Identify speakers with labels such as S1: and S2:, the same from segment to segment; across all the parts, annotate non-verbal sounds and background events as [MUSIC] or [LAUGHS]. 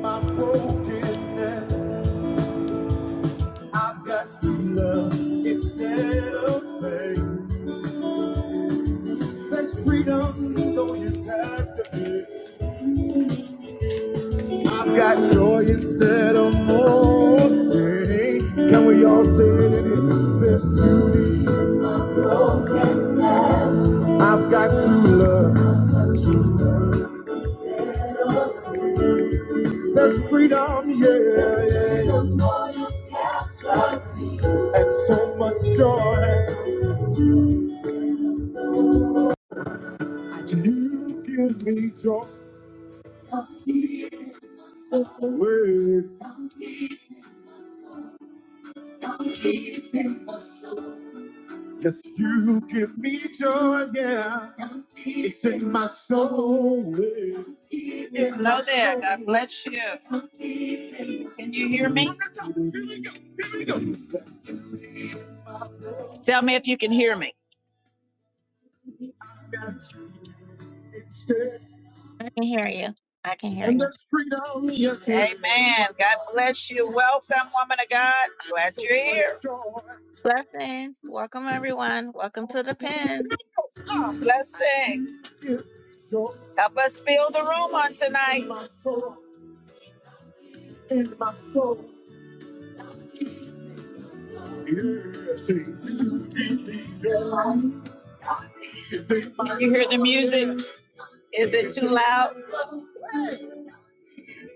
S1: My brokenness, I've got free love instead of pain. There's freedom, though you've got to be. I've got joy instead of mourning. Can we all sing it in this beauty? I've got true love. There's freedom, yeah, yeah, yeah. and so much joy. You give me joy. Yes, you give me joy, yeah. Take my soul away. Hello there. God bless you. Can you hear me? Tell me if you can hear me.
S2: I can hear you. I can hear
S1: And
S2: you.
S1: there's freedom, yes, Amen. God bless you. Welcome, woman of God. Glad you're here.
S2: Blessings. Welcome everyone. Welcome to the pen.
S1: Blessing. Help us fill the room on tonight. Can you hear the music? Is it too loud?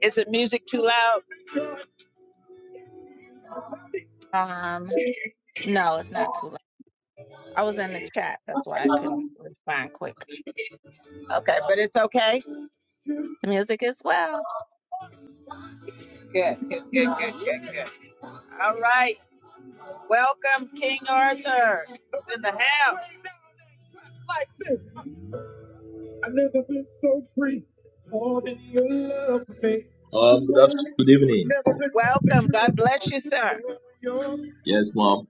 S1: Is the music too loud?
S2: Um, no, it's not too late. I was in the chat, that's why I couldn't respond quick.
S1: Okay, but it's okay.
S2: The music as well.
S1: Good, good, good, good, good, good. All right. Welcome, King Arthur. in the house. I've never been so free. Oh, you love me.
S3: Um, good afternoon. good evening.
S1: Never been Welcome. God bless you, sir.
S3: Yes, mom.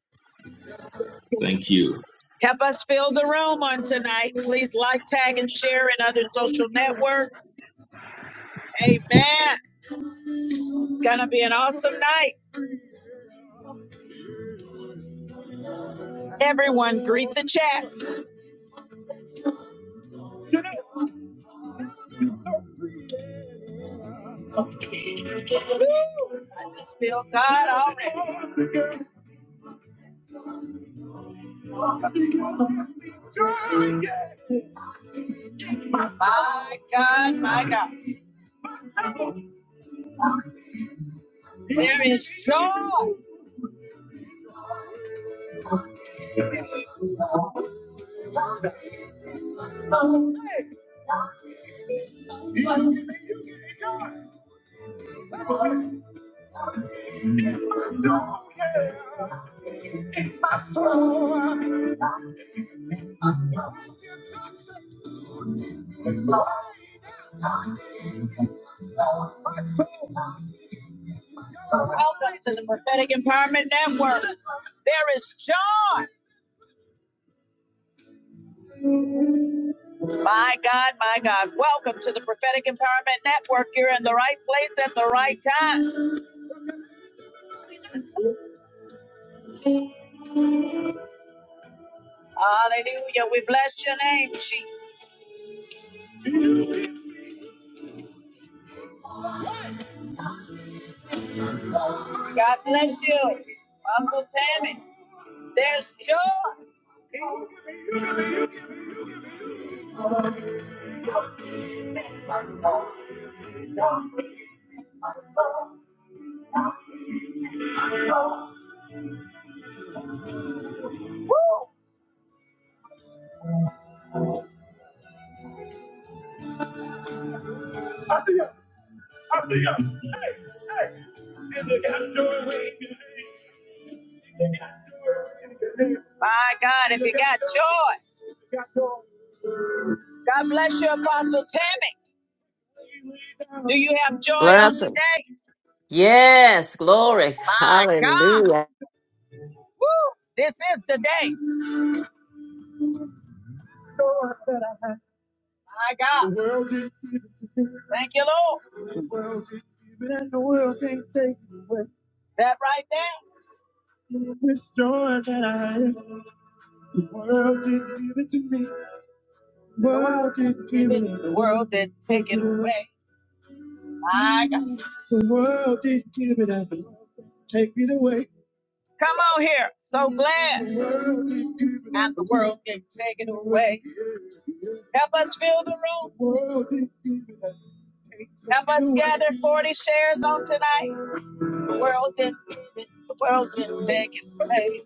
S3: Thank you.
S1: Help us fill the room on tonight. Please like, tag, and share in other social networks. Amen. Gonna be an awesome night. Everyone, greet the chat. I just feel God already. My God, my God. There is joy. Welcome to the Prophetic Empowerment Network. There is John. My God, my God. Welcome to the Prophetic Empowerment Network. You're in the right place at the right time. Hallelujah. We bless your name, Chief. God bless you. Uncle Tammy. There's John. My God, if you got joy, God bless you, Apostle Tammy. Do you have joy on
S4: Blessings.
S1: today?
S4: Yes. Glory.
S1: My God.
S4: Hallelujah.
S1: Woo! This is the day. My God. The world didn't give it to you. Thank you, Lord. The world didn't give it, and the world can't take it away. That right there. This joy that I have, the world didn't give it to me. The world didn't give it. and The world didn't take it can't take it away. away. My God. The world didn't give it, and the world can't take it away. Come on here. So glad. The world didn't give it, And the world can't take it away. Help us fill the room. Help us gather 40 shares on tonight. The world didn't give it. The world didn't beg and pray.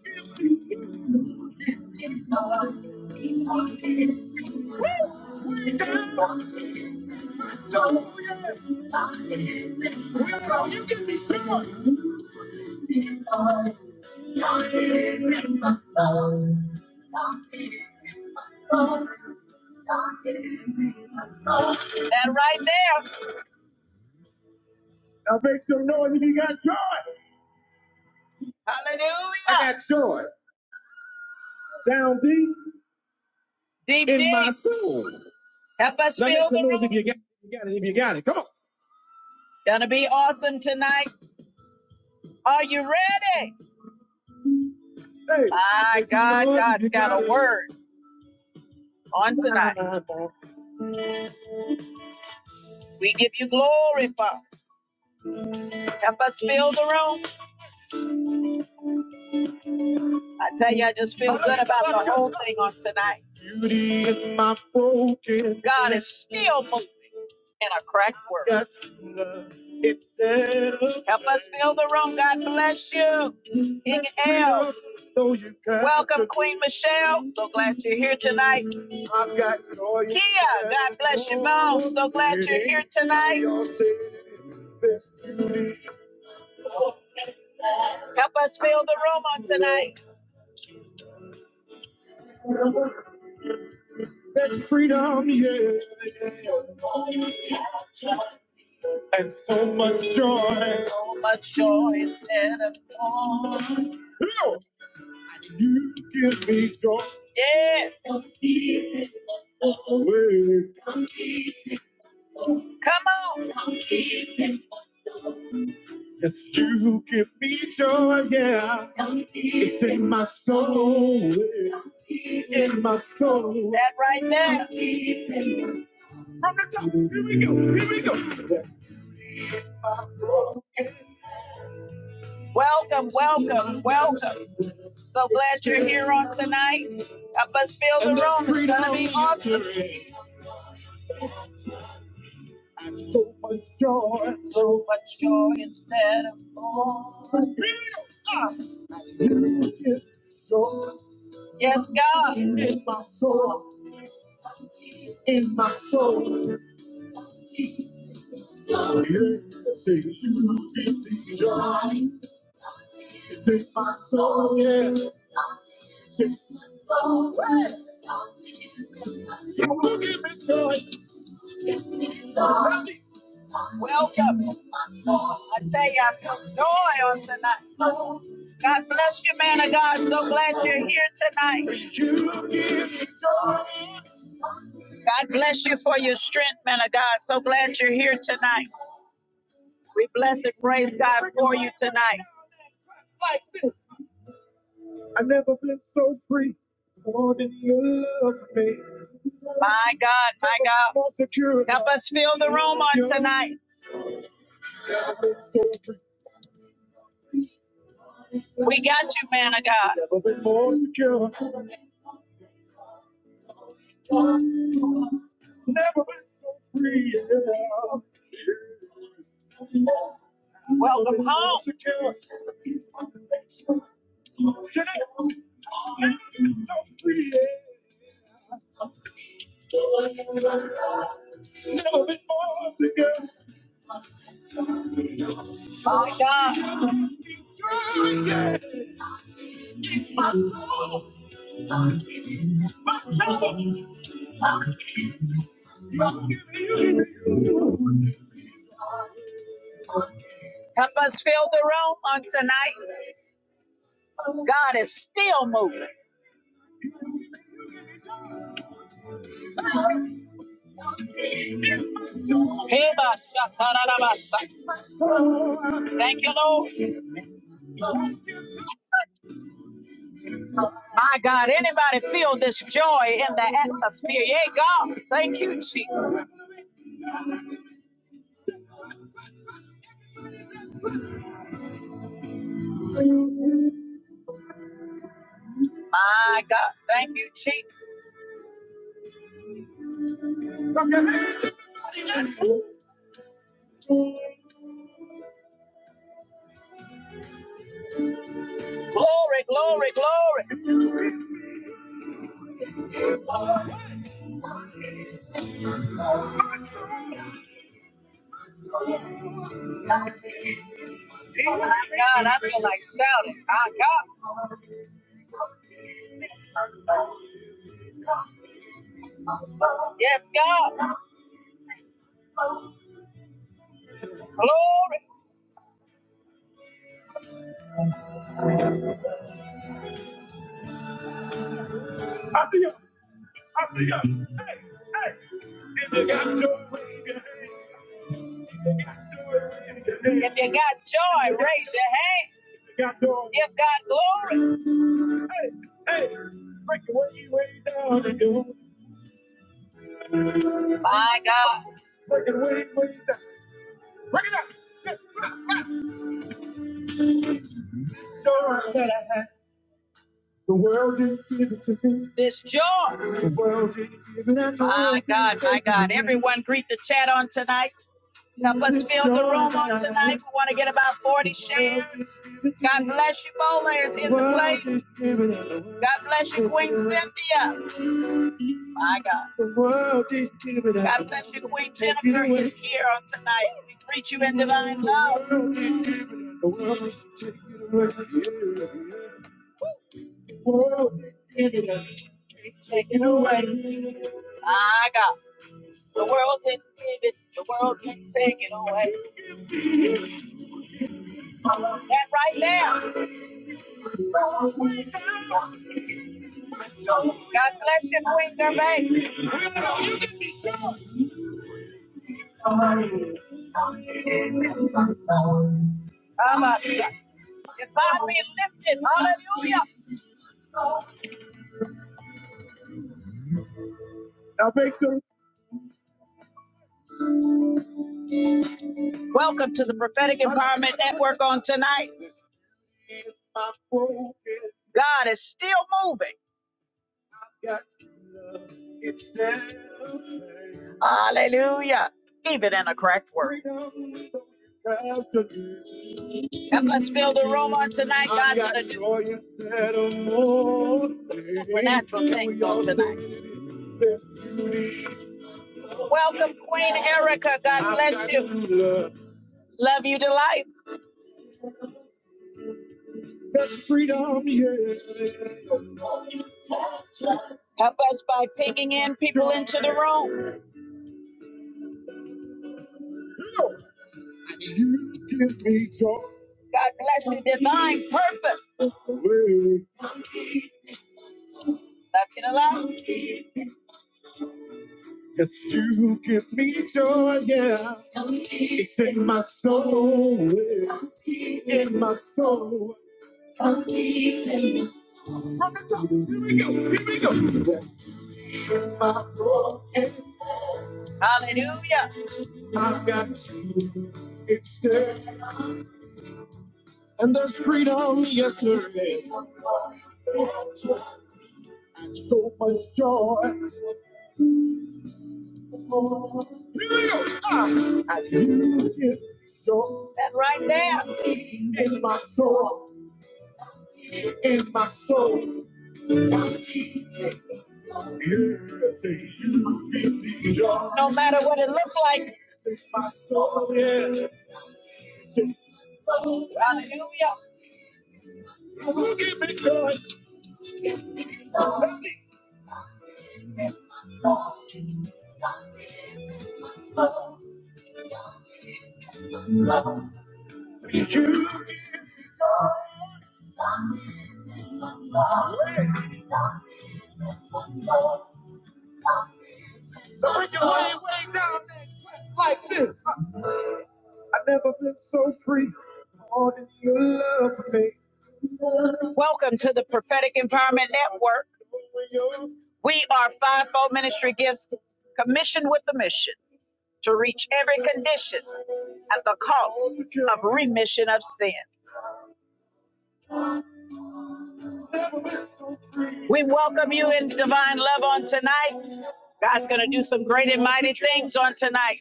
S1: That right there. Now make some noise if you got joy. I Hallelujah. got joy down deep Deep, in my deep. soul. Help us Now make fill some the noise if room. you got it, if you got it, if you got it. Come on. Gonna be awesome tonight. Are you ready? Hey, My make some God, noise if God's you got got a it. word on tonight. We give you glory, Father. Help us fill the room. I tell you, I just feel good about the whole thing on tonight. Beauty in my broken God is still moving in a cracked world. Help us fill the room. God bless you. King L. Welcome, Queen Michelle. So glad you're here tonight. I've got joy. Kia, God bless you, Mom. So glad you're here tonight. Help us fill the room on tonight. There's freedom, yeah. and so much joy. So much joy instead of Lord, You give me joy. yeah. Wait. Come on, It's you give me joy, yeah. My soul, yeah. in my soul. that right there. From the top, here we go, here we go. Welcome, welcome, welcome. So glad you're here on tonight. Help us fill the room. It's gonna be awesome. So much joy instead of Yes, God. Yeah, yeah. Welcome. I tell you, I feel joy on tonight. God bless you, man of God. So glad you're here tonight. God bless you for your strength, man of God. So glad you're here tonight. We bless and praise God for you tonight. I've never been so free. More than you love me. My God, my God. Help us fill the room on tonight. We got you, man of God. Never been more secure. Never been so free. yeah. Welcome home. Secure. Today, never been so free. yeah. Never been more secure. My God, help us fill the room on tonight. God is still moving. Hey, boss, just Thank you, Lord. My God, anybody feel this joy in the atmosphere? Yeah, God, thank you, Jesus. My God, thank you, Chief. Glory, glory, glory. Oh My God, I feel like shouting. My God. Yes, God. Glory. I feel If you got joy, if you got joy, raise your hand. Give God glory. Hey, break the way, way down and do. My God, Break it way, way down. The world didn't give it to me. this joy. The world didn't give it to me. My God, my God. Everyone greet the chat on tonight. Help us fill the room on tonight. We want to get about 40 shares. God bless you, Bola is in the place. God bless you, Queen Cynthia. My God. God bless you, Queen Jennifer is here on tonight. We greet you in divine love. My God. The world didn't give it. The world can not take it away. That right now. God bless you, Queen Gervais. Hallelujah. It's God being lifted. Hallelujah. I make the Welcome to the Prophetic Empowerment Network on tonight. God is still moving. Hallelujah. Even in a cracked word. Help us fill the room on tonight, God, with a supernatural things on tonight. Welcome, Queen Erica. God bless you. Love you to life. Help us by pinging in people into the room. You give me joy. God bless purpose. Love you to love. Yes, you give me joy, yeah. In my soul, yeah. in my soul. From the top, here we go, here we go. Hallelujah. I've got you, it's there. And there's freedom, yes, there is. So much joy. You are. I give you That right there. in my soul, in my soul. Everything you give me, your No matter what it looked like. in my soul. Yeah. You give me joy. You like this. I've never been so free. Lord, you love me. Welcome to the Prophetic Empowerment Network. We are Fivefold Ministry Gifts, commissioned with the mission. to reach every condition at the cost of remission of sin. We welcome you in divine love on tonight. God's going to do some great and mighty things on tonight.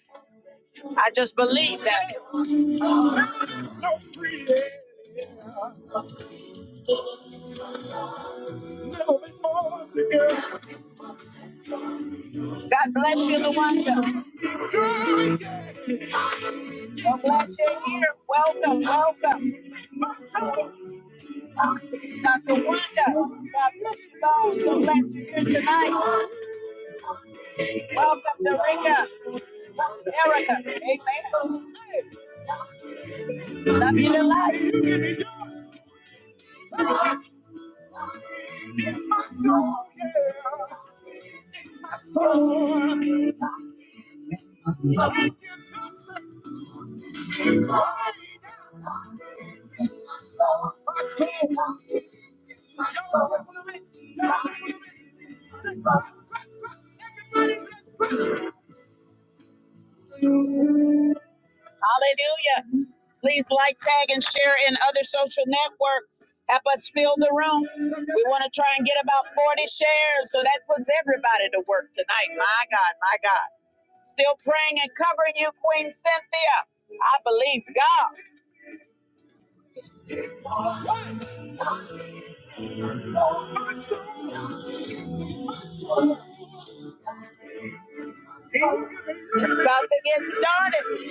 S1: I just believe that. God bless you, Luanda. God bless you here. Welcome, welcome. Dr. Wanda, God bless you all. So glad you're here tonight. Welcome, Dorica, Erica. Amen. Love you to life. Hallelujah. Please like, tag, and share in other social networks. Help us fill the room. We want to try and get about 40 shares, so that puts everybody to work tonight. My God, my God. Still praying and covering you, Queen Cynthia. I believe God. It's about to get started.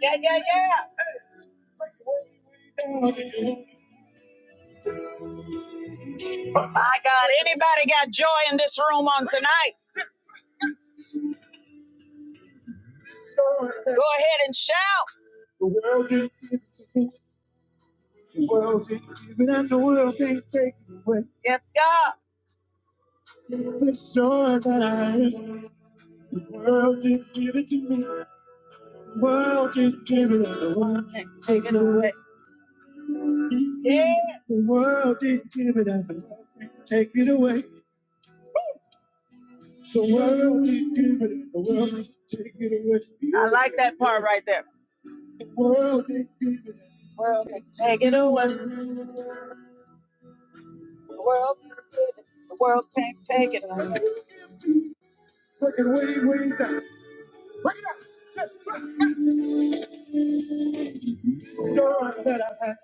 S1: Yeah, yeah, yeah. My God, anybody got joy in this room on tonight? Go ahead and shout. The world take, even if the world can't away. Yes, God. This joy that I have, the world didn't give it to me. The world didn't give it, and the world can't take it away. Yeah. The world didn't give it, and the world can't take it away. The world didn't give it, and the world can't take it away. I like that part right there. The world didn't give it, and the world can't take it away. The world didn't give it. The world can't take it away. Looking way, way down, the joy that I have.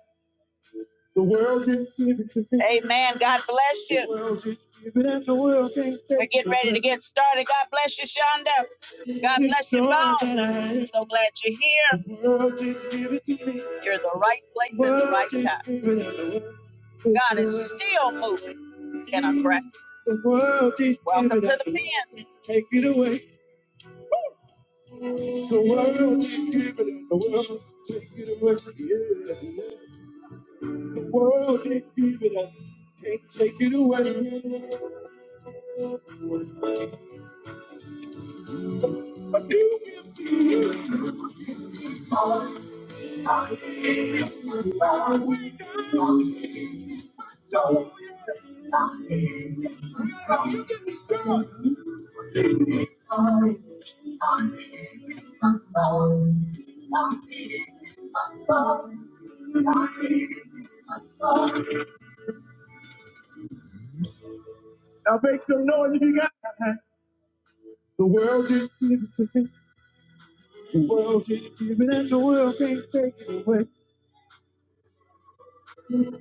S1: The world didn't give it to me. Amen. God bless The you. The world didn't give it, and the world can't take it. We're getting ready to get started. God bless you, Shonda. God bless you, joy Bob. So glad you're here. The world didn't give it to me. You're the right place at the right time. God is still moving in our breath. The world didn't give Welcome give it, to the the pen. take it away. The world didn't give it, and the world take it away. Yeah. The world can't give it up, can't take it away. But you give. Now make some noise if you got it. The world can't give it to me. The world can't give it up, the world can't take it away.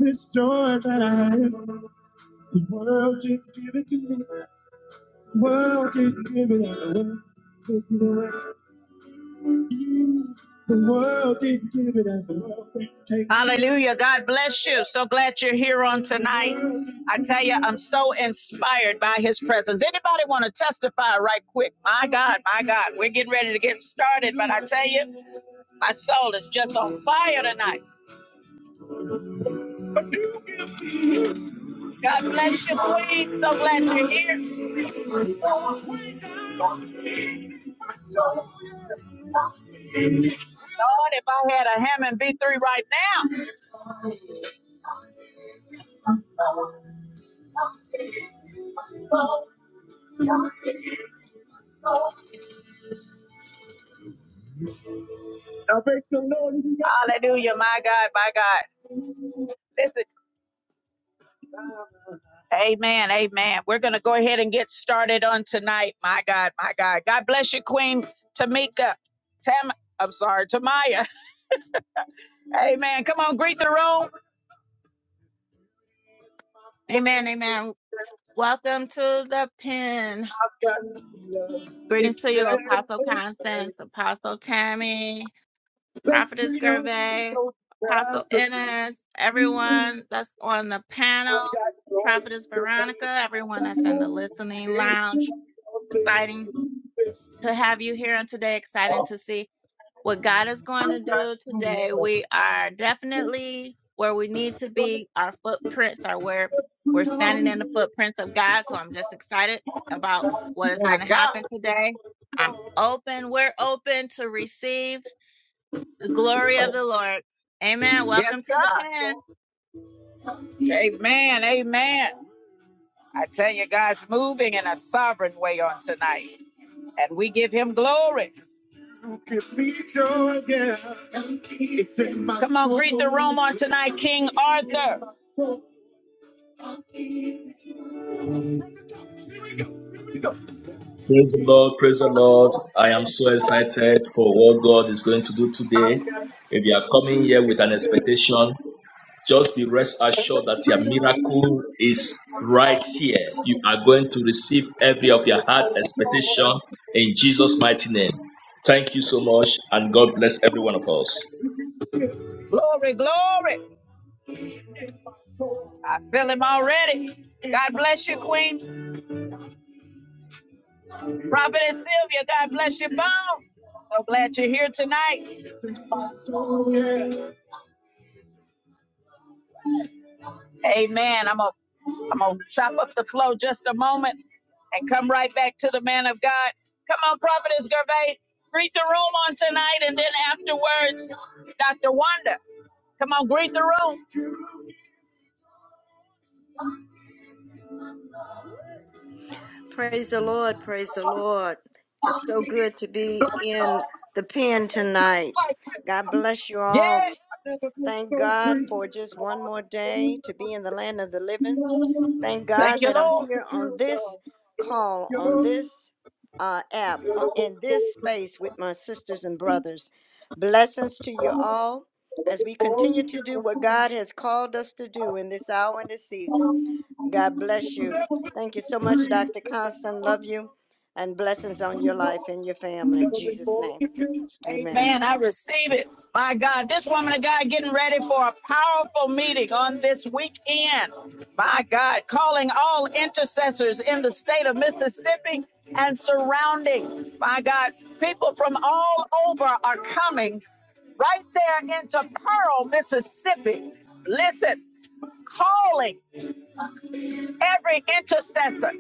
S1: This joy that I have, the world can't give it to me. The world can't give it up, the world can't take it away. The world didn't give it up. The world didn't take it. Hallelujah. God bless you. So glad you're here on tonight. I tell you, I'm so inspired by his presence. Anybody want to testify right quick? My God, my God, we're getting ready to get started, but I tell you, my soul is just on fire tonight. God bless you, Queen. So glad you're here. Lord, if I had a Hammond B3 right now, I make some noise. Hallelujah, my God, my God. Listen, Amen. Amen. We're going to go ahead and get started on tonight. My God, my God. God bless you, Queen Tamika. Tam, I'm sorry, Tamaya. [LAUGHS] Amen. Come on, greet the room.
S2: Amen, amen. Welcome to the pen.
S1: I've got love.
S2: Greetings
S1: It's
S2: to
S1: there.
S2: you, Apostle Constance, Apostle Tammy,
S1: The
S2: Prophetess
S1: freedom you
S2: Gervais,
S1: don't
S2: Apostle
S1: have to
S2: Ennis,
S1: be.
S2: everyone that's on the
S1: I've
S2: panel,
S1: got joy.
S2: Prophetess
S1: It's there.
S2: Veronica, everyone that's in the listening lounge. Exciting to have you here on today. Exciting to see what God is going
S1: I've
S2: to
S1: got
S2: do
S1: true
S2: today. We are definitely where we need to
S1: love.
S2: be. Our footprints are where we're standing in the footprints of God. So I'm just excited about what is going to happen today. I'm open. We're open to receive the glory of the Lord. Amen. Welcome to the pen.
S1: Amen. Amen. I tell you, God's moving in a sovereign way on tonight, and we give Him glory. Come on, greet the room on tonight, King Arthur.
S3: Praise the Lord. Praise the Lord. I am so excited for what God is going to do today. If you are coming here with an expectation, just be rest assured that your miracle is right here. You are going to receive every of your heart expectation in Jesus' mighty name. Thank you so much, and God bless every one of us.
S1: Glory, glory. I feel Him already. God bless you, Queen. Prophetess Sylvia, God bless you, both. So glad you're here tonight. Amen. I'm gonna I'm gonna chop up the flow just a moment and come right back to the man of God. Come on, Prophetess Gervais, greet the room on tonight, and then afterwards, Dr. Wanda. Come on, greet the room.
S5: Praise the Lord. Praise the Lord. It's so good to be in the pen tonight. God bless you all.
S1: Yeah.
S5: Thank God for just one more day to be in the land of the living. Thank
S1: Thank
S5: God
S1: you,
S5: that I'm
S1: Lord.
S5: here on this call, on this uh, app, o- in this space with my sisters and brothers. Blessings to you all as we continue to do what God has called us to do in this hour and this season. God bless you. Thank you so much, Dr. Constant. Love you and blessings on your life and your family. In Jesus' name. Amen.
S1: Amen. I receive it. My God, this woman of God getting ready for a powerful meeting on this weekend. My God, calling all intercessors in the state of Mississippi and surrounding. My God, people from all over are coming right there into Pearl, Mississippi. Listen, calling every intercessor.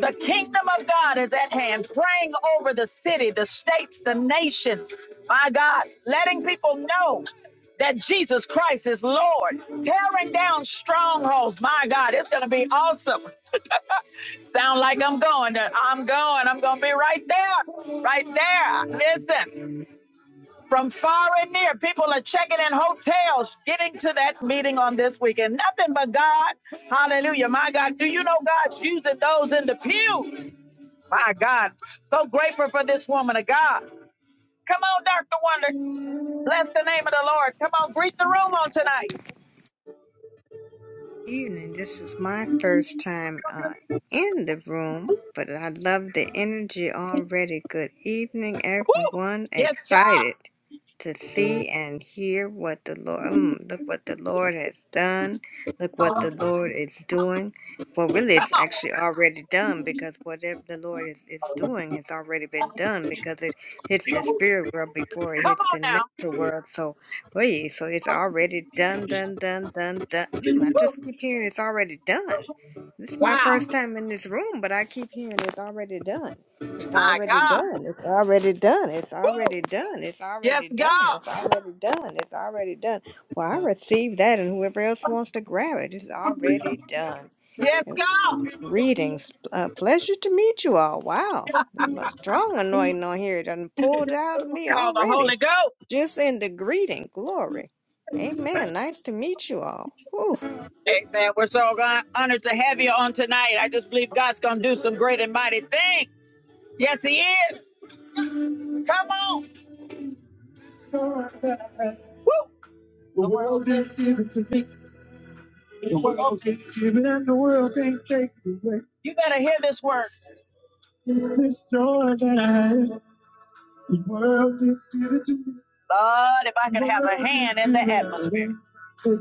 S1: The kingdom of God is at hand, praying over the city, the states, the nations. My God, letting people know that Jesus Christ is Lord, tearing down strongholds. My God, it's going to be awesome. Sound like I'm going. to- I'm going. I'm going to be right there. Right there. Listen, from far and near, people are checking in hotels, getting to that meeting on this weekend. Nothing but God. Hallelujah. My God, do you know God's using those in the pew? My God. So grateful for this woman of God. Come on, Dr. Wonder. Bless the name of the Lord. Come on, greet the room on tonight.
S6: evening. This is my first time uh, in the room, but I love the energy already. Good evening,
S1: Woo!
S6: everyone.
S1: Yes,
S6: Excited
S1: God.
S6: to see and hear what the Lord, mm, look what the Lord has done. Look what the Lord is doing. Well, really,
S1: Come
S6: it's actually already done because whatever the Lord is, is doing has already been done because it hits the spirit world
S1: on.
S6: before it
S1: Come
S6: hits the
S1: on now.
S6: natural world. So Oy, so it's already done, done, done, done, done. Mm, I just keep hearing it's already done. This is my
S1: Wow.
S6: first time in this room, but I keep hearing it's already done. It's
S1: My
S6: already
S1: God.
S6: done. It's already done. It's already
S1: Woo!
S6: done. It's
S1: Yes,
S6: already done.
S1: God.
S6: It's already done. It's already done. Well, I received that, and whoever else wants to grab it, it's already done.
S1: Yes,
S6: And
S1: God.
S6: greetings. Uh, pleasure to meet you all. Wow. Strong anointing on here. It done pulled out of
S1: It's
S6: me
S1: called the
S6: already.
S1: Holy Ghost.
S6: Just in the greeting, glory. Amen. Nice to meet you all. Whew.
S1: Amen. We're so gon- honored to have you on tonight. I just believe God's going to do some great and mighty things. Yes, He is. Come on. Woo! The world didn't give it to me. Even if the world can't take it away You better hear this word. this joy that I have, the world can give it to me. Lord, if I could have a hand in the atmosphere, away. Take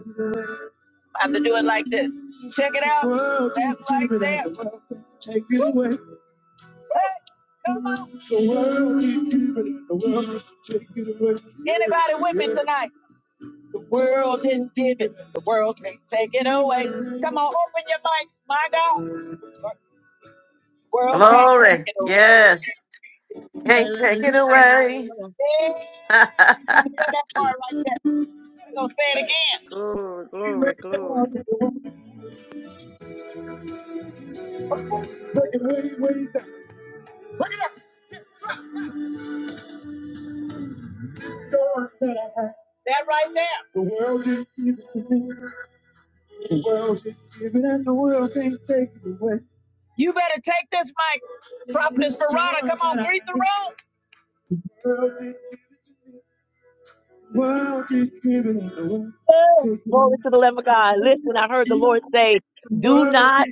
S1: I have to do it like this. Check it out. world can Clap like give it that. the world can take it Woo! away. Hey, come on. The world can give it the world can take it away. Anybody with me tonight? The world didn't give it. The world can take it away. Come on, open your mics. My God. World can't take
S4: Glory.
S1: it
S4: Yes.
S1: away.
S4: Can't take it away.
S1: Yeah,
S4: [LAUGHS]
S1: you gotta say that part right there. You gonna say it again.
S5: Glory,
S1: We
S5: glory,
S1: went
S5: glory.
S1: down to the world, Take it way, way down. Look it up. Just the Doors that I had. That right there. The world didn't give it to me. The world didn't give it, and the world can't take it away. You better take this mic, Prophetess Verona. Come on, greet the room.
S7: Oh, Glory to the Lamb of God. Listen, I heard the Lord say, do not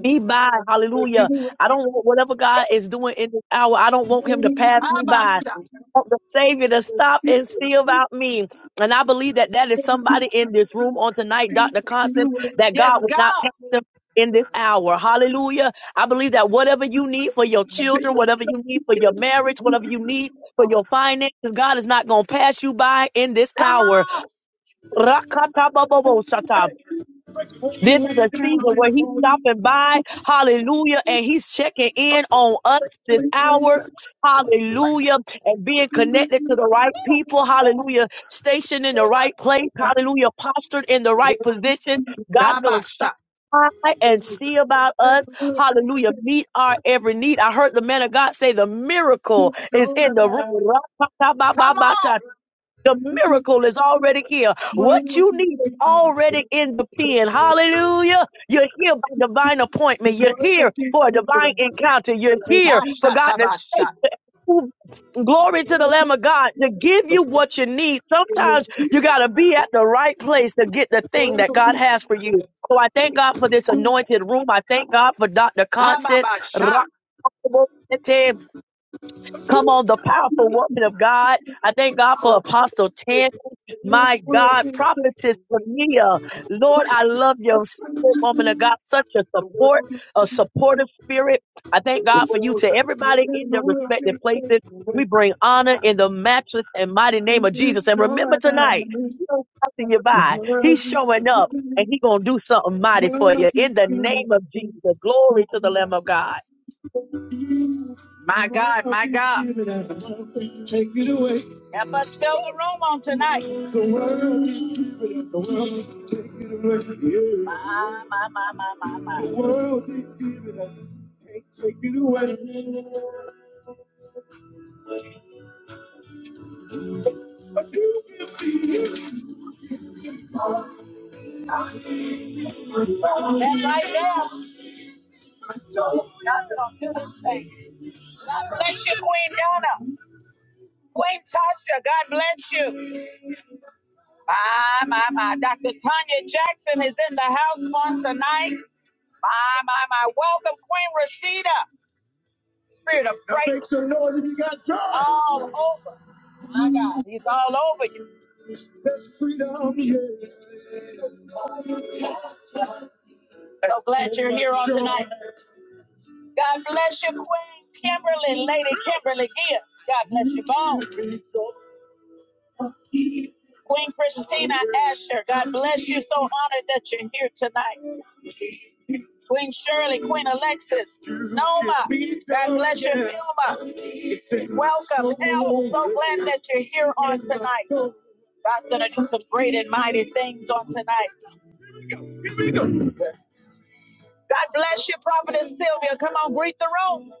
S7: be by. Hallelujah. I don't want whatever God is doing in this hour. I don't want him to pass me by. I
S1: Abasha.
S7: want the Savior to stop and see about me. And I believe that that is somebody in this room on tonight, Dr. Constance, that
S1: Yes,
S7: God will
S1: God.
S7: not pass them in this hour. Hallelujah. I believe that whatever you need for your children, whatever you need for your marriage, whatever you need for your finances, God is not going to pass you by in this
S1: Come
S7: hour.
S1: on.
S7: Rakatabobobosatab. This is a season where he's stopping by, hallelujah, and he's checking in on us this hour, hallelujah, and being connected to the right people, hallelujah, stationed in the right place, hallelujah, postured in the right position. God's going to
S1: Abasha.
S7: stop. by
S1: The
S7: And
S1: world
S7: see
S1: didn't
S7: about
S1: give
S7: us,
S1: it to me. The
S7: hallelujah, meet our every need. I heard the man of God say the miracle is
S1: world
S7: in
S1: can't
S7: the
S1: take it away. Come
S7: room.
S1: on.
S7: The miracle is already here. What you need is already in the pen. Hallelujah. You're here by divine appointment. You're here for a divine encounter. You're here for God to
S1: Ashatabasha.
S7: shake the Glory to the Lamb of God to give you what you need. Sometimes you got to be at the right place to get the thing that God has for you. So I thank God for this anointed room. I thank God for Dr. Constance.
S1: Ababasha.
S7: Come on, the powerful woman of God. I thank God for Apostle Tan. My God, prophetess Tamia. Lord, I love your spirit, woman of God. Such a support, a supportive spirit. I thank God for you to everybody in their respective places. We bring honor in the matchless and mighty name of Jesus. And remember tonight, He don't passing you by. He's showing up and He gonna do something mighty for
S1: My
S7: you in the name of Jesus. Glory to the Lamb of God.
S1: God, my God. Take it away. Help us fill the room on tonight. The world is giving, the world can take it away. My, my, my, my, my, my. The world is giving, can't take it away. But you can be. That right there. God's gonna do this thing. God bless you, Queen Donna. Queen Tasha, God bless you. My, my, my. Dr. Tanya Jackson is in the house on tonight. My, my, my. Welcome, Queen Rashida. Spirit of Now great. Make some noise if you got time. All over. My God. He's all over you. That's freedom, yeah. So glad you're here on tonight. God bless you, Queen Kimberly, Lady Kimberly Gibbs. God bless you both. Queen Christina Asher, God bless you. So honored that you're here tonight. Queen Shirley, Queen Alexis, Noma, God bless you, Vilma. Welcome, El. So glad that you're here on tonight. God's going to do some great and mighty things on tonight. God bless you, Prophetess Sylvia. Come on, greet the room.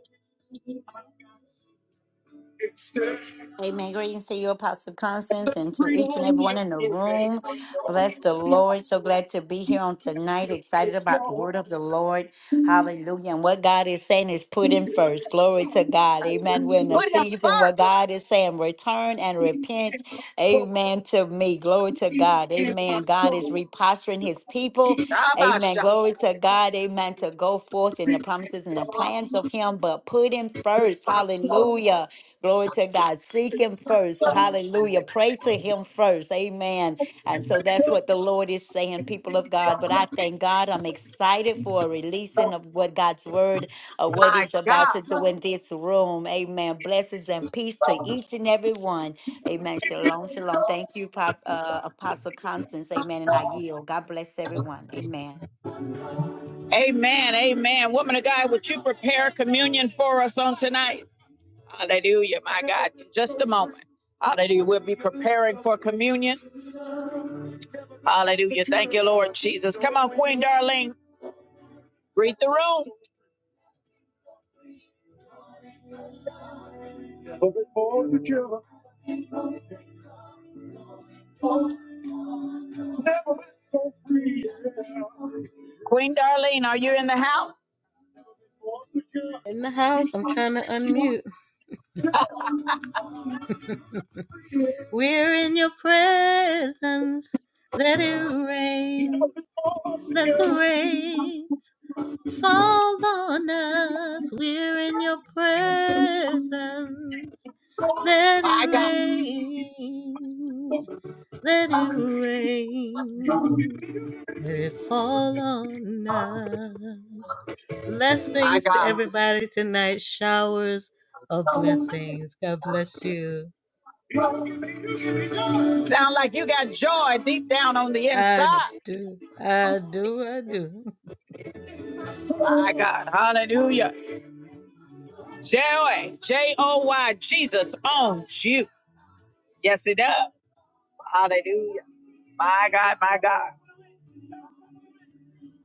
S8: Amen. Greetings to you, Apostle Constance, and to each and everyone in the room. Bless the Lord. So glad to be here on tonight. Excited about the word of the Lord. Hallelujah. And what God is saying is put in first. Glory to God. Amen. We're in a
S1: Put him
S8: season where
S1: first.
S8: God is saying, return and repent. Amen to me. Glory to God. Amen. God is reposturing his people. Amen.
S1: Shabasha.
S8: Glory to God. Amen. To go forth in the promises and the plans of him, but put him first. Hallelujah. Glory to God. Seek him first. Hallelujah. Pray to him first. Amen. And so that's what the Lord is saying, people of God. But I thank God. I'm excited for a releasing of what God's word, of what
S1: My
S8: He's about to
S1: God.
S8: do in this room. Amen. Blessings and peace to each and every one. Amen. Shalom, shalom. Thank you, Prof, uh, Apostle Constance. Amen. And I yield. God bless everyone. Amen.
S1: Amen. Amen. Woman of God, would you prepare communion for us on tonight? Hallelujah. My God. In Just a moment. Hallelujah. We'll be preparing for communion. Hallelujah. Thank you, Lord Jesus. Come on, Queen Darlene. Greet the room. Queen Darlene, are you in the house?
S9: In the house, I'm trying to unmute. We're in your presence. Let it rain. Let the rain fall on us. We're in your presence. Let it
S1: My God.
S9: rain. Let it rain. Let it fall on us.
S1: My
S9: Blessings to
S1: God.
S9: everybody tonight. Showers of blessings. God bless you.
S1: Sound like you got joy deep down on the
S9: I
S1: inside.
S9: do. I do. I do.
S1: My God. Hallelujah. Joy. J O Y. Jesus owns you. Yes, it does. Hallelujah. My God. My God.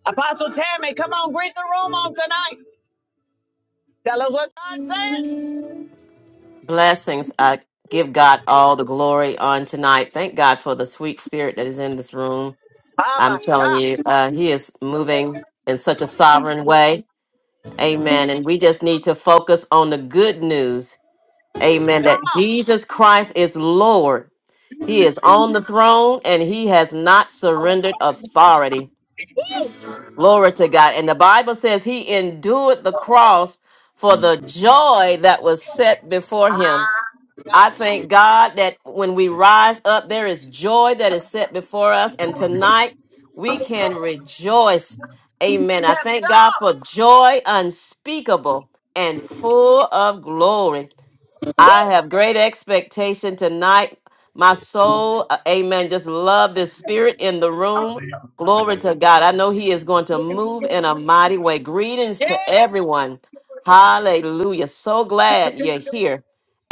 S1: Apostle Tammy, come on, greet the room on tonight. Tell us what God said.
S4: Blessings. I give God all the glory on tonight. Thank God for the sweet spirit that is in this room.
S1: Oh,
S4: I'm
S1: my
S4: telling you,
S1: God.
S4: uh, He is moving in such a sovereign way. Amen. And we just need to focus on the good news. Amen. That
S1: Come on.
S4: Jesus Christ is Lord. He is on the throne and he has not surrendered authority. Glory to God. And the Bible says he endured the cross for the joy that was set before him.
S1: Ah,
S4: I
S1: God.
S4: thank God that when we rise up, there is joy that is set before us. And tonight we can rejoice. Amen.
S1: Yes,
S4: I thank God for
S1: God.
S4: joy unspeakable and full of glory. I have great expectation tonight. My soul, uh, amen, just love this spirit in the room. Glory to God. I know He is going to move in a mighty way. Greetings
S1: Yes.
S4: to everyone. Hallelujah. So glad you're here.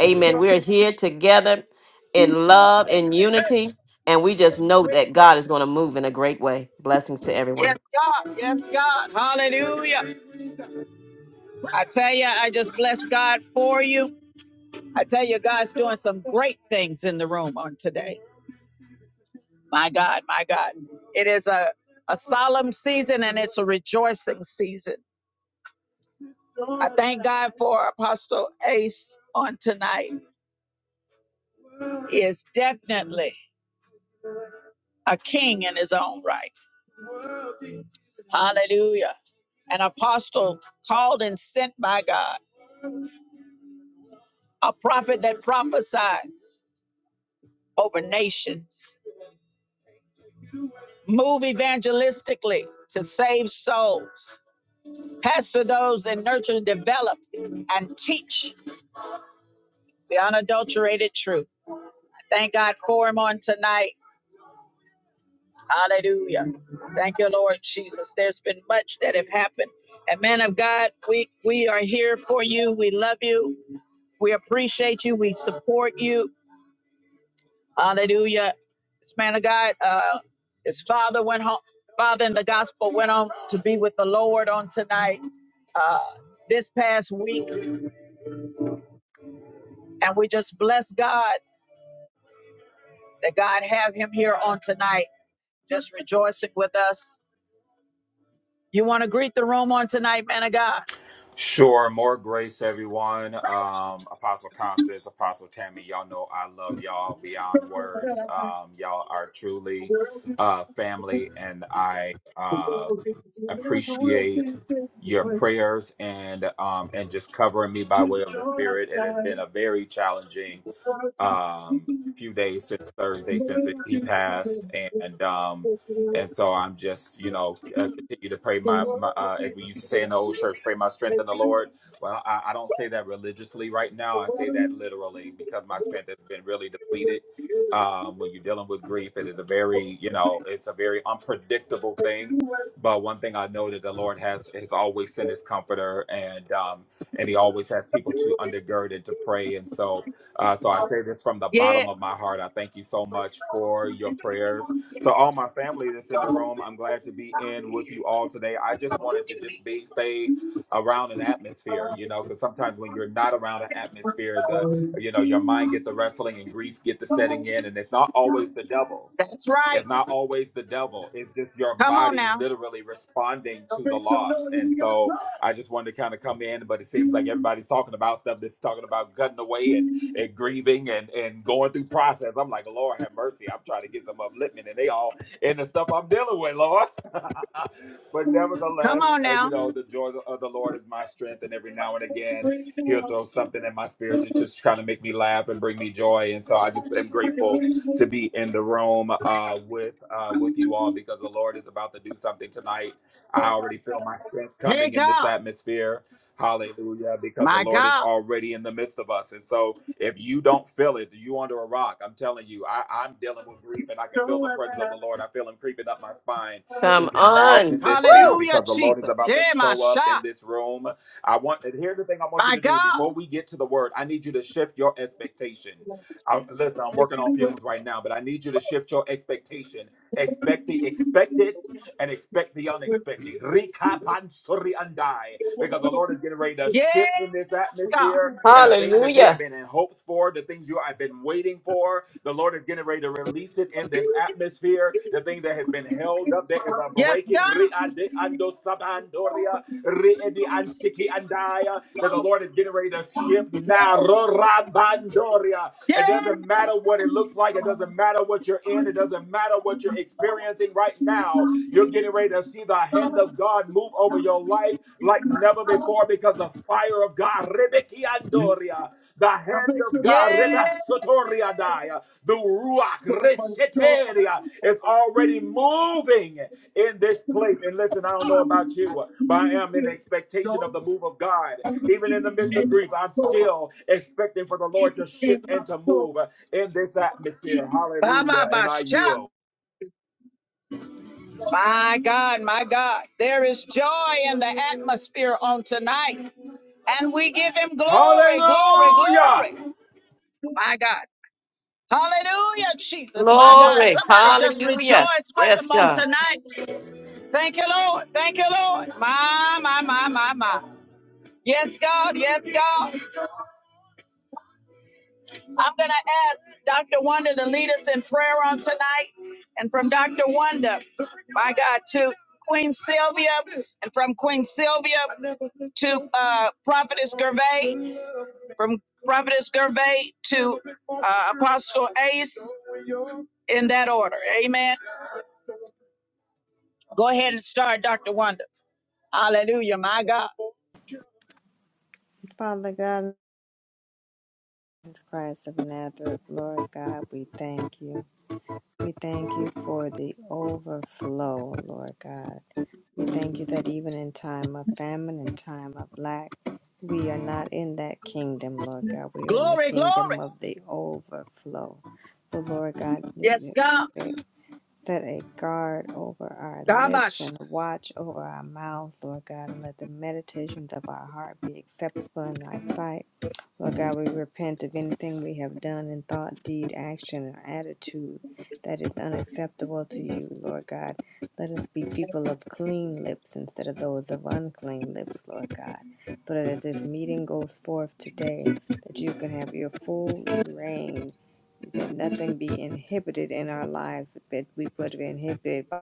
S4: Amen. We're here together in love, in unity, and we just know that God is going to move in a great way. Blessings to
S1: Yes,
S4: everyone.
S1: God. Yes, God. Hallelujah. I tell you, I just bless God for you. I tell you, God's doing some great things in the room on today. My God, my God. It is a, a solemn season and it's a rejoicing season. I thank God for Apostle Ace on tonight. He is definitely a king in his own right. Hallelujah. An apostle called and sent by God, a prophet that prophesies over nations, move evangelistically to save souls, pastor those that nurture, develop, and teach the unadulterated truth. Thank God for him on tonight. Hallelujah. Thank you, Lord Jesus. There's been much that have happened. And man of God, we, we are here for you. We love you. We appreciate you. We support you. Hallelujah. This man of God, uh, his father went home. Father in the gospel went on to be with the Lord on tonight, uh, this past week. And we just bless God that God have him here on tonight, just rejoicing with us You want to greet the room on tonight, man of God?
S10: Sure. More grace, everyone. Um, Apostle Constance, Apostle Tammy, y'all know I love y'all beyond words. Um, y'all are truly uh, family, and I uh, appreciate your prayers and um, and just covering me by way of the Spirit. It has been a very challenging um few days since Thursday since it, he passed and um and so I'm just you know uh, continue to pray my, my uh, as we used to say in the old church pray my strength in the Lord well I, I don't say that religiously right now I say that literally because my strength has been really depleted um when you're dealing with grief it is a very you know it's a very unpredictable thing but one thing I know that the Lord has has always sent his comforter and um and he always has people to undergird and to pray and so uh, so I say this from the
S1: Yeah,
S10: bottom of my heart. I thank you so much for your prayers. To all my family that's in the room, I'm glad to be in with you all today. I just wanted to just be stay around an atmosphere, you know, because sometimes when you're not around an atmosphere, the you know your mind get the wrestling and grief get the setting in, and it's not always the devil
S1: that's right.
S10: it's not always the devil. It's just your
S1: Come on
S10: body
S1: now.
S10: literally responding to the loss. And so I just wanted to kind of come in, but it seems like everybody's talking about stuff that's talking about cutting away and, and grieving and, and going through process. I'm like, Lord have mercy. I'm trying to get some upliftment and they all in the stuff I'm dealing with, Lord. [LAUGHS] but
S1: Come
S10: nevertheless,
S1: on
S10: uh,
S1: now.
S10: you know, the joy of the Lord is my strength. And every now and again, he'll throw something in my spirit to just kind of make me laugh and bring me joy. And so I just am grateful to be in the room uh, with uh, with you all because the Lord is about to do something tonight. I already feel my strength
S1: Hey,
S10: coming in this
S1: God.
S10: atmosphere. Hallelujah, because the
S1: My
S10: Lord is
S1: God.
S10: already in the midst of us. And so if you don't feel it, you under a rock. I'm telling you, I, I'm dealing with grief and I can feel the presence of the Lord. I feel him creeping up my spine
S4: Come
S10: even now in
S4: on.
S10: this space
S4: Woo!
S1: Hallelujah,
S10: because the Lord is
S1: Jesus.
S10: about to
S1: Yeah, my
S10: show up
S1: shot.
S10: in this room. I want and here's the thing I want you
S1: My
S10: to do before
S1: God.
S10: we get to the word. I need you to shift your expectation. I, listen, I'm working on feelings right now, but I need you to shift your expectation. Expect the expected and expect the unexpected. Rikapansori andai. Because the Lord is getting ready to
S1: Yes,
S10: shift in this
S1: God.
S10: atmosphere and the thing that you have
S4: Hallelujah.
S10: been in hopes for, the things you have been waiting for, the Lord is getting ready to release it in this atmosphere. The thing that has been held up, there is a
S1: Yes,
S10: breaking.
S1: God.
S10: Riadeandosabandoria, riediansiki andai, That the Lord is getting ready to shift now. Rorabandoria. It doesn't matter what it looks like. It doesn't matter what you're in. It doesn't matter what you're experiencing right now. You're getting ready to see the hand of God move over your life like never before because the fire of God, Rebekiandoria, the hand
S1: Yes.
S10: of God,
S1: Yes.
S10: Rebasotoria Daya, the Ruach, Reseteria, is already moving in this place. And listen, I don't know about you, but I am in expectation of the move of God. Even in the midst of grief, I'm still expecting for the Lord to shift and to move in this atmosphere.
S1: Baba
S10: Hallelujah. And I
S1: Basha.
S10: yield.
S1: My God, my God. There is joy in the atmosphere on tonight. And we give him glory, glory,
S10: Hallelujah.
S1: glory. My God. Hallelujah, Jesus. My God,
S4: Glory.
S1: somebody just
S4: Hallelujah.
S1: rejoice with
S4: Yes,
S1: him on
S4: God.
S1: tonight. Thank you, Lord. Thank you, Lord. My, my, my, my, my. Yes, God. Yes, God. I'm going to ask Dr. Wanda to lead us in prayer on tonight. And from Dr. Wanda, my God, to Queen Sylvia, and from Queen Sylvia to uh, Prophetess Gervais, from Prophetess Gervais to uh, Apostle Ace, in that order. Amen. Go ahead and start, Dr. Wanda. Hallelujah, my God.
S6: Father God, Jesus Christ of Nazareth, Lord God, we thank you. We thank you for the overflow, Lord God. We thank you that even in time of famine and time of lack, we are not in that kingdom, Lord God. We are in the
S1: Glory, glory.
S6: kingdom of the overflow. So, Lord God,
S1: Yes, God.
S6: Set a guard over our lips
S1: Gabash.
S6: and a watch over our mouths, Lord God, and let the meditations of our heart be acceptable in thy sight. Lord God, we repent of anything we have done in thought, deed, action, or attitude that is unacceptable to you, Lord God. Let us be people of clean lips instead of those of unclean lips, Lord God, so that as this meeting goes forth today, that you can have your full reign that nothing be inhibited in our lives that we would be inhibited by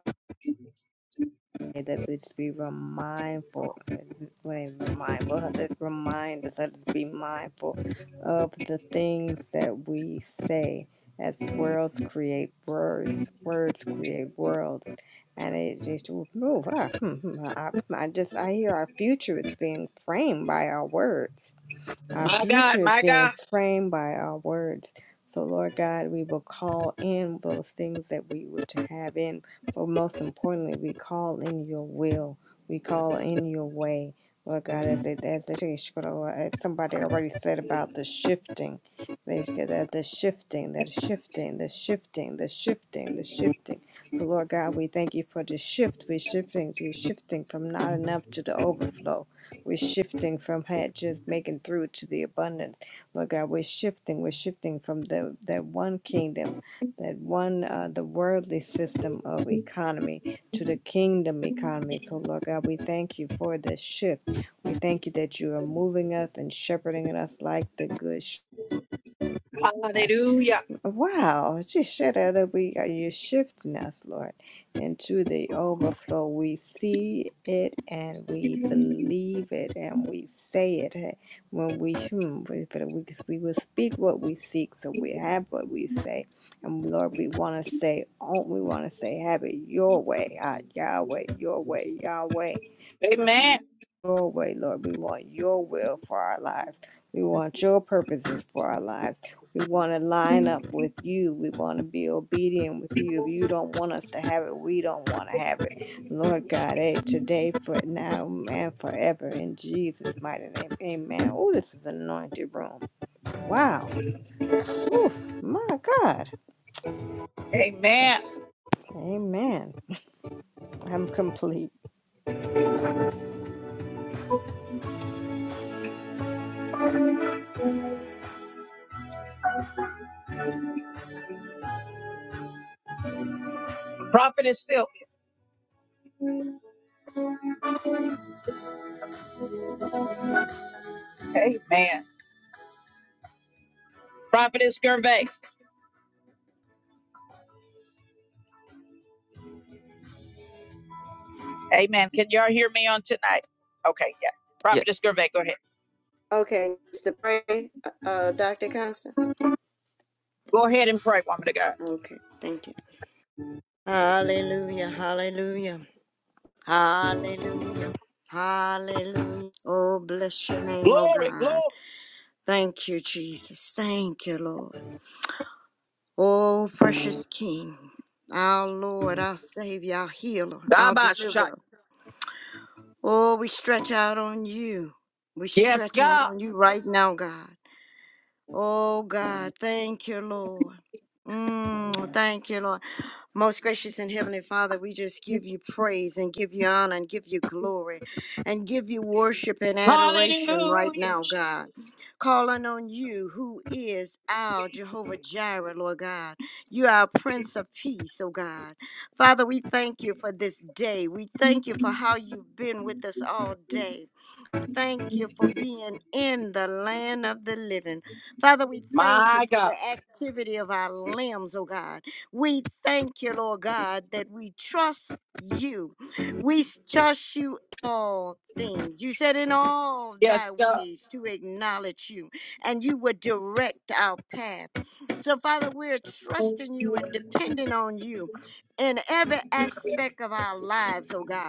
S6: that we just be remindful when mindful [LAUGHS] let's remind us let us be mindful of the things that we say as worlds create words words create worlds and it just move I I just I hear our future is being framed by our words our
S1: My God,
S6: future is
S1: my
S6: being
S1: God.
S6: framed by our words. So, Lord God, we will call in those things that we wish to have in, but most importantly, we call in your will. We call in your way. Lord God, as, it, as, it is, as somebody already said about the shifting, they s- the, the shifting, the shifting, the shifting, the shifting, the shifting. So, Lord God, we thank you for the shift. We're shifting, we're shifting from not enough to the overflow. We're shifting from had just making through to the abundance. Lord God, we're shifting. We're shifting from the that one kingdom, that one uh, the worldly system of economy to the kingdom economy. So Lord God, we thank you for this shift. We thank you that you are moving us and shepherding us like the good
S1: Hallelujah.
S6: Wow, just Shishara, that we are you shifting us, Lord, into the overflow. We see it and we believe it and we say it. eh, When we hmm, we, we we will speak what we seek, so we have what we say. And Lord, we want to say, oh, we want to say, have it your way, ah, Yahweh, your way, Yahweh
S1: Amen.
S6: your way, Lord. We want your will for our lives. We want your purposes for our lives. We want to line up with you. We want to be obedient with you. If you don't want us to have it, we don't want to have it. Lord God, hey, today, for now, and forever, in Jesus' mighty name. Amen. Oh, this is an anointed room. Wow. Oof, my God.
S1: Amen.
S6: Amen. I'm complete.
S1: Prophetess Sylvia. Amen. Prophetess Gervais. Amen. Can y'all hear me on tonight? Okay, yeah. Prophetess
S4: Yes.
S1: Gervais, go ahead.
S5: Okay, just to pray, uh, Dr. Constant.
S1: Go ahead and pray, woman of God.
S5: Okay, thank you. Hallelujah, hallelujah, hallelujah, hallelujah. Oh, bless your name, oh
S1: Glory, glory.
S5: God. Thank you, Jesus. Thank you, Lord. Oh, precious King, our Lord, our Savior, our Healer, our
S1: Gabash.
S5: Deliverer. Oh, we stretch out on you. We
S1: Yes,
S5: stretch out
S1: God.
S5: on you right now, God. Oh God, thank you, Lord. Mm, thank you, Lord. Most gracious and heavenly Father, we just give you praise and give you honor and give you glory and give you worship and adoration right
S1: Hallelujah.
S5: now, God. Calling on you, who is our Jehovah Jireh, Lord God. You are our Prince of Peace, oh God. Father, we thank you for this day. We thank you for how you've been with us all day thank you for being in the land of the living. Father, we thank you
S1: My
S5: for
S1: God.
S5: the activity of our limbs, oh God. We thank you, Lord God, that we trust you. We s- trust you in all things. You said in all thy
S1: Yes, God.
S5: ways to acknowledge you, and you would direct our path. So, Father, we're trusting you and depending on you in every aspect of our lives, oh God.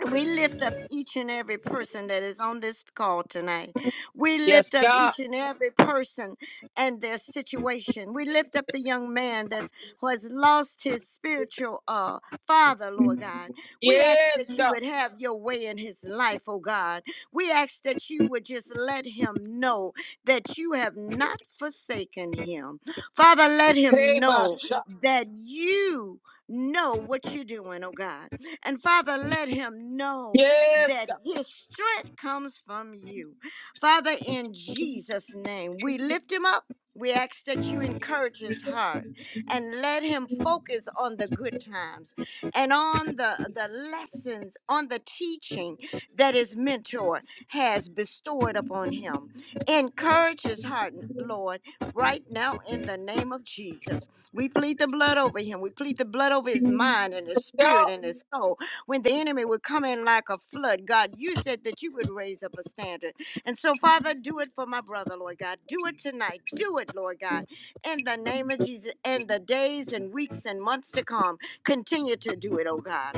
S5: And we lift up each and every person that is on this call tonight. We lift
S1: Yes,
S5: up
S1: God.
S5: each and every person and their situation. We lift up the young man that's who has lost his spiritual uh father, Lord God. We ask
S1: Yes,
S5: that you
S1: God.
S5: would have your way in his life, oh God. We ask that you would just let him know that you have not forsaken him. Father, let him
S1: Hey,
S5: know
S1: Basha.
S5: that you know what you're doing, oh God. And Father, let him know
S1: Yes,
S5: that
S1: God.
S5: his strength comes from you. Father, in Jesus' name, we lift him up. We ask that you encourage his heart and let him focus on the good times and on the, the lessons, on the teaching that his mentor has bestowed upon him. Encourage his heart, Lord, right now in the name of Jesus. We plead the blood over him. We plead the blood over his mind and his
S1: Yes,
S5: spirit
S1: God.
S5: and his soul. When the enemy would come in like a flood, God, you said that you would raise up a standard. And so, Father, do it for my brother, Lord God. Do it tonight. Do it, Lord God. In the name of Jesus, in the days and weeks and months to come, continue to do it, oh God.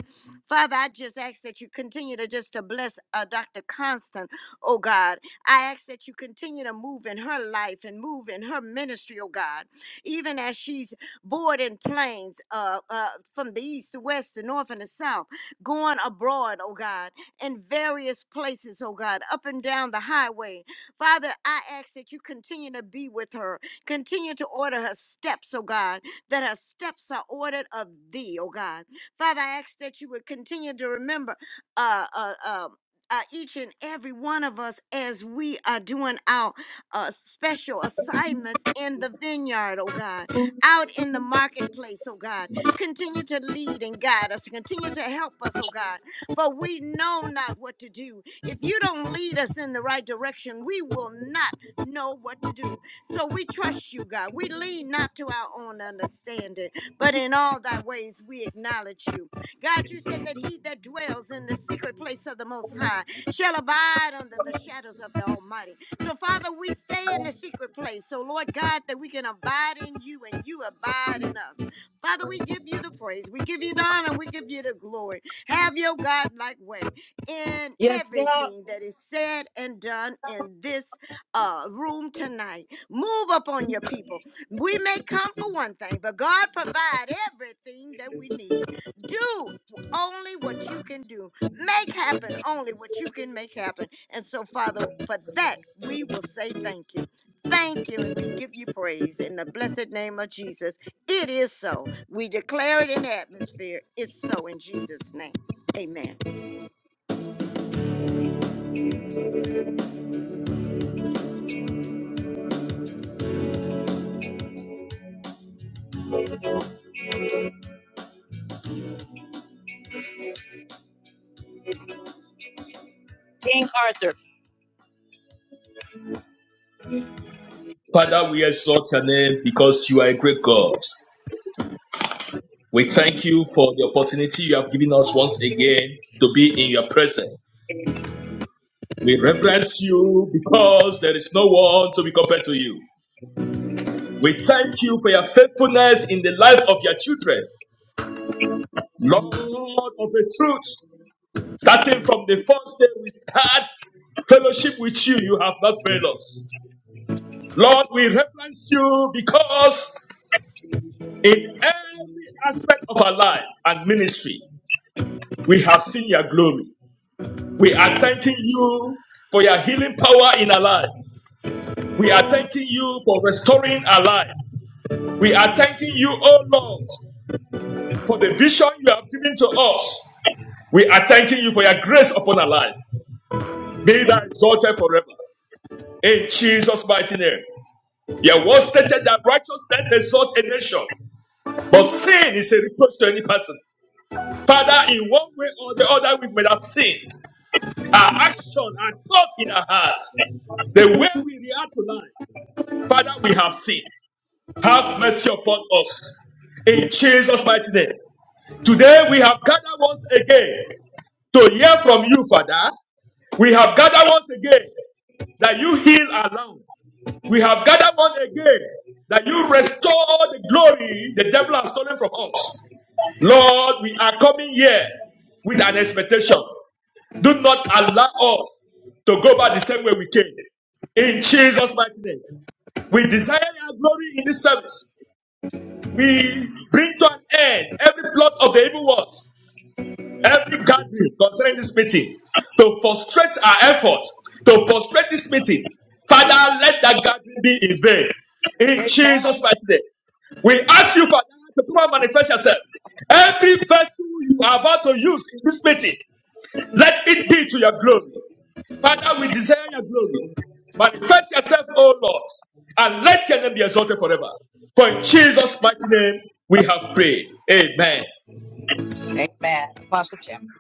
S5: Father, I just ask that you continue to just to bless uh, Dr. Constant, oh God. I ask that you continue to move in her life and move in her ministry, oh God even as she's boarding planes uh, uh, from the east to west, the north and the south, going abroad, oh God, in various places, oh God, up and down the highway. Father, I ask that you continue to be with her, continue to order her steps, oh God, that her steps are ordered of thee, oh God. Father, I ask that you would continue to remember uh, uh, um, uh, each and every one of us as we are doing our uh, special assignments in the vineyard, oh God out in the marketplace, oh God. Continue to lead and guide us. Continue to help us, oh God. For we know not what to do. If you don't lead us in the right direction, we will not know what to do. So we trust you, God. We lean not to our own understanding, but in all thy ways we acknowledge you. God, you said that he that dwells in the secret place of the Most High shall abide under the shadows of the Almighty. So, Father, we stay in the secret place. So, Lord God, that we can abide in you and you abide in us. Father, we give you the praise, we give you the honor, we give you the glory. Have your God like way in
S1: Yes, God.
S5: everything that is said and done in this uh, room tonight. Move upon your people. We may come for one thing, but God provide everything that we need. Do only what you can do. Make happen only what you can make happen. And so, Father, for that we will say thank you. Thank you, and we give you praise in the blessed name of Jesus. It is so. We declare it in the atmosphere. It's so in Jesus' name. Amen.
S1: King Arthur.
S3: Father, we exalt your name because you are a great God. We thank you for the opportunity you have given us once again to be in your presence. We reverence you because there is no one to be compared to you. We thank you for your faithfulness in the life of your children. Lord of the truth, starting from the first day we start fellowship with you, you have not failed us. Lord, we reverence you because in every aspect of our life and ministry, we have seen your glory. We are thanking you for your healing power in our life. We are thanking you for restoring our life. We are thanking you, oh Lord, for the vision you have given to us. We are thanking you for your grace upon our life. Be thou exalted forever. In Jesus' mighty name. Your word stated that righteousness exalts a nation, but sin is a reproach to any person. Father, in one way or the other, we may have sinned. Our action, our thought in our hearts, the way we react to life. Father, we have sinned. Have mercy upon us. In Jesus' mighty name. Today we have gathered once again to hear from you, Father. We have gathered once again that you heal our land. We have gathered once again that you restore the glory the devil has stolen from us. Lord, we are coming here with an expectation. Do not allow us to go back the same way we came. In Jesus' mighty name. We desire your glory in this service. We bring to an end every plot of the evil ones, every gathering concerning this meeting, to frustrate our effort, to frustrate this meeting. Father, let that gathering be in vain. In
S1: Amen.
S3: Jesus' mighty name. We ask you, Father, to come and manifest yourself. Every vessel you are about to use in this meeting, let it be to your glory. Father, we desire your glory. Manifest yourself, O Lord, and let your name be exalted forever. For in Jesus' mighty name we have prayed. Amen.
S1: Amen. Apostle Tim.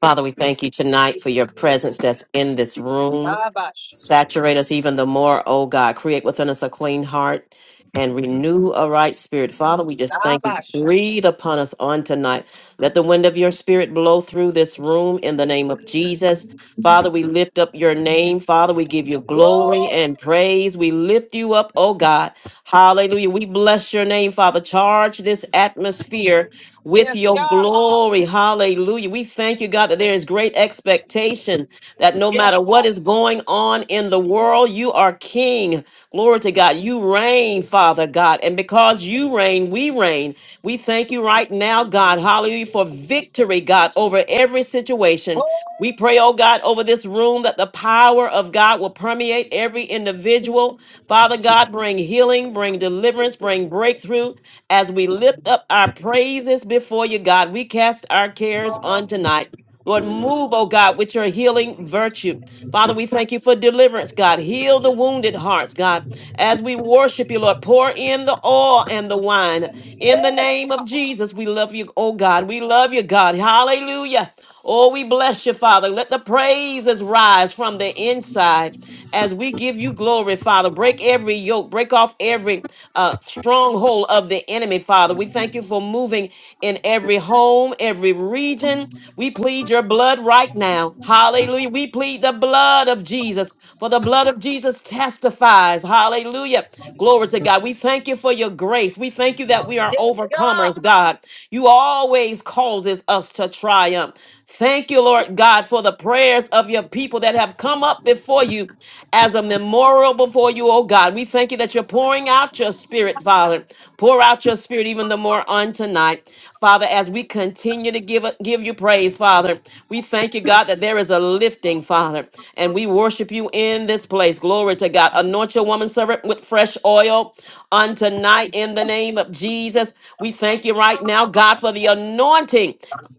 S4: Father, we thank you tonight for your presence that's in this room.
S1: Kabash.
S4: Saturate us even the more, oh God. Create within us a clean heart and renew a right spirit. Father, we just thank you.
S1: Kabash.
S4: Breathe upon us on tonight. Let the wind of your spirit blow through this room in the name of Jesus. Father, we lift up your name. Father, we give you glory
S1: Glory.
S4: and praise. We lift you up, oh God. Hallelujah. We bless your name, Father. Charge this atmosphere with
S1: Yes,
S4: your
S1: God.
S4: glory. Hallelujah. We thank you, God, that there is great expectation that no
S1: Yes,
S4: matter what
S1: God.
S4: is going on in the world, you are king. Glory to God. You reign, Father God. And because you reign, we reign. We thank you right now, God. Hallelujah for victory, God, over every situation.
S1: Oh,
S4: We pray, oh God, over this room that the power of God will permeate every individual. Father God, bring healing, bring deliverance, bring breakthrough. As we lift up our praises before you, God, we cast our cares on tonight. Lord, move, oh God, with your healing virtue. Father, we thank you for deliverance, God. Heal the wounded hearts, God. As we worship you, Lord, pour in the oil and the wine. In the name of Jesus, we love you, oh God. We love you, God. Hallelujah. Oh, we bless you, Father. Let the praises rise from the inside as we give you glory, Father. Break every yoke, break off every every uh, stronghold of the enemy, Father. We thank you for moving in every home, every region. We plead your blood right now. Hallelujah. We plead the blood of Jesus, for the blood of Jesus testifies. Hallelujah. Glory to God. We thank you for your grace. We thank you that we are
S1: yes,
S4: overcomers,
S1: God.
S4: God. You always causes us to triumph. Thank you, Lord God, for the prayers of your people that have come up before you as a memorial before you, oh God. We thank you that you're pouring out your spirit, Father. Pour out your spirit even the more on tonight. Father, as we continue to give, give you praise, Father, we thank you, God, that there is a lifting, Father, and we worship you in this place. Glory to God. Anoint your woman servant with fresh oil on tonight in the name of Jesus. We thank you right now, God, for the anointing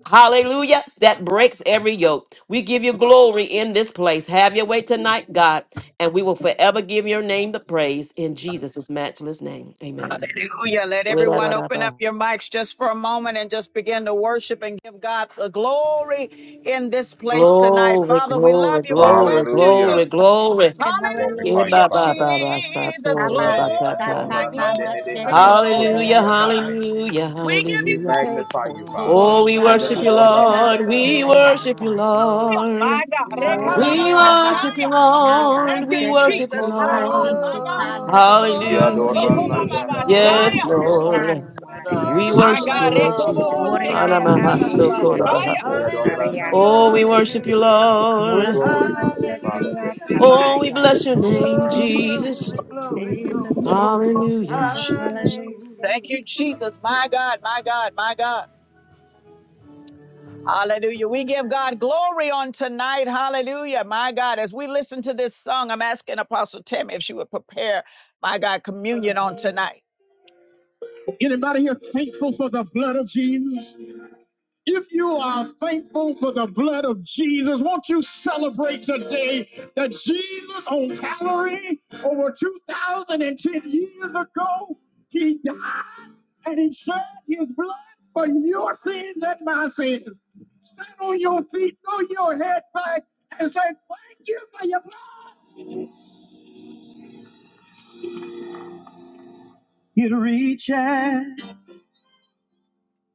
S4: Hallelujah. That breaks every yoke. We give you glory in this place. Have your way tonight, God, and we will forever give your name the praise in Jesus' matchless name. Amen.
S1: Hallelujah. Let
S4: Glory,
S1: everyone open up your mics just for a moment and just begin to worship and give God the glory in this place tonight. Father, we love
S4: glory,
S1: you. We bless
S4: glory,
S1: you,
S10: Hallelujah.
S4: glory,
S1: Jesus.
S4: glory.
S10: We
S4: Yeah,
S10: glorify you,
S1: Hallelujah,
S4: ba,
S2: Hallelujah.
S4: ba,
S10: Father.
S4: ba, ba,
S6: Honor
S4: sa, to,
S1: Jesus.
S6: forever.
S4: ra,
S2: Abba,
S4: ba,
S10: Rede
S4: ka, ta.
S1: Glory,
S2: Shaka,
S10: andorra
S6: Glory
S10: mande
S2: Kama,
S6: and
S10: ede
S1: glory,
S6: honor
S2: Shete,
S6: forever.
S2: Korea,
S4: Hallelujah,
S10: anotsurri and
S1: glory.
S2: Abba.
S6: Glory
S10: I.
S6: and
S4: hallelujah,
S6: honor
S1: We give
S6: forever.
S1: you
S10: We
S4: hallelujah.
S10: magnify
S2: Seiko
S10: you,
S1: glory,
S6: Glory and
S10: Father.
S2: Tobo
S4: Oh,
S6: honor
S4: we
S10: Shada
S4: worship
S2: Shaki
S5: Glory,
S4: you,
S6: forever.
S10: adorra
S1: Lord.
S2: Tina
S5: glory,
S10: manda
S4: Lord. We
S10: banda.
S6: Glory
S5: glory,
S6: and
S4: worship you,
S6: honor
S2: Namayasa
S5: glory,
S6: forever.
S1: Hallelujah.
S5: glory.
S1: My
S4: Lord.
S1: God.
S6: Glory
S2: To
S6: and
S10: Jesus.
S4: We
S6: honor,
S2: Kataba
S4: worship you,
S6: glory
S1: Rekabababashaya.
S6: and honor,
S5: Hallelujah.
S2: Naba
S4: Lord.
S1: Thank
S6: glory
S1: you,
S4: We
S6: and
S2: Sete
S6: honor,
S4: worship you,
S1: Jesus.
S5: Glory.
S1: My
S2: Kosati
S1: God,
S4: Lord.
S1: my
S6: glory and
S1: God.
S2: Kikana
S6: honor, glory
S2: Masa
S6: and honor,
S4: Hallelujah.
S10: Yadorra
S5: Glory,
S10: manda
S6: glory
S10: basiki
S2: O
S4: Yes,
S5: Lord.
S6: and
S1: Rokobababashaya.
S6: honor,
S10: ador.
S2: Rana
S4: Lord.
S6: glory and honor,
S4: We
S2: Mariasha
S1: My
S4: worship you,
S1: God.
S6: glory,
S4: Lord
S6: glory,
S4: Jesus.
S6: glory,
S1: Rekobobosheke
S2: Uriana Raba
S5: Glory.
S10: Jesus.
S2: Sete
S1: andabababashaya.
S4: Anamahasokorabahaya.
S6: glory
S2: Kosaria
S6: and
S5: Hallelujah,
S4: Oh,
S6: honor,
S10: Yadoranadai.
S4: we worship
S6: glory
S4: you,
S6: and
S5: hallelujah,
S6: honor,
S10: We
S2: Nora
S4: Lord.
S6: glory and
S2: Raba
S10: glorify
S6: honor,
S10: you, Father.
S2: Sete
S5: hallelujah.
S4: Oh, we
S2: Nabaya
S4: bless your
S6: glory and
S4: name,
S2: Satata
S5: Oh,
S6: glory and
S4: Jesus.
S5: glory,
S6: glory and
S5: glory,
S6: glory.
S2: Jesus,
S5: glory.
S2: Jesus,
S4: Hallelujah.
S2: Jesus, hallelujah.
S1: Thank you,
S5: Hallelujah,
S1: Jesus. My God, my God, my God. Hallelujah. We give God glory on tonight. Hallelujah. My God, as we listen to this song, I'm asking Apostle Tammy if she would prepare, my God, communion on tonight. Anybody here thankful for the blood of Jesus? If you are thankful for the blood of Jesus, won't you celebrate today that Jesus on Calvary over 2,010 years ago, he died and he shed his blood for your sins and my sins. Stand on your feet, throw your head back, and say, Thank you. It reaches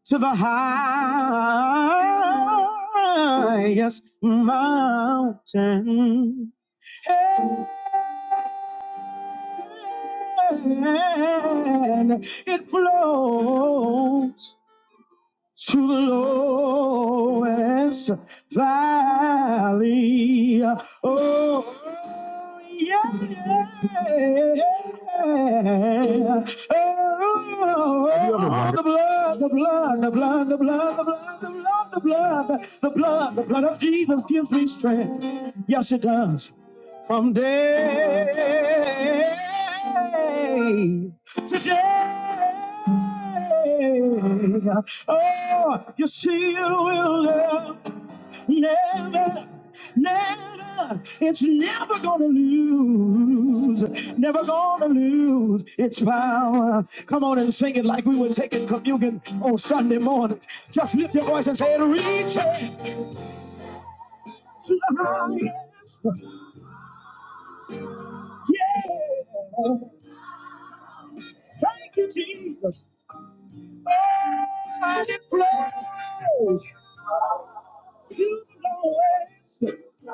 S1: to the highest mountain Hey. it flows to the lowest valley. Oh, yeah. Oh, the blood, the blood, the blood, the blood, the blood, the blood, the blood, the blood, the blood of Jesus gives me strength. Yes, it does. From day to day. Oh, you see, you will never, never, never. It's never gonna lose, never gonna lose its power. Come on and sing it like we were taking communion on Sunday morning. Just lift your voice and say it, reach it to the highest. Yeah. Thank you, Jesus. And it flows to the lowest, to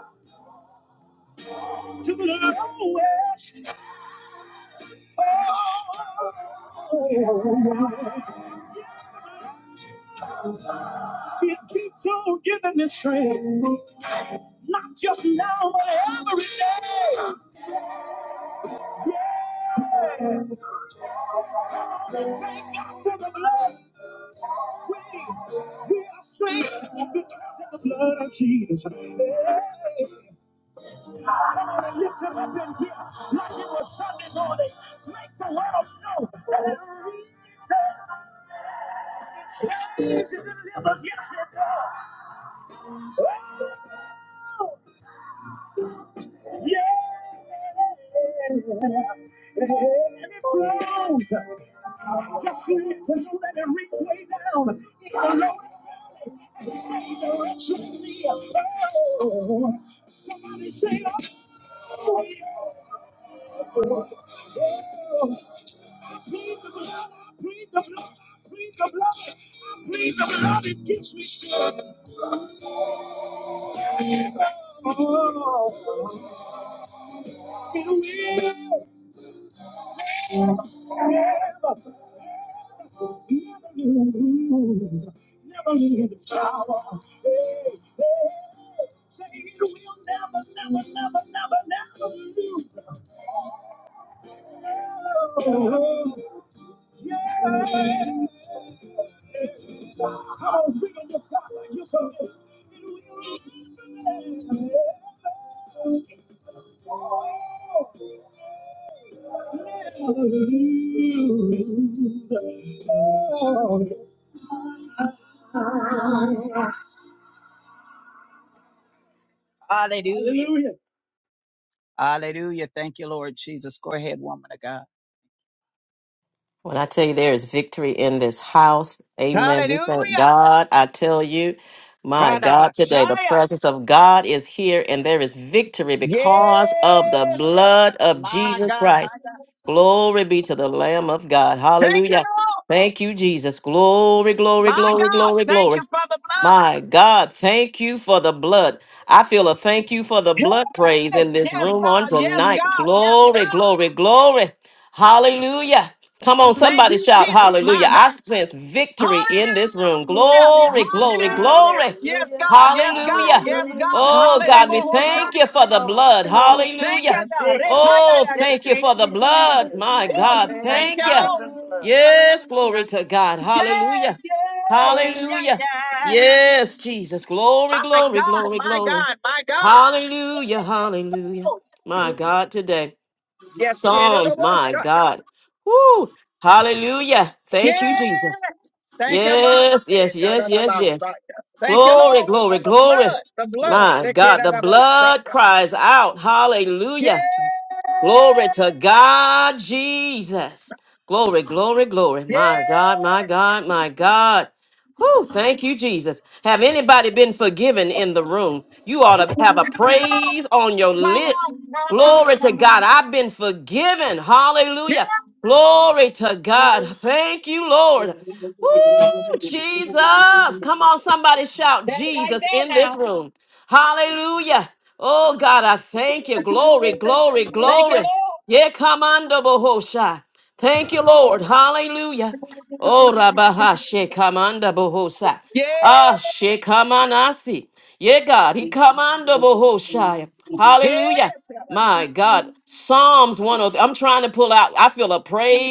S1: the lowest. Oh, it keeps on giving me strength, not just now, but every day. Yeah. Thank God for the blood. We, we are saved because of the blood of Jesus. Hey. Come on and lift him up in here like it was Sunday morning. Make the world know that it reaches and changes and delivers. Yes, it does. Oh, yeah. And it flows. Just for it to know that it reach way down in the lowest valley and the same direction it is. Oh, somebody say, oh, yeah. Plead the blood, plead the blood, plead the blood, plead the blood, it gives me strength. Oh, it will never never, lose, never lose its power. Hey, hey, say it will never, never, never, never, never lose. Oh, Come on, sing in this God like you're from Hallelujah. Hallelujah. Hallelujah. Hallelujah. Thank you, Lord Jesus. Go ahead, woman of God.
S4: When I tell you there is victory in this house, amen. We thank
S1: Hallelujah.
S4: God. I tell you, my God, today the
S1: Kadabashaya.
S4: presence of God is here and there is victory because of the
S1: Yes, God.
S4: blood of
S1: My
S4: Jesus
S1: God, my
S4: Christ. Glory be to the Lamb of God.
S1: Thank you,
S4: Hallelujah.
S1: Lord.
S4: Thank you, Jesus. Glory, glory,
S1: My
S4: glory,
S1: God.
S4: glory,
S1: Thank
S4: glory.
S1: you for the blood.
S4: My God, thank you for the blood. I feel a thank you for the blood praise
S1: Hey,
S4: in this
S1: yes,
S4: room on
S1: God. Yes,
S4: tonight.
S1: God. Yes,
S4: Glory,
S1: God.
S4: glory, glory. Hallelujah. Come on,
S1: Thank
S4: somebody
S1: you,
S4: shout
S1: Jesus.
S4: hallelujah.
S1: My God.
S4: I sense victory in this room.
S1: Hallelujah.
S4: Glory, glory,
S1: Hallelujah.
S4: glory.
S1: Yes,
S5: hallelujah,
S1: God. Yes, God.
S4: Hallelujah.
S1: Yes,
S5: hallelujah,
S1: God.
S4: Oh, God,
S5: hallelujah.
S4: we
S1: Hallelujah.
S4: thank
S5: Glory,
S4: you for the
S5: glory,
S4: blood.
S2: Thank you,
S5: glory.
S1: Thank
S4: Hallelujah.
S2: Jesus.
S1: you, God.
S5: Victory,
S4: Oh,
S1: Rekayaya.
S4: thank
S5: victory
S4: you
S2: Thank
S4: for the
S2: you,
S5: in
S2: Jesus.
S4: blood.
S5: Jesus'
S4: My
S2: Thank
S5: name.
S2: you,
S1: Woo.
S4: God,
S5: Thank
S2: Jesus.
S5: you
S1: Thank
S4: thank
S1: you,
S4: you.
S5: for
S1: Lord.
S5: the blood.
S2: Hallelujah.
S4: Yes, glory
S2: Hallelujah.
S4: to God.
S1: Yes,
S4: Hallelujah.
S1: yes, yes,
S4: Hallelujah.
S1: yes.
S4: Yes, Jesus. Glory,
S1: My
S4: glory,
S1: God,
S4: glory,
S1: my
S4: glory.
S1: God, my God.
S4: Hallelujah. Hallelujah.
S1: Woo.
S4: My God, today.
S1: Yes, yes,
S4: Psalms, my God. Woo. Hallelujah. Thank
S1: yes.
S4: you, Jesus.
S1: Thank you, Father.
S4: Yes,
S1: Eh,
S4: yes,
S1: da, da,
S4: yes,
S1: da,
S4: yes,
S1: ba,
S4: yes.
S1: sa, ya. Thank you,
S4: Glory,
S1: Lord, for
S4: glory,
S1: the
S4: glory.
S1: blood, the blood.
S4: My God, the blood
S1: Rekayaya.
S4: cries out. Hallelujah. Glory
S1: Yes.
S4: to God, Jesus. Glory, glory, glory.
S1: Yeah.
S4: My God, my God, my God. Whew, thank you, Jesus. Have anybody been forgiven in the room? You ought to have a
S1: Come
S4: praise on your lips.
S1: on, come on,
S4: Glory to
S1: come on.
S4: God. I've been forgiven.
S1: Yeah.
S4: Hallelujah. Glory to God. Thank you, Lord. Woo, Jesus. Come on, somebody shout
S1: That's right
S4: Jesus
S1: there
S4: in this
S1: now.
S4: room. Hallelujah. Oh, God, I thank you.
S2: As as soon
S4: Glory,
S2: as
S4: glory,
S1: Thank you,
S4: glory.
S2: Jesus,
S1: Lord.
S4: Yeah, come on, double Thank you, Lord. Hallelujah. Oh, Rabaha Shekamanda Bohosa. Ah,
S1: Yeah.
S4: Shekamanasi. Ye God, He commanda Bohoshaya. Hallelujah.
S1: Yes.
S4: My God, Psalms 103. I'm trying to pull out. I feel a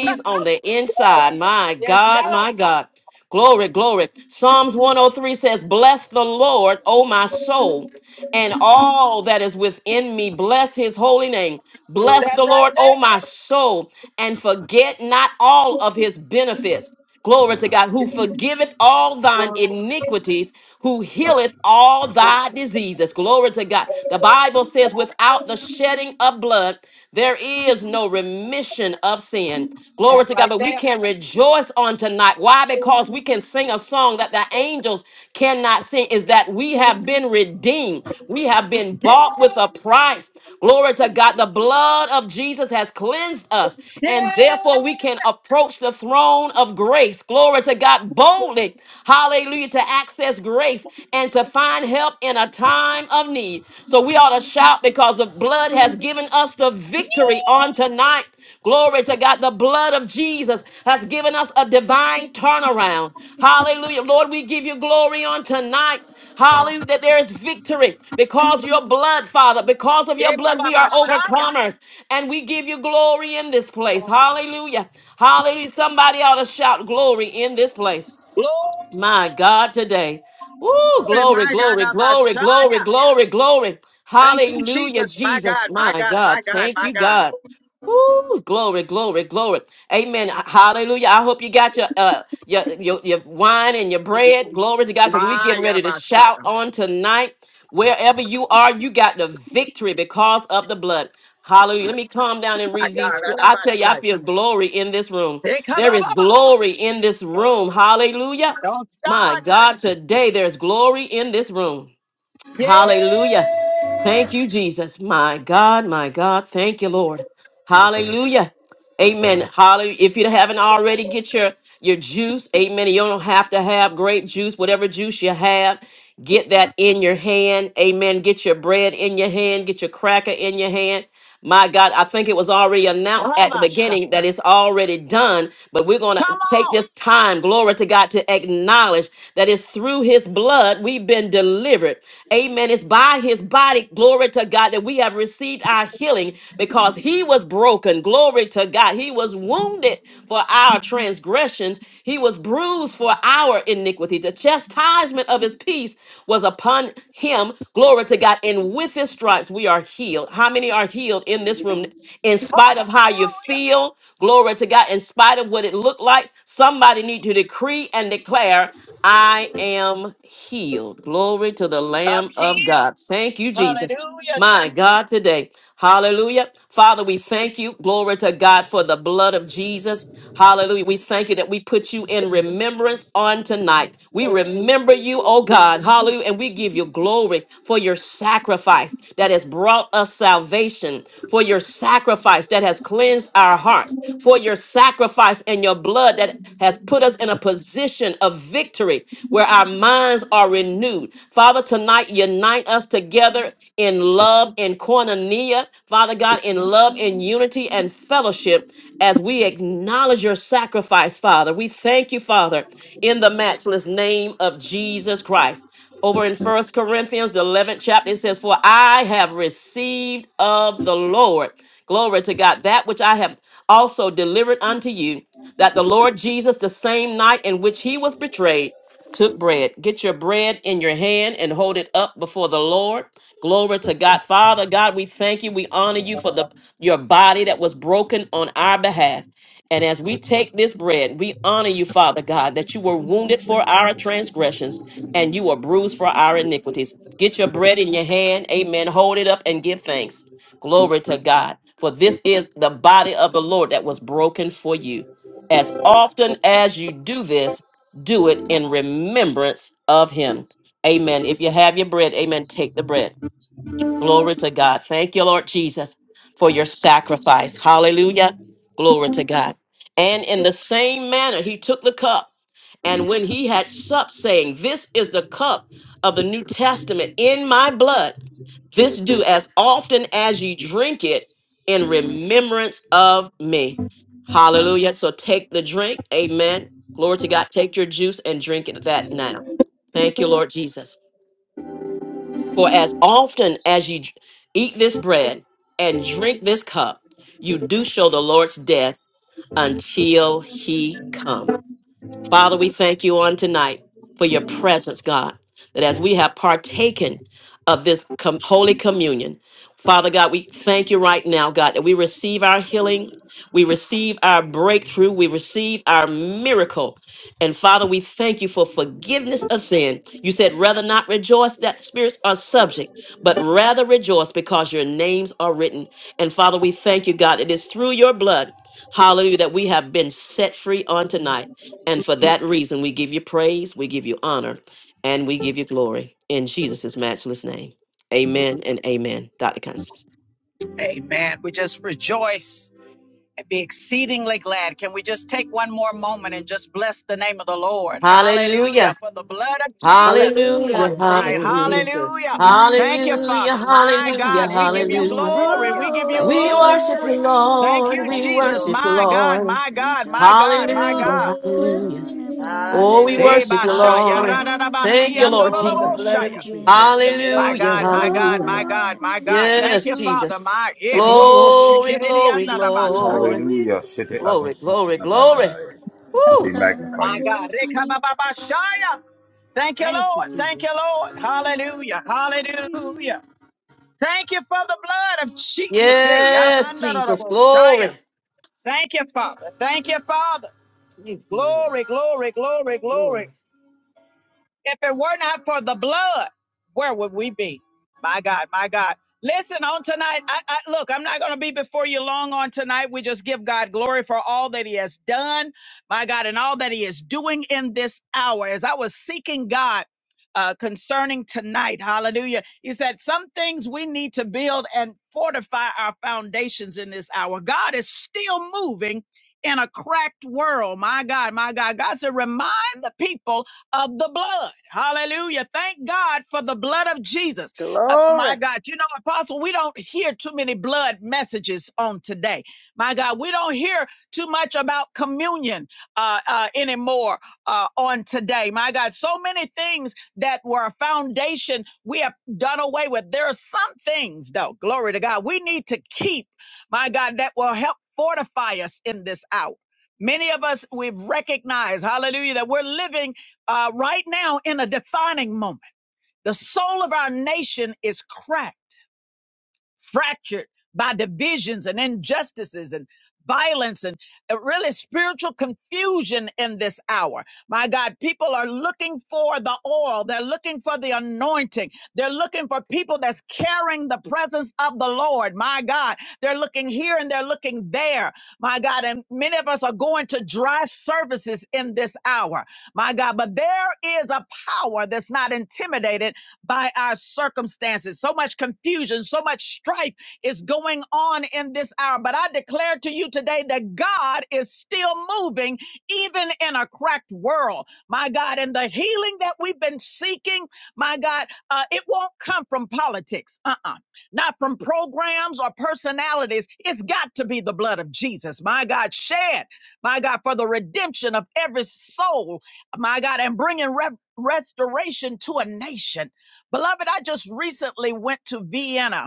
S1: [LAUGHS]
S4: on the inside.
S1: Woo.
S4: My
S1: yes,
S4: God, my
S1: God.
S4: God. Glory, glory. Psalms 103 says, Bless the Lord, O my soul, and all that is within me. Bless his holy name. Bless
S1: That
S4: the
S1: right
S4: Lord, O
S1: there.
S4: my soul, and forget not all of his benefits. Glory to God, who forgiveth all thine iniquities, who healeth all thy diseases. Glory to God. The Bible says, without the shedding of blood, there is no total remission of sin. Glory
S1: That
S4: to God.
S1: right
S4: But we
S1: there.
S4: can rejoice on tonight. Why? Because we can sing a song that the angels cannot sing, is that we have been redeemed. We have been
S1: Yeah.
S4: bought with a price. Glory to God. The blood of Jesus has cleansed us, and
S1: Yeah.
S4: therefore we can approach the throne of grace. Glory to God boldly. Hallelujah. To access grace and to find help in a time of of need. So we ought to shout because the blood has given us the victory on tonight. Glory to God. The blood of Jesus has given us a divine turnaround. Hallelujah. Lord, we give you glory on tonight. Hallelujah. That there is victory because your blood, Father, because of your
S1: Yeah,
S4: blood, we
S1: Baba
S4: are
S1: Shia.
S4: overcomers and we give you glory in this place. Hallelujah. Hallelujah. Somebody ought to shout glory in this place.
S1: Glory,
S4: My God, today. Woo, glory,
S1: my God,
S4: glory,
S1: Abba
S4: glory,
S1: Shia.
S4: glory, glory, glory.
S1: Thank you,
S4: Hallelujah,
S1: Jesus. My
S4: Jesus.
S1: God, my
S4: My
S1: God, my
S4: God,
S1: God,
S4: thank
S1: my
S4: you,
S1: God.
S4: God. Woo, glory, glory, glory. Amen. Hallelujah. I hope you got your uh your your, your wine and your bread. Glory to God, because we're getting ready to shout
S1: Ayabashaya.
S4: on tonight. Wherever you are, you got the victory because of the blood. Hallelujah. Let me calm down and read these. scr- I tell you, I
S1: Ayabashaya.
S4: feel glory in this room. There is
S1: Ekabababa.
S4: glory in this room. Hallelujah.
S1: Don't
S4: My
S1: start that.
S4: God, today there's glory in this room. Hallelujah. Thank
S1: Yeah.
S4: you, Jesus. My God, my God. Thank you, Lord. Hallelujah. Amen. Hallelujah. If you haven't already, get your your juice. Amen. You don't have to have grape juice, whatever juice you have. Get that in your hand. Amen. Get your bread in your hand. Get your cracker in your hand. My God, I think it was already announced at the
S1: Abasha.
S4: beginning that it's already done, but we're going to
S1: Come
S4: take
S1: on.
S4: this time, glory to God, to acknowledge that it's through his blood we've been delivered. Amen. It's by by his body, glory to God, that we have received our healing because he was broken. Glory to God. He was wounded for our transgressions, he was bruised for our iniquity. The chastisement of his peace was upon him. Glory to God. And with his stripes, we are healed. How many are healed in this room? In spite of how you
S1: Hallelujah.
S4: feel, glory to God, in spite of what it looked like, somebody need to decree and declare. I am healed. Glory to the
S1: I'm
S4: Lamb of
S1: healed.
S4: God. Thank you, Jesus.
S1: Hallelujah,
S4: My God,
S1: Jesus.
S4: today. Hallelujah. Father, we thank you. Glory to God for the blood of Jesus. Hallelujah. We thank you that we put you in remembrance on tonight. We remember you, oh God. Hallelujah. And we give you glory for your sacrifice that has brought us salvation, for your sacrifice sacrifice that has cleansed our hearts, for your sacrifice and your blood that has put us in a position of victory where our minds are renewed. Father, tonight unite us together in love, in koinonia, Father God, in love, in unity and fellowship as we acknowledge your sacrifice, Father. We thank you, Father, in the matchless name of Jesus Christ over in First Corinthians, the 11th chapter, it says, For I have received of the Lord. Glory to God. That which I have also delivered unto you, that the Lord Jesus, the same night in which he was betrayed, took bread. Get your bread in your hand and hold it up before the Lord. Glory to God. Father God, we thank you. We honor you for the your body that was broken on our behalf. And as we take this bread, we honor you, Father God, that you were wounded for our transgressions and you were bruised for our iniquities. Get your bread in your hand. Amen. Hold it up and give thanks. Glory to God. For this is the body of the Lord that was broken for you. As often as you do this, do it in remembrance of him. Amen. If you have your bread, amen, take the bread. Glory to God. Thank you, Lord Jesus, for your sacrifice. Hallelujah. Glory to God. And in the same manner, he took the cup. And when he had supped, saying, This is the cup of the New Testament in my blood, this do as often as ye drink it in remembrance of me. Hallelujah. So take the drink. Amen. Glory to God. Take your juice and drink it that now. Thank you, Lord Jesus. For as often as ye eat this bread and drink this cup, you do show the Lord's death until he come. Father, we thank you on tonight for your presence, God, that as we have partaken of this com- holy communion, Father God, we thank you right now, God, that we receive our healing, we receive our breakthrough, we receive our miracle. And Father, we thank you for forgiveness of sin. You said, rather not rejoice that spirits are subject, but rather rejoice because your names are written. And Father, we thank you, God, it is through your blood, hallelujah, that we have been set free on tonight. And for that reason, we give you praise, we give you honor, and we give you glory in Jesus' matchless name. Amen and amen. Dr. Constance.
S1: take one more moment and just bless the name of the Lord. Hallelujah.
S4: Hallelujah.
S1: For the blood of Jesus on
S11: Hallelujah.
S4: Hallelujah.
S6: Rejoice,
S1: tonight.
S11: Thank you,
S6: come
S4: Hallelujah.
S6: on,
S11: Jesus.
S1: Hallelujah.
S6: everybody,
S1: Thank you,
S6: rejoice.
S4: Hallelujah.
S1: Father. My
S4: Hallelujah.
S1: God,
S6: This
S1: we
S6: is the
S1: give
S5: Hallelujah,
S1: you
S4: Hallelujah.
S6: day
S1: glory.
S6: that the
S5: hallelujah.
S1: We give you
S6: Lord
S5: Thank you,
S4: We
S6: hath
S11: Holy,
S5: Lord.
S6: made.
S4: worship you,
S1: glory.
S6: Let us
S1: Thank
S6: be
S4: Lord.
S1: you,
S4: We
S5: Thank you,
S6: glad
S1: Jesus.
S5: Lord.
S4: worship you,
S1: My
S6: about
S1: God,
S6: it.
S4: Lord.
S1: my God, my
S6: Rejoice.
S1: God, my
S4: Hallelujah.
S1: God.
S6: Come
S4: Hallelujah.
S6: on,
S11: holy.
S6: everybody,
S4: Oh, we
S5: Hallelujah.
S1: Eh,
S4: worship
S6: rejoice.
S4: you,
S1: bashaya,
S4: Lord.
S5: Hallelujah.
S6: This is the
S1: radadabasi,
S4: Thank you,
S6: day
S4: Lord
S6: that
S5: Oh,
S6: the
S5: the
S4: Jesus.
S6: Lord
S5: blood of
S11: Thank
S1: andorobosaya.
S11: you,
S6: hath made.
S5: Jesus.
S11: Jesus.
S5: The
S6: Let
S5: blood
S6: us
S1: My
S5: of
S6: be
S4: Hallelujah.
S1: God, my
S6: glad
S5: Jesus.
S1: God,
S4: Hallelujah.
S1: my
S6: about
S1: God,
S6: it.
S1: my
S11: Holy,
S1: God. Thank
S4: Yes,
S1: you, Father.
S4: Jesus.
S6: Rejoice.
S1: My eh, bro, oh,
S4: Glory,
S1: shikiri,
S4: glory,
S11: you're
S2: Jesus,
S1: andadabashaya.
S4: glory,
S11: holy
S10: Hallelujah. Shete
S4: glory,
S11: forever.
S4: glory, glory.
S10: adoranadai.
S4: Woo!
S10: We magnify
S1: My
S10: you.
S1: God.
S2: Jesus.
S1: Rekabababashaya. Thank you,
S11: Thank you,
S1: Lord. Thank you,
S11: Jesus.
S1: Lord. Hallelujah.
S11: Holy,
S1: Hallelujah. Thank you for the blood of
S11: holy.
S1: Jesus. Hey,
S4: Yes, Jesus.
S1: Yamandarabashaya.
S4: Glory.
S1: Thank you, Father. Thank you, Father.
S11: Thank you, Lord.
S1: Glory, glory, glory, glory.
S11: Glory.
S1: If it were not for the blood, where would we be? My God, my God. Listen on tonight. I, I look, I'm not going to be before you long on tonight. We just give God glory for all that He has done, my God, and all that He is doing in this hour. As I was seeking God uh, concerning tonight, Hallelujah, He said some things we need to build and fortify our foundations in this hour. God is still moving in a cracked world, my God, my God. God said, remind the people of the blood. Hallelujah. Thank God for the blood of Jesus. Uh, my
S5: Glory.
S1: God, you know, Apostle, we don't hear too many blood messages on today. My God, we don't hear too much about communion uh, uh, anymore uh, on today. My God, so many things that were a foundation we have done away with. There are some things, though, glory to God, we need to keep, my God, that will help fortify us in this hour. Many of us, we've recognized, hallelujah, that we're living uh, right now in a defining moment. The soul of our nation is cracked, fractured by divisions and injustices and violence and uh, really spiritual confusion in this hour. My God, people are looking for the oil. They're looking for the anointing. They're looking for people that's carrying the presence of the Lord. My God, they're looking here and they're looking there. My God, and many of us are going to dry services in this this hour. My God, but there is a power that's not intimidated by our circumstances. So much confusion, so much strife is going on in this hour. But I declare to you today that God is still moving even in a cracked world. My God, and the healing that we've been seeking, my God, uh, it won't come from politics, uh uh not from programs or personalities. It's got to be the blood of Jesus, my God, shed my God, for the redemption of every soul, my God, and bringing re- restoration to a nation. Beloved, I just recently went to Vienna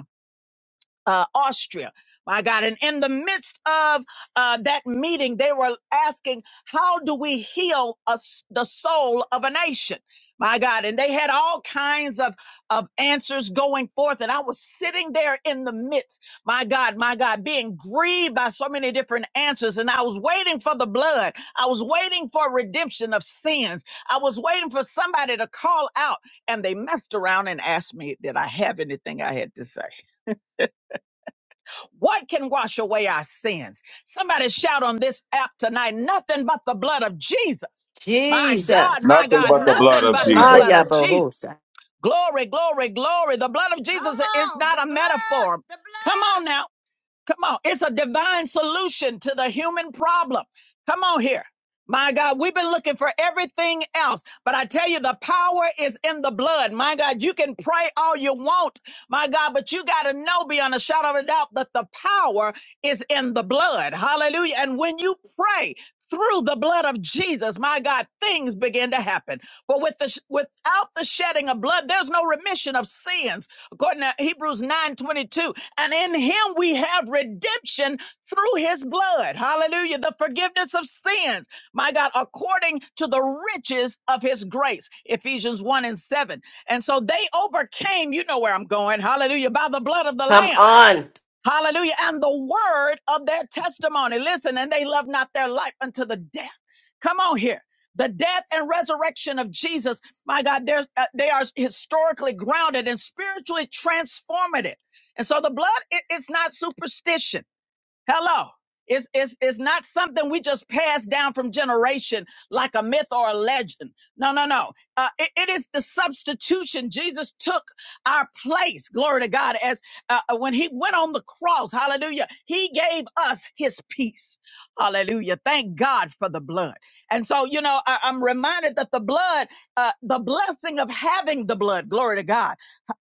S1: uh, Austria. My God. And in the midst of uh, that meeting, they were asking, How do we heal us, the soul of a nation? My God. And they had all kinds of, of answers going forth. And I was sitting there in the midst, my God, my God, being grieved by so many different answers. And I was waiting for the blood. I was waiting for redemption of sins. I was waiting for somebody to call out. And they messed around and asked me, Did I have anything I had to say? What can wash away our sins? Somebody shout on this app tonight, nothing but the blood of Jesus. My God,
S4: Jesus.
S1: my
S10: Nothing
S1: God,
S10: but the blood
S1: nothing
S10: of
S1: but the
S10: Jesus.
S1: blood of Jesus.
S4: Ayabahosa.
S1: Glory, glory, glory. The blood of Jesus
S5: Come
S1: is
S5: on.
S1: not
S5: The
S1: a
S5: blood.
S1: metaphor.
S5: The
S1: Come
S5: blood.
S1: on now. Come on. It's a divine solution to the human problem. Come on here. My God, we've been looking for everything else, but I tell you, the power is in the blood. My God, you can pray all you want, my God, but you got to know beyond a shadow of a doubt that the power is in the blood. Hallelujah. And when you pray through the blood of Jesus, my God, things begin to happen. But with the, without the shedding of blood, there's no remission of sins, according to Hebrews 9:22. And in him we have redemption through his blood. Hallelujah. The forgiveness of sins, my God, according to the riches of his grace. Ephesians 1 and 7. And so they overcame, you know where I'm going, hallelujah, by the blood of the
S4: Come
S1: Lamb.
S4: on.
S1: Hallelujah. And the word of their testimony. Listen, and they love not their life unto the death. Come on here. The death and resurrection of Jesus, my God, they're, uh, they are historically grounded and spiritually transformative. And so the blood, it- it's not superstition. Hello. It's, it's, it's not something we just pass down from generation like a myth or a legend. No, no, no. Uh, it, it is the substitution. Jesus took our place, glory to God, as uh, uh, when he went on the cross, hallelujah, he gave us his peace. Hallelujah. Thank God for the blood. And so, you know, I, I'm reminded that the blood, uh, the blessing of having the blood, glory to God,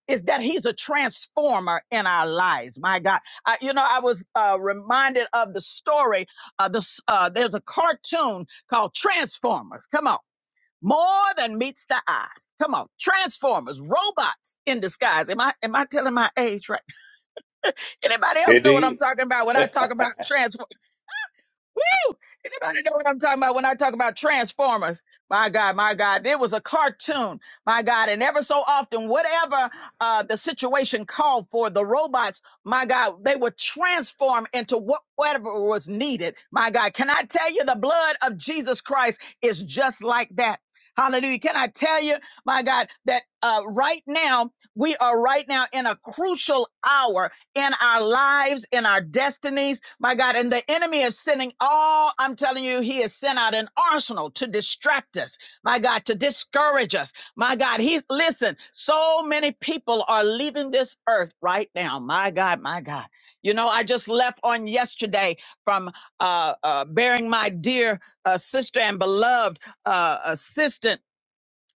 S1: is that he's a transformer in our lives. My God I, you know, I was uh, reminded of the story. Uh, this, uh, there's a cartoon called Transformers. Come on. More than meets the eyes. Come on. Transformers, robots in disguise. Am I am I telling my age right? Anybody else know what I'm
S10: Indeed.
S1: talking about when I talk about Transformers? Woo! Anybody know what I'm talking about when I talk about Transformers? My God, my God, there was a cartoon, my God, and ever so often, whatever uh, the situation called for, the robots, my God, they would transform into what, whatever was needed. My God, can I tell you the blood of Jesus Christ is just like that? Hallelujah. Can I tell you, my God, that uh, right now we are right now in a crucial hour in our lives, in our destinies, my God. And the enemy is sending all, I'm telling you, he has sent out an arsenal to distract us, my God, to discourage us, my God. He's, listen, so many people are leaving this earth right now, my God, my God. You know, I just left on yesterday from uh, uh, bearing my dear uh, sister and beloved uh, assistant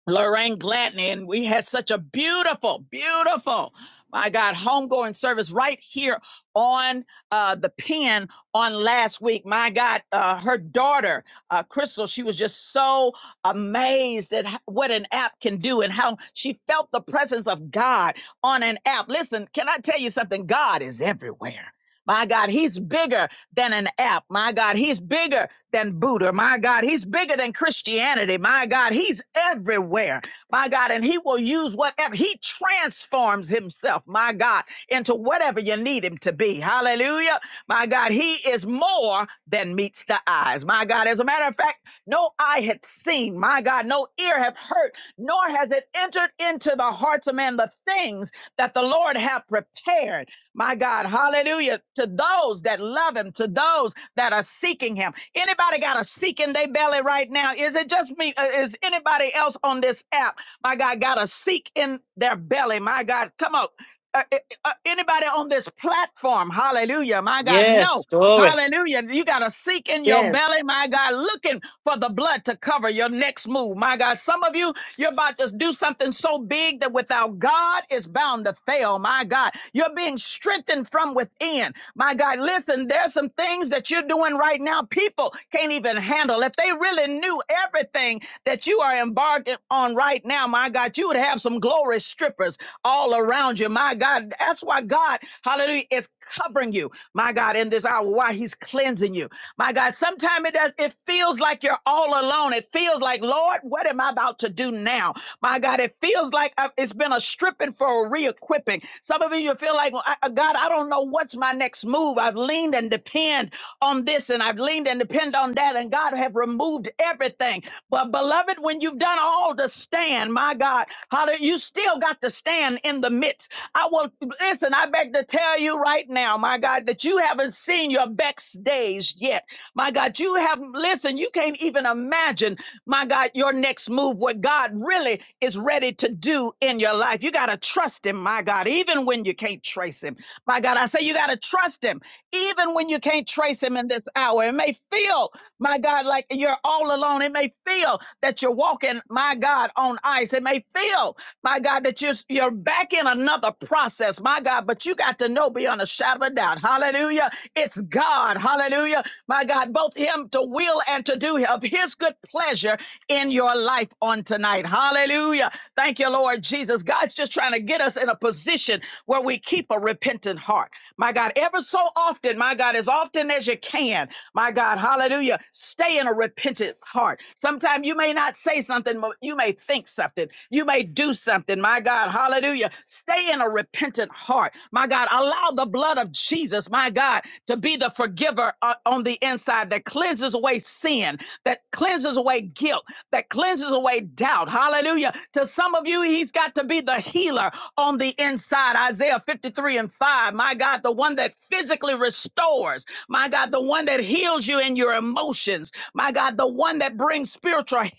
S1: Lorraine Gladney, and we had such a beautiful, beautiful, my God, homegoing service right here on uh, the pen on last week. My God, uh, her daughter, uh, Crystal, she was just so amazed at h- what an app can do and how she felt the presence of God on an app. Listen, can I tell you something? God is everywhere. My God, he's bigger than an app. My God, he's bigger than Buddha. My God, he's bigger than Christianity. My God, he's everywhere. My God, and he will use whatever. He transforms himself, my God, into whatever you need him to be. Hallelujah. My God, he is more than meets the eyes. My God, as a matter of fact, no eye had seen, my God, no ear have heard, nor has it entered into the hearts of man the things that the Lord hath prepared. My God, hallelujah. To those that love him, to those that are seeking him. Anybody got a seek in their belly right now? Is it just me? Uh, Is anybody else on this app? My God, got a seek in their belly. My God, come on. Uh, uh, uh, anybody on this platform, hallelujah, my God, no.
S4: Yes, glory.
S1: Hallelujah. You got to seek in your
S11: Yes,
S1: belly, my God, looking for the blood to cover your next move. My God, some of you, you're about to do something so big that without God, it's bound to fail. My God, you're being strengthened from within. My God, listen, there's some things that you're doing right now people can't even handle. If they really knew everything that you are embarking on right now, my God, you would have some glorious strippers all around you. My God, that's why God, hallelujah, is covering you, my God, in this hour, while He's cleansing you. My God, sometimes it does, it feels like you're all alone. It feels like, Lord, what am I about to do now? My God, it feels like I've- it's been a stripping for a re equipping. Some of you you feel like, well, I, uh, God, I don't know what's my next move. I've leaned and depend on this and I've leaned and depend on that, and God have removed everything. But beloved, when you've done all to stand, my God, hallelujah, you still got to stand in the midst. I will listen. Listen, I beg to tell you right now, my God, that you haven't seen your best days yet. My God, you haven't, listen, you can't even imagine, my God, your next move, what God really is ready to do in your life. You got to trust Him, my God, even when you can't trace Him. My God, I say you got to trust Him, even when you can't trace Him in this hour. It may feel, my God, like you're all alone. It may feel that you're walking, my God, on ice. It may feel, my God, that you're, you're backing back in another process, my God, but you got to know beyond a shadow of a doubt. Hallelujah. It's God. Hallelujah. My God, both Him to will and to do of His good pleasure in your life on tonight. Hallelujah. Thank you, Lord Jesus. God's just trying to get us in a position where we keep a repentant heart. My God, ever so often, my God, as often as you can, my God, hallelujah, stay in a repentant heart. Sometimes you may not say something, but you may think something. You may do something something. My God, hallelujah. Stay in a repentant heart. My God, allow the blood of Jesus, my God, to be the forgiver uh, on the inside that cleanses away sin, that cleanses away guilt, that cleanses away doubt. Hallelujah. To some of you, he's got to be the healer on the inside. Isaiah 53 and 5. My God, the one that physically restores. My God, the one that heals you in your emotions. My God, the one that brings spiritual he-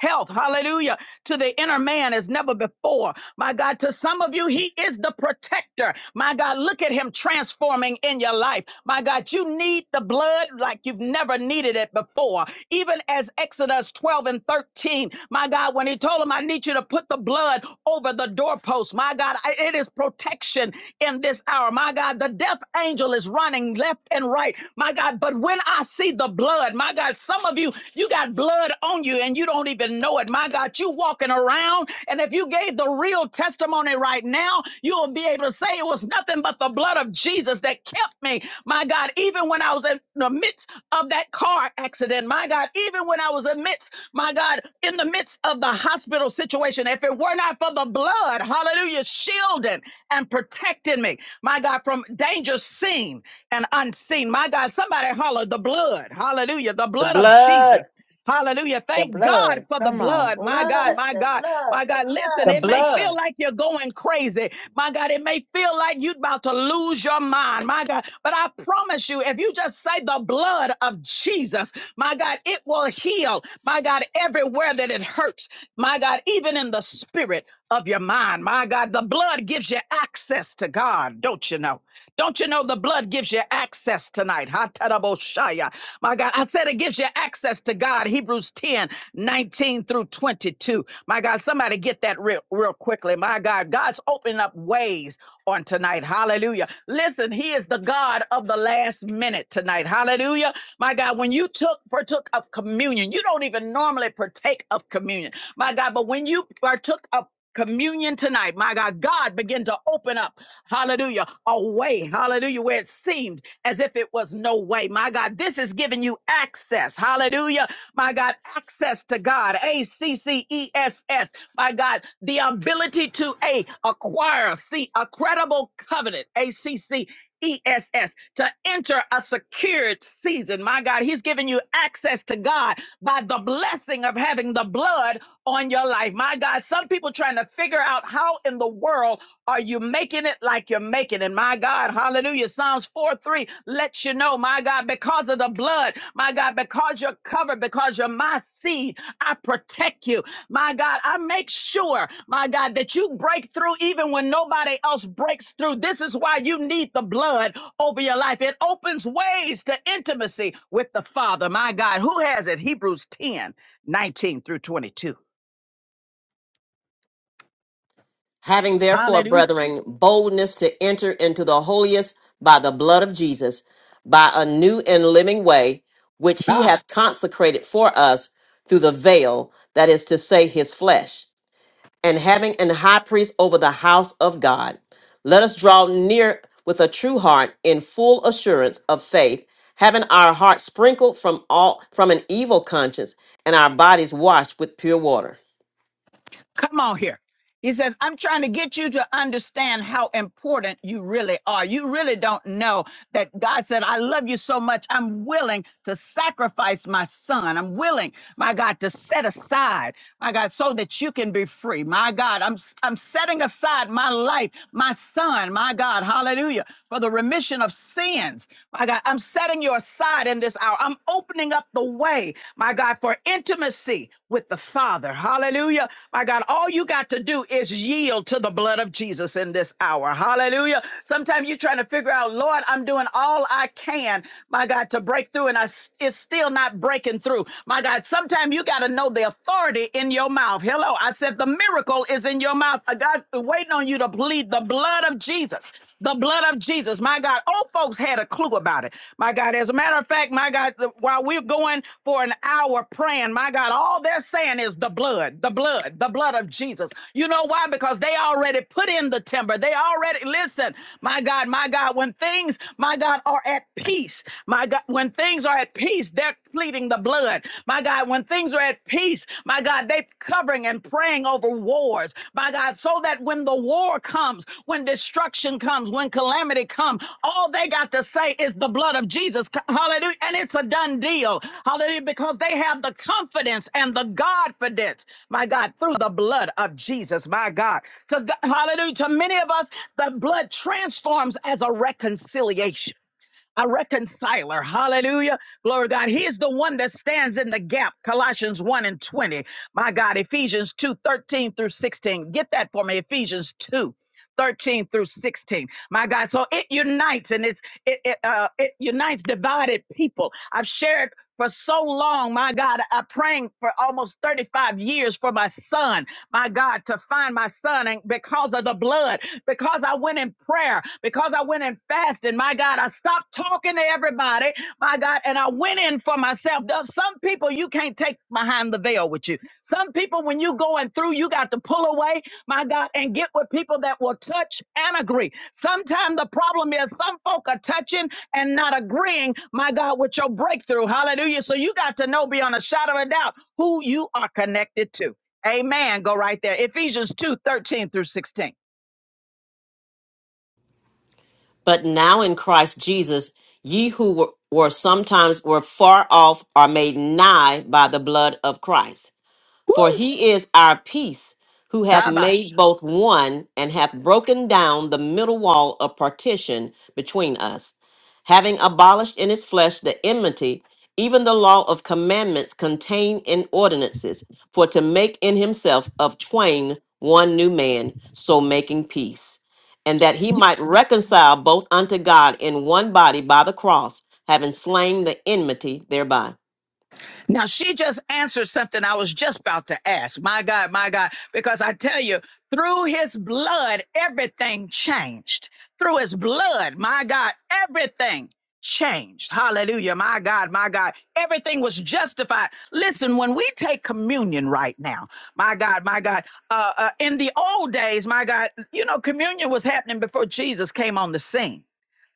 S1: health. Hallelujah to the inner man as never before. My God, to some of you, He is the protector. My God, look at Him transforming in your life. My God, you need the blood like you've never needed it before. Even as Exodus 12 and 13, my God, when He told him, I need you to put the blood over the doorpost, my God, I- it is protection in this hour. My God, the death angel is running left and right. My God, but when I see the blood, my God, some of you, you got blood on you and you don't don't even know it. My God, you walking around, and if you gave the real testimony right now, you'll be able to say it was nothing but the blood of Jesus that kept me. My God, even when I was in the midst of that car accident, my God, even when I was in midst, my God, in the midst of the hospital situation, if it were not for the blood, hallelujah, shielding and protecting me, my God, from danger seen and unseen. My God, somebody holler the blood, hallelujah, the
S4: The
S1: blood of
S4: blood.
S1: Jesus. Hallelujah.
S8: The
S1: Thank God
S8: blood.
S1: for the
S8: Come on.
S1: blood.
S5: The
S1: My God,
S5: blood.
S8: Ooh,
S1: my
S5: The
S1: God,
S5: blood.
S1: my God.
S5: The blood.
S1: Listen,
S11: the
S1: it may feel
S11: blood,
S1: like you're going crazy. My God, it may feel like you're about to lose your mind. My God, but I promise you, if you just say the blood of Jesus, my God, it will heal. My God, everywhere that it hurts, my God, even in the spirit of your mind. My God, the blood gives you access to God, don't you know? Don't you know the blood gives you access tonight? Hataraboshaya. My God, I said it gives you access to God. Hebrews 10 19 through 22. My God, somebody get that real, real quickly. My God, God's opening up ways on tonight. Hallelujah. Listen, He is the God of the last minute tonight. Hallelujah. My God, when you took partook of communion, you don't even normally partake of communion. My God, but when you partook of communion tonight. My God, God began to open up, hallelujah, a way, hallelujah, where it seemed as if it was no way. My God, this is giving you access, hallelujah, my God, access to God, A C C E S S, my God, the ability to A, acquire, see, a credible covenant, A C C. ESS to enter a secured season. My God, He's giving you access to God by the blessing of having the blood on your life. My God, some people trying to figure out how in the world are you making it like you're making it. My God, hallelujah. Psalms 4 3 lets you know, my God, because of the blood, my God, because you're covered, because you're my seed, I protect you, my God. I make sure, my God, that you break through even when nobody else breaks through. This is why you need the blood over your life. It opens ways to intimacy with the Father, my God. Who has it? Hebrews 10 19 through 22.
S4: Having therefore,
S1: Hallelujah.
S4: brethren, boldness to enter into the holiest by the blood of Jesus, by a new and living way, which he hath consecrated for us through the veil, that is to say, his flesh. and having an high priest over the house of God. Let us draw near with a true heart in full assurance of faith, having our hearts sprinkled from all from an evil conscience and our bodies washed with pure water.
S1: Come on here. He says, I'm trying to get you to understand how important you really are. You really don't know that God said, I love you so much. I'm willing to sacrifice my son. I'm willing, my God, to set aside, my God, so that you can be free. My God, I'm, I'm setting aside my life, my son, my God, hallelujah, for the remission of sins. My God, I'm setting you aside in this hour. I'm opening opening up the way, my God, for intimacy with the Father. Hallelujah. My God, all you got to do is yield to the blood of Jesus in this hour. Hallelujah. Sometimes you're trying to figure out, Lord, I'm doing all I can, my God, to break through, and I, s- it's still not breaking through. My God, sometimes you got to know the authority in your mouth. Hello. I said the miracle is in your mouth. Uh, God, waiting on you to plead the blood of Jesus. Jesus, the blood of Jesus. My God, old folks had a clue about it. My God, as a matter of fact, my God, while we're going for an hour praying, my God, all they're saying is the blood, the blood, the blood of Jesus. You know why? Because they already put in the timber. They already, listen, my God, my God, when things, my God, are at peace, my God, when things are at peace, their pleading the blood. My God, when things are at peace, my God, they covering and praying over wars. My God, so that when the war comes, when destruction comes, when calamity comes, all they got to say is the blood of Jesus. Hallelujah. And it's a done deal. Hallelujah. Because they have the confidence and the Godfidence, my God, through the blood of Jesus, my God. To hallelujah. To many of us, the blood transforms as a reconciliation a reconciler. Hallelujah. Glory to God. He is the one that stands in the gap. Colossians 1 and 20. My God, Ephesians 2 13 through 16. Get that for me. Ephesians 2, 13 through 16 my god so it unites and it's it, it uh it unites divided people i've shared for so long, my God, I prayed for almost 35 years for my son, my God, to find my son. And because of the blood, because I went in prayer, because I went in fasting, my God, I stopped talking to everybody, my God, and I went in for myself. There's some people you can't take behind the veil with you. Some people, when you going through, you got to pull away, my God, and get with people that will touch and agree. Sometimes the problem is some folk are touching and not agreeing, my God, with your breakthrough. Hallelujah. So you got to know beyond a shadow of a doubt who you are connected to. Amen. Go right there. Ephesians two thirteen through 16.
S4: But now in Christ Jesus, ye who were, were sometimes were far off are made nigh by the blood of Christ.
S1: Woo!
S4: For he is our peace, who hath
S1: Tabash.
S4: made both one, and hath broken down the middle wall of partition between us, having abolished in his flesh the enmity, even the law of commandments contained in ordinances, for to make in himself of twain one new man, so making peace. And that he might reconcile both unto God in one body by the cross, having slain the enmity thereby.
S1: Now she just answered something I was just about to ask. My God, my God, because I tell you, through his blood, everything changed. Through his blood, my God, everything changed. Hallelujah. My God, my God, everything was justified. Listen, when we take communion right now, my God, my God, uh, uh, in the old days, my God, you know, communion was happening before Jesus came on the scene.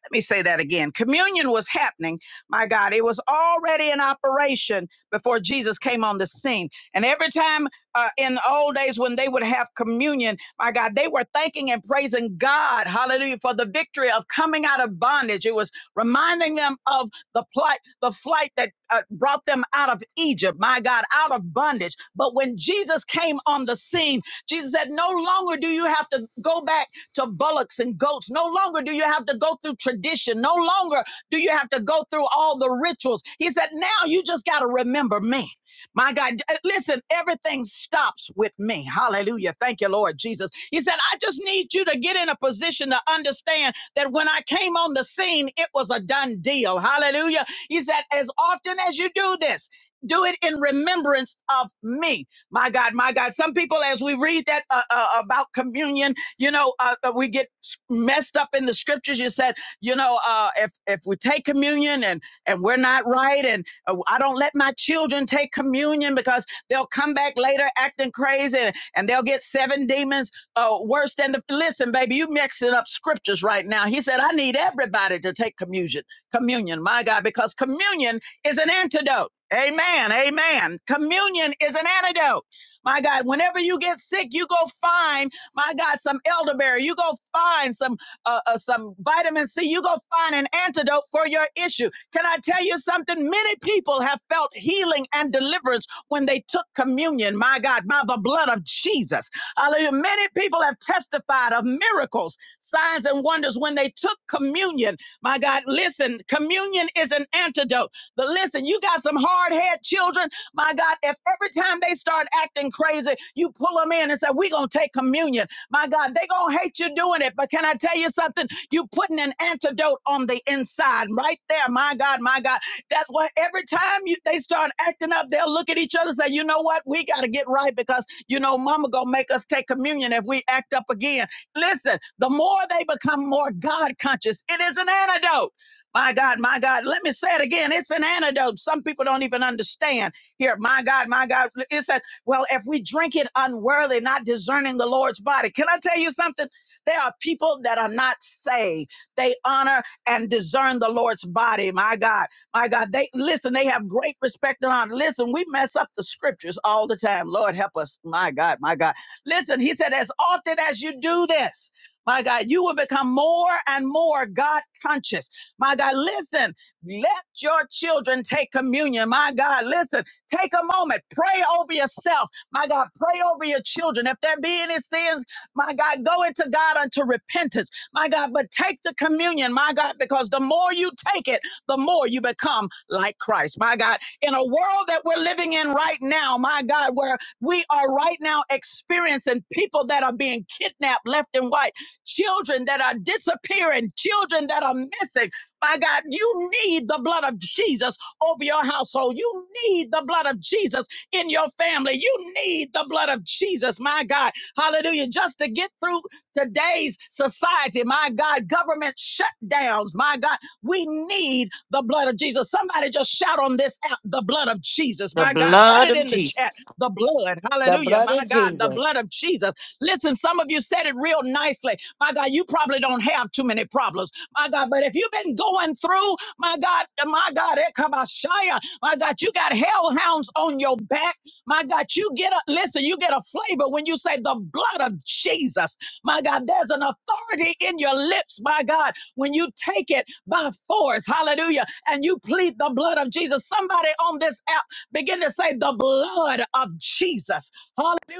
S1: Let me say that again. Communion was happening. My God, it was already in operation before Jesus came on the scene. And every time uh, in the old days when they would have communion, my God, they were thanking and praising God, hallelujah, for the victory of coming out of bondage. It was reminding them of the plight, the flight that uh, brought them out of Egypt, my God, out of bondage. But when Jesus came on the scene, Jesus said, No longer do you have to go back to bullocks and goats. No longer do you have to go through tradition. No longer do you have to go through all the rituals. He said, now you just got to remember me. My God, uh, listen, everything stops with me. Hallelujah. Thank you, Lord Jesus. He said, I just need you to get in a position to understand that when I came on the scene, it was a done deal. Hallelujah. He said, as often as you do this, do it in remembrance of me. My God, my God. Some people, as we read that uh, uh, about communion, you know, uh, uh, we get messed up in the scriptures. You said, you know, uh, if if we take communion and and we're not right, and uh, I don't let my children take communion because they'll come back later acting crazy, and and they'll get seven demons uh, worse than the. Listen, baby, you mixing up scriptures right now. He said, I need everybody to take communion. Communion, my God, because communion is an antidote. Amen. Amen. Communion is an antidote. My God, whenever you get sick, you go find my God, some elderberry. You go find some uh, uh, some vitamin C. You go find an antidote for your issue. Can I tell you something? Many people have felt healing and deliverance when they took communion. My God, by the blood of Jesus. Hallelujah. Many people have testified of miracles, signs, and wonders when they took communion. My God, listen, communion is an antidote. But listen, you got some hard heads had children, my God, if every time they start acting crazy, you pull them in and say, We're going to take communion. My God, they going to hate you doing it. But can I tell you something? you putting an antidote on the inside right there. My God, my God. That's why every time you, they start acting up, they'll look at each other and say, You know what? We got to get right because, you know, mama going to make us take communion if we act up again. Listen, the more they become more God conscious, it is an antidote. My God, my God, let me say it again. It's an antidote. Some people don't even understand. Here, my God, my God. It said, well, if we drink it unworthy, not discerning the Lord's body. Can I tell you something? There are people that are not saved. They honor and discern the Lord's body. My God, my God. They listen, they have great respect and honor. Listen, we mess up the scriptures all the time. Lord help us. My God, my God. Listen, he said, as often as you do this, my God, you will become more and more God conscious my God, listen, let your children take communion. My God, listen, take a moment, pray over yourself. My God, pray over your children. If there be any sins, my God, go into God unto repentance. My God, but take the communion, my God, because the more you take it, the more you become like Christ. My God, in a world that we're living in right now, my God, where we are right now experiencing people that are being kidnapped left and right, children that are disappearing, children that are missing. My God, you need the blood of Jesus over your household. You need the blood of Jesus in your family. You need the blood of Jesus, my God. Hallelujah. Just to get through today's society, my God, government shutdowns, my God, we need the blood of Jesus. Somebody just shout on this out the blood of Jesus,
S4: The
S1: my God. Put
S4: blood
S1: it
S4: of
S1: in the chat,
S4: Jesus.
S1: the blood.
S8: the
S1: Hallelujah,
S8: blood
S1: my
S8: of
S1: God, the
S8: Jesus.
S1: blood of Jesus. Listen, some of you said it real nicely. My God. God, you probably don't have too many problems. My God, but if you've been going through, my God, my God, Ekabashaya, my God, you got hellhounds on your back. My God, you get a listen, you get a flavor when you say the blood of Jesus. My God, there's an authority in your lips, my God, when you take it by force. Hallelujah. And you plead the blood of Jesus. Somebody on this app begin to say the blood of Jesus.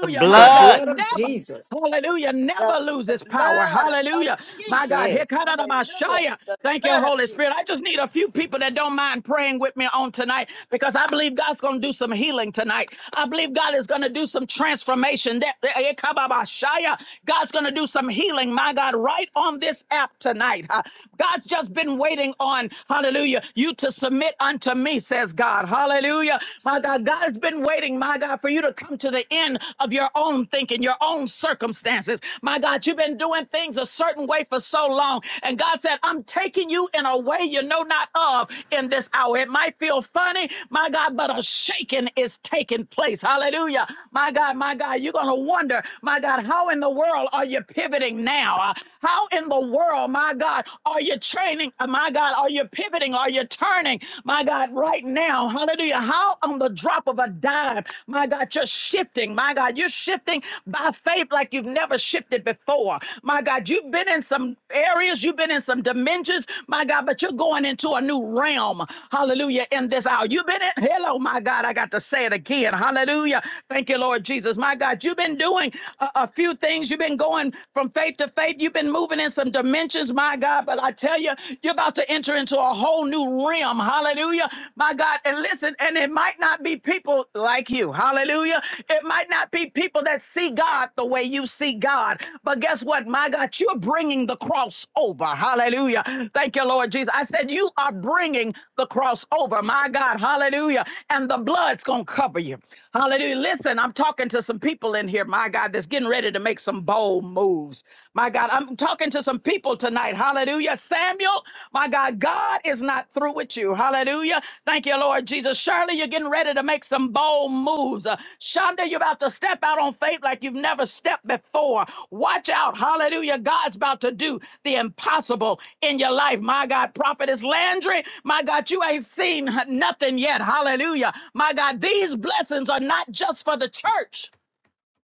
S4: The
S11: the
S1: My God,
S4: blood.
S11: blood of
S1: never.
S11: Jesus.
S1: Hallelujah. Never
S5: The,
S1: loses
S5: the
S1: power.
S5: blood of
S1: Hallelujah. My God.
S5: Jesus.
S11: Yes.
S5: Hallelujah.
S1: Hekarabashaya.
S5: The
S1: Thank you,
S5: blood of
S1: Holy Spirit. I
S5: Jesus.
S1: just need a few people that don't mind praying with me on tonight because I believe God's going to do some healing tonight. I believe God is going to do some transformation. That Hekababashaya. God's going to do some healing, my God, right on this app tonight. huh? God's just been waiting on, hallelujah, you to submit unto me, says God. Hallelujah. My God, God has been waiting my God, for you to come to the end of your own thinking, your own circumstances. My God, you've been doing things a certain way for so long. And God said, I'm taking you in a way you know not of in this hour. It might feel funny, my God, but a shaking is taking place. Hallelujah. My God, my God, you're going to wonder, my God, how in the world are you pivoting now? Uh, How in the world, my God, are you training? uh, My God, are you pivoting? Are you turning? My God, God, right now, hallelujah, how on the drop of a dime, my God, you're shifting, my God, you're shifting by faith like you've never shifted before. My God, you've been in some areas, you've been in some dimensions, my God, but you're going into a new realm, hallelujah, in this hour. You've been in, hello, my God, I got to say it again, hallelujah. Thank you, Lord Jesus. My God, you've been doing a, a few things, you've been going from faith to faith, you've been moving in some dimensions, my God, but I tell tell you, you're about to enter into a whole new realm. Hallelujah. My God. And listen, and it might not be people like you. Hallelujah. It might not be people that see God the way you see God. But guess what? My God, you're bringing the cross over. Hallelujah. Thank you, Lord Jesus. I said, You are bringing the cross over. My God. Hallelujah. And the blood's going to cover you. Hallelujah. Listen, I'm talking to some people in here, my God, that's getting ready to make some bold moves moves. My God, I'm talking to some people tonight. Hallelujah. Samuel, my God, God is not through with you. Hallelujah. Thank you, Lord Jesus. Shirley, you're getting ready to make some bold moves. Uh, Shonda, you're about to step out on faith like you've never stepped before. Watch out. Hallelujah. God's about to do the impossible in your life. My God, Prophetess Landry, my God, you ain't seen nothing yet. Hallelujah. My God, these blessings are not just for the church.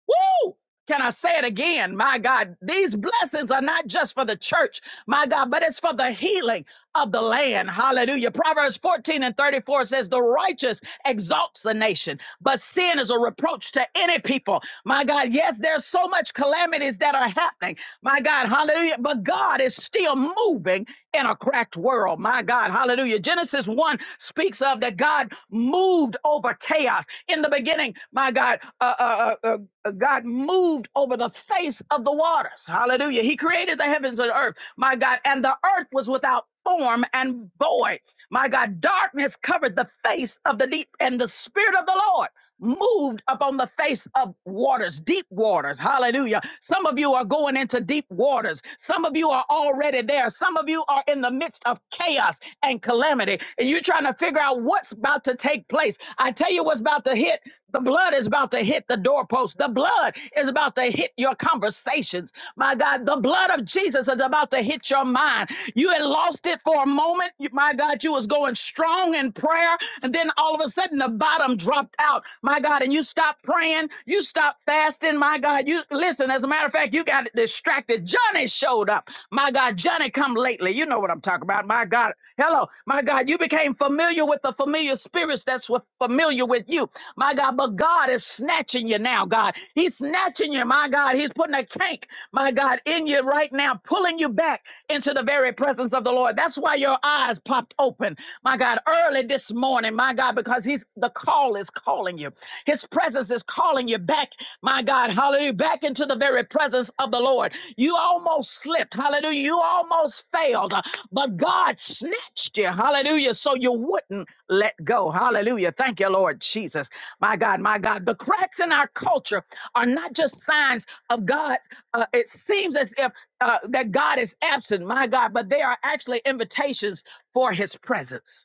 S1: Woo! Can I say it again? My God, these blessings are not just for the church, my God, but it's for the healing of the land. Hallelujah. Proverbs 14 and 34 says, The righteous exalts a nation, but sin is a reproach to any people. My God, yes, there's so much calamities that are happening. My God, hallelujah. But God is still moving in a cracked world. My God, hallelujah. Genesis 1 speaks of that God moved moved over chaos. In the beginning, my God, uh, uh, uh, uh, uh, God moved over the face of the waters. Hallelujah. He created the heavens and earth, my God, and the earth was without form and void. My God, darkness covered the face of the deep, and the Spirit of the Lord moved upon the face of waters, deep waters. Hallelujah. Some of you are going into deep waters. Some of you are already there. Some of you are in the midst of chaos and calamity, and you're trying to figure out what's about to take place. I tell you what's about to hit. The blood is about to hit the doorpost. The blood is about to hit your conversations. My God, the blood of Jesus is about to hit your mind. You had lost it for a moment. My God, you was going strong in prayer, and then all of a sudden the the bottom dropped out, my God, and you stop praying, you stop fasting, my God. You listen, as a matter of fact, you got distracted. Johnny showed up, my God. Johnny come lately. You know what I'm talking about, my God. Hello, my God, you became familiar with the familiar spirits that's familiar with you, my God. But God is snatching you now, God. He's snatching you, my God. He's putting a kink, my God, in you right now, pulling you back into the very presence of the Lord. That's why your eyes popped open, my God, early this morning morning, my God, because he's the call is calling you. His presence is calling you back, my God, hallelujah, back into the very presence of the Lord. You almost slipped, hallelujah. You almost failed, uh, but God snatched you, hallelujah, so you wouldn't let go. Hallelujah. Thank you, Lord Jesus. My God, my God. The cracks in our culture are not just signs of God. Uh, it seems as if uh, that God is absent, my God, but they are actually invitations for his presence.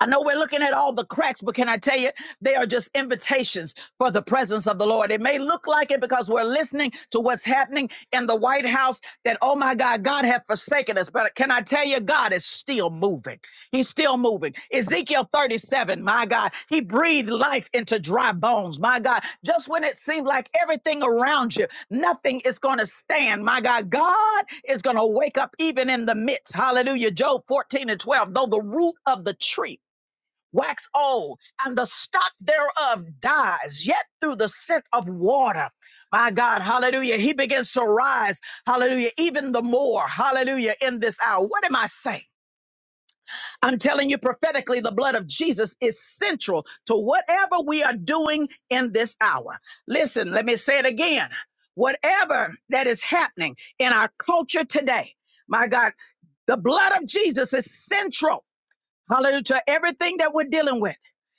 S1: I know we're looking at all the cracks, but can I tell you, they are just invitations for the presence of the Lord. It may look like it because we're listening to what's happening in the White House that, oh my God, God have forsaken us. But can I tell you, God is still moving. He's still moving. Ezekiel 37, my God, he breathed life into dry bones. My God, just when it seemed like everything around you, nothing is going to stand. My God, God is going to wake up even in the midst. Hallelujah. Job 14 and 12, though the root of the tree wax old, and the stock thereof dies, yet through the scent of water. My God, hallelujah. He begins to rise, hallelujah, even the more, hallelujah, in this hour. What am I saying? I'm telling you prophetically, the blood of Jesus is central to whatever we are doing in this hour. Listen, let me say it again. Whatever that is happening in our culture today, my God, the blood of Jesus is central Hallelujah. To everything that we're dealing with.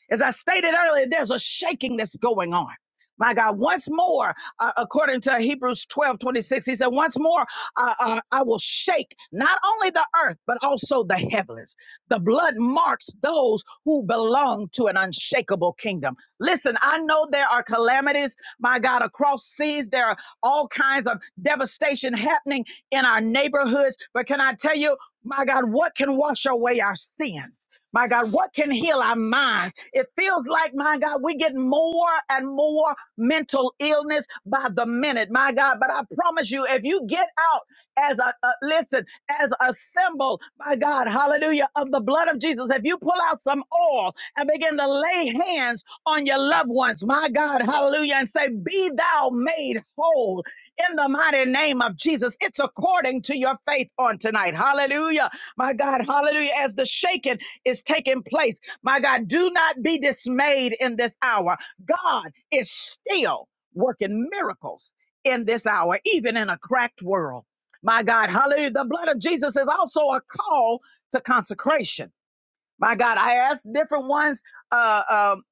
S1: As I stated earlier, there's a shaking that's going on. My God, once more, uh, according to Hebrews 12 26, he said, Once more, uh, uh, I will shake not only the earth, but also the heavens. The blood marks those who belong to an unshakable kingdom. Listen, I know there are calamities, my God, across seas. There are all kinds of devastation happening in our neighborhoods. But can I tell you, my God, what can wash away our sins? My God, what can heal our minds? It feels like, my God, we get more and more mental illness by the minute, my God. But I promise you, if you get out as a, a listen, as a symbol, my God, hallelujah, of the blood of Jesus, if you pull out some oil and begin begin to lay hands on your loved ones, my God, hallelujah, and say, Be thou made whole in the mighty name of Jesus. It's according to your faith on tonight, hallelujah, my God, hallelujah, as the shaking is taking place, my God, do not be dismayed in this hour. God is still working miracles in this hour, even in a cracked world. My God, hallelujah. The blood of Jesus is also a call to consecration. My God, I asked different ones uh, um,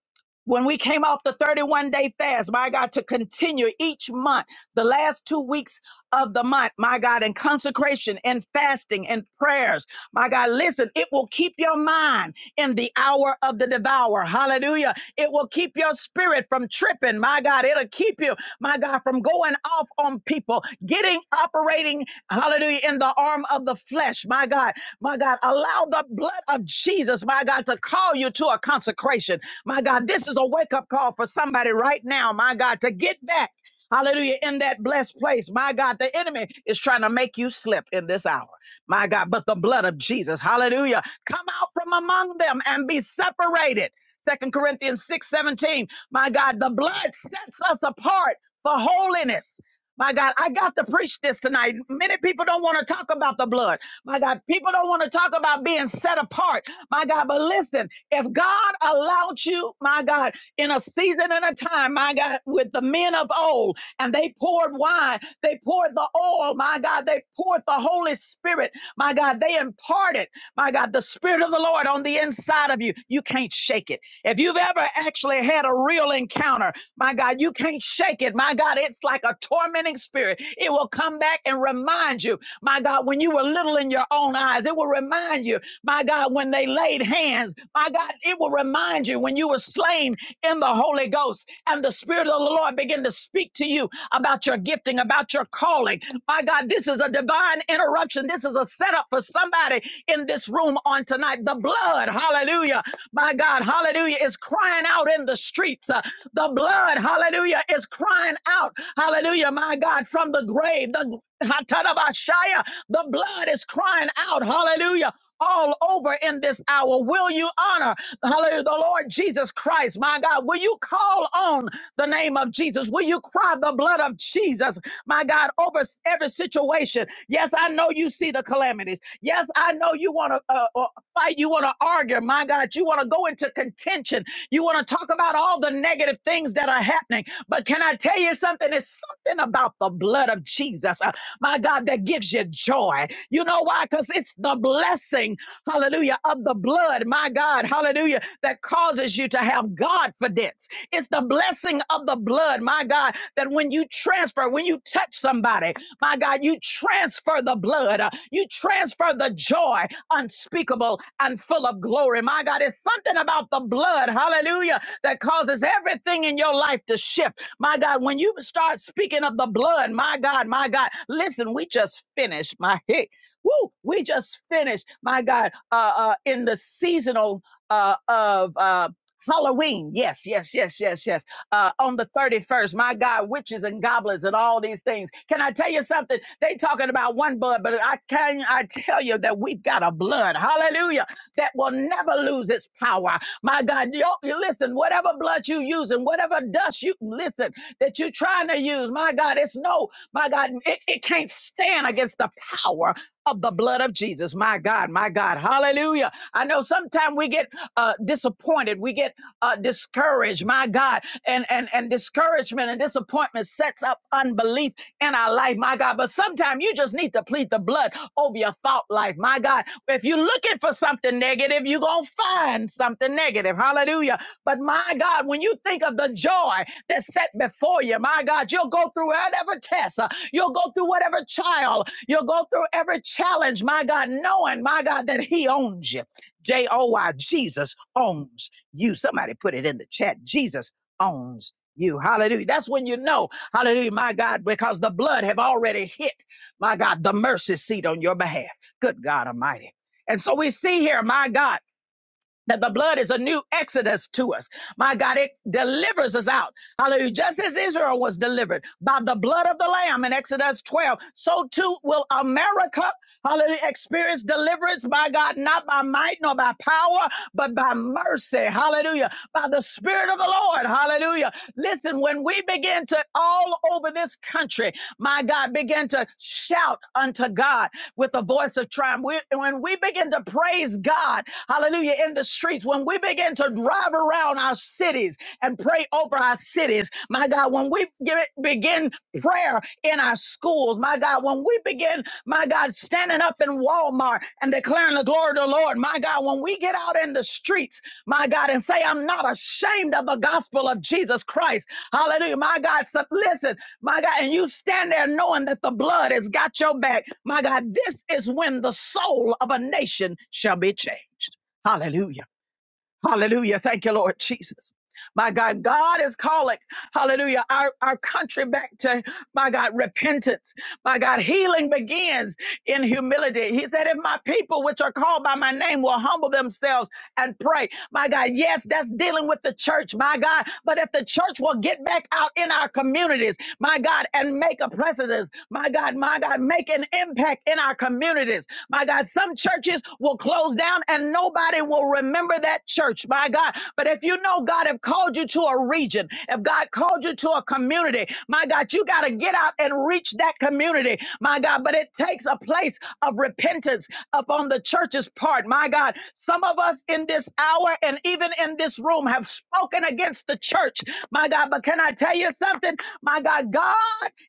S1: when we came off the 31 day fast, my God, to continue each month, the last two weeks of the month, my God, in consecration and fasting and prayers. My God, listen, it will keep your mind in the hour of the devourer. Hallelujah. It will keep your spirit from tripping. My God, it'll keep you, my God, from going off on people, getting operating, hallelujah, in the arm of the flesh. My God, my God, allow the blood of Jesus, my God, to call you to a consecration. My God, this is a wake up call for somebody right now, my God, to get back. Hallelujah. In that blessed place. My God, the enemy is trying to make you slip in this hour. My God, but the blood of Jesus, hallelujah, come out from among them and be separated. Second Corinthians 6 17. My God, the blood sets us apart for holiness. My God, I got to preach this tonight. Many people don't want to talk about the blood. My God, people don't want to talk about being set apart. My God, but listen, if God allowed you, my God, in a season and a time, my God, with the men of old, and they poured wine, they poured the oil, my God, they poured the Holy Spirit, my God, they imparted, my God, the Spirit of the Lord on the inside of you. You can't shake it. If you've you've ever actually had a real encounter, my God, you can't shake it. My God, it's like a tormenting spirit. It will come back and remind you, my God, when you were little in your own eyes, it will remind you, my God, when they laid hands, my God, it will remind you when you were slain in the Holy Ghost and the Spirit of the Lord began to speak to you about your gifting, about your calling. My God, this is a divine interruption. This is a setup for for somebody in this room on tonight. The blood, hallelujah, my God, hallelujah, is crying out in the streets. Uh, The blood, hallelujah, is crying out, hallelujah, my God, from the grave. The, the blood is crying out, hallelujah all over in this hour. Will you honor, hallelujah, the Lord Jesus Christ, my God? Will you call on the name of Jesus? Will you cry the blood of Jesus, my God, over every situation? Yes, I know you see the calamities. Yes, I know you want to uh, uh, fight. You want to argue, my God. You want to go into contention. You want to talk about all the negative things that are happening. But can I tell you something? It's something about the blood of Jesus, uh, my God, that gives you joy. You know why? Because it's it's the blessing, hallelujah, of the blood, my God, hallelujah, that causes you to have Godfidence. It's the blessing of the blood, my God, that when you transfer, when you touch somebody, my God, you transfer the blood, uh, you transfer the joy unspeakable and full of glory. My God, it's something about the blood, hallelujah, that causes everything in your life to shift. My God, when you start speaking of the blood, my God, my God, listen, we just finished my [LAUGHS] Woo! We just finished, my God, uh, uh, in the seasonal uh, of. Uh, Halloween. Yes, yes, yes, yes, yes. Uh, on the 31st, my God, witches and goblins and all these things. Can I tell you something? They talking about one blood, but I can I tell you that we've got a blood, hallelujah, that will never lose its power. My God, you, you listen, whatever blood you use and whatever dust you listen that you're trying to use, my God, it's no, my God, it, it can't stand against the power of the blood of Jesus. My God, my God, hallelujah. I know sometimes we get uh, disappointed. We get uh, discouraged, my God. And, and, and discouragement and disappointment sets up unbelief in our life, my God. But sometimes you just need to plead the blood over your thought life, my God. If you're looking for something negative, you're going to find something negative. Hallelujah. But my God, when you think of the joy that's set before you, my God, you'll go through whatever test, uh, you'll go through whatever trial, you'll go through every challenge, my God, knowing, my God, that He owns you. J O Y, Jesus owns you. Somebody put it in the chat. Jesus owns you. Hallelujah. That's when you know, hallelujah, my God, because the blood have already hit, my God, the mercy seat on your behalf. Good God Almighty. And so we see here, my God, that the blood is a new exodus to us. My God, it delivers us out. Hallelujah. Just as Israel was delivered by the blood of the Lamb in Exodus 12, so too will America, hallelujah, experience deliverance by God, not by might nor by power, but by mercy. Hallelujah. By the Spirit of the Lord. Hallelujah. Listen, when we begin to all over this country, my God, begin to shout unto God with the voice of triumph. We- when we begin to praise God, hallelujah, in the streets, when we begin begin to drive around our cities and pray over our cities, my God, when we give it, begin prayer in our schools, my God, when we begin, my God, standing up in Walmart and declaring the glory of the Lord, my God, when we get out in the streets, my God, and say, I'm not ashamed of the gospel of Jesus Christ. Hallelujah. My God, so listen, my God, and you stand there knowing that the blood has got your back. My God, this is when the soul of a nation shall be changed. Hallelujah. Hallelujah. Thank you, Lord Jesus. My God, God is calling, hallelujah, our, our country back to, my God, repentance. My God, healing begins in humility. He said, if my people, which are called by my name, will humble themselves and pray. My God, yes, that's dealing with the church, my God. But if the church will get back out in our communities, my God, and make a precedent, my God, my God, make an impact in our communities. My God, some churches will close down and nobody will remember that church. My God. But if you know God have called you to a region, if God called you to a community, my God, you got to get out and reach that community. My God, but it takes a place of repentance upon the church's part. My God, some of us in this hour and even in this room have spoken against the church. My God, but can I tell you? you something? My God, God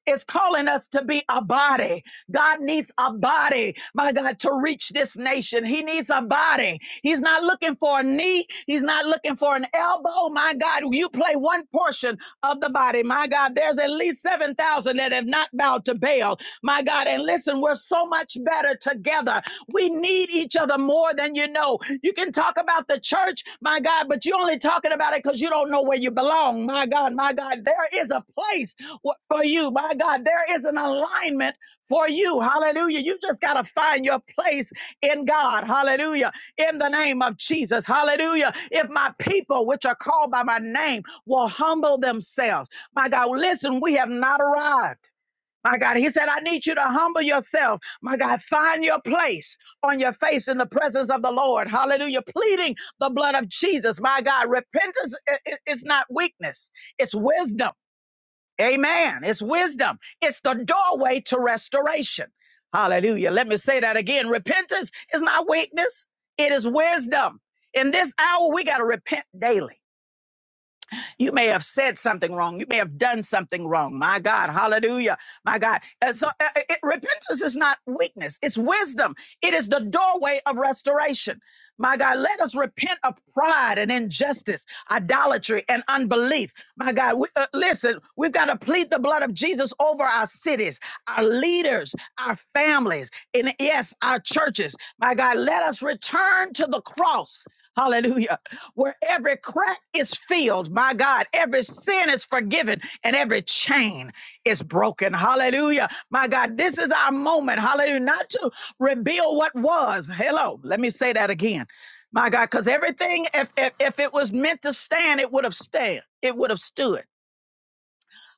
S1: is calling us to be a body. God needs a body, my God, to reach this nation. He needs a body. He's not looking for a knee. He's not looking for an elbow. My God, you play one portion of the body. My God, there's at least 7,000 that have not bowed to Baal. My God, and listen, we're so much better together. We need each other more than you know. You can talk about the church, my God, but you're only talking about it because you don't know where you belong. My God, my God, there is a place wh- for you. My God, there is an alignment for you. Hallelujah. You just got to find your place in God. Hallelujah. In the name of Jesus. Hallelujah. If my people, which are called by my name, will humble themselves, my God, listen, we have not arrived. My God, he said, I need you to humble yourself. My God, find your place on your face in the presence of the Lord. Hallelujah. Pleading the blood of Jesus. My God, repentance i- i- is not weakness, it's wisdom. Amen. It's wisdom, it's the doorway to restoration. Hallelujah. Let me say that again. Repentance is not weakness, it is wisdom. In this hour, we got to repent daily. You may have said something wrong. You may have done something wrong. My God, hallelujah. My God. And so uh, it, repentance is not weakness, it's wisdom. It is the doorway of restoration. My God, let us repent of pride and injustice, idolatry and unbelief. My God, we, uh, listen, we've got to plead the blood of Jesus over our cities, our leaders, our families, and yes, our churches. My God, let us return to the cross. Hallelujah. Where every crack is filled, my God, every sin is forgiven and every chain is broken. Hallelujah. My God, this is our moment. Hallelujah. Not to reveal what was. Hello. Let me say that again. My God, because everything, if, if if it was meant to stand, it would have stand. It would have stood.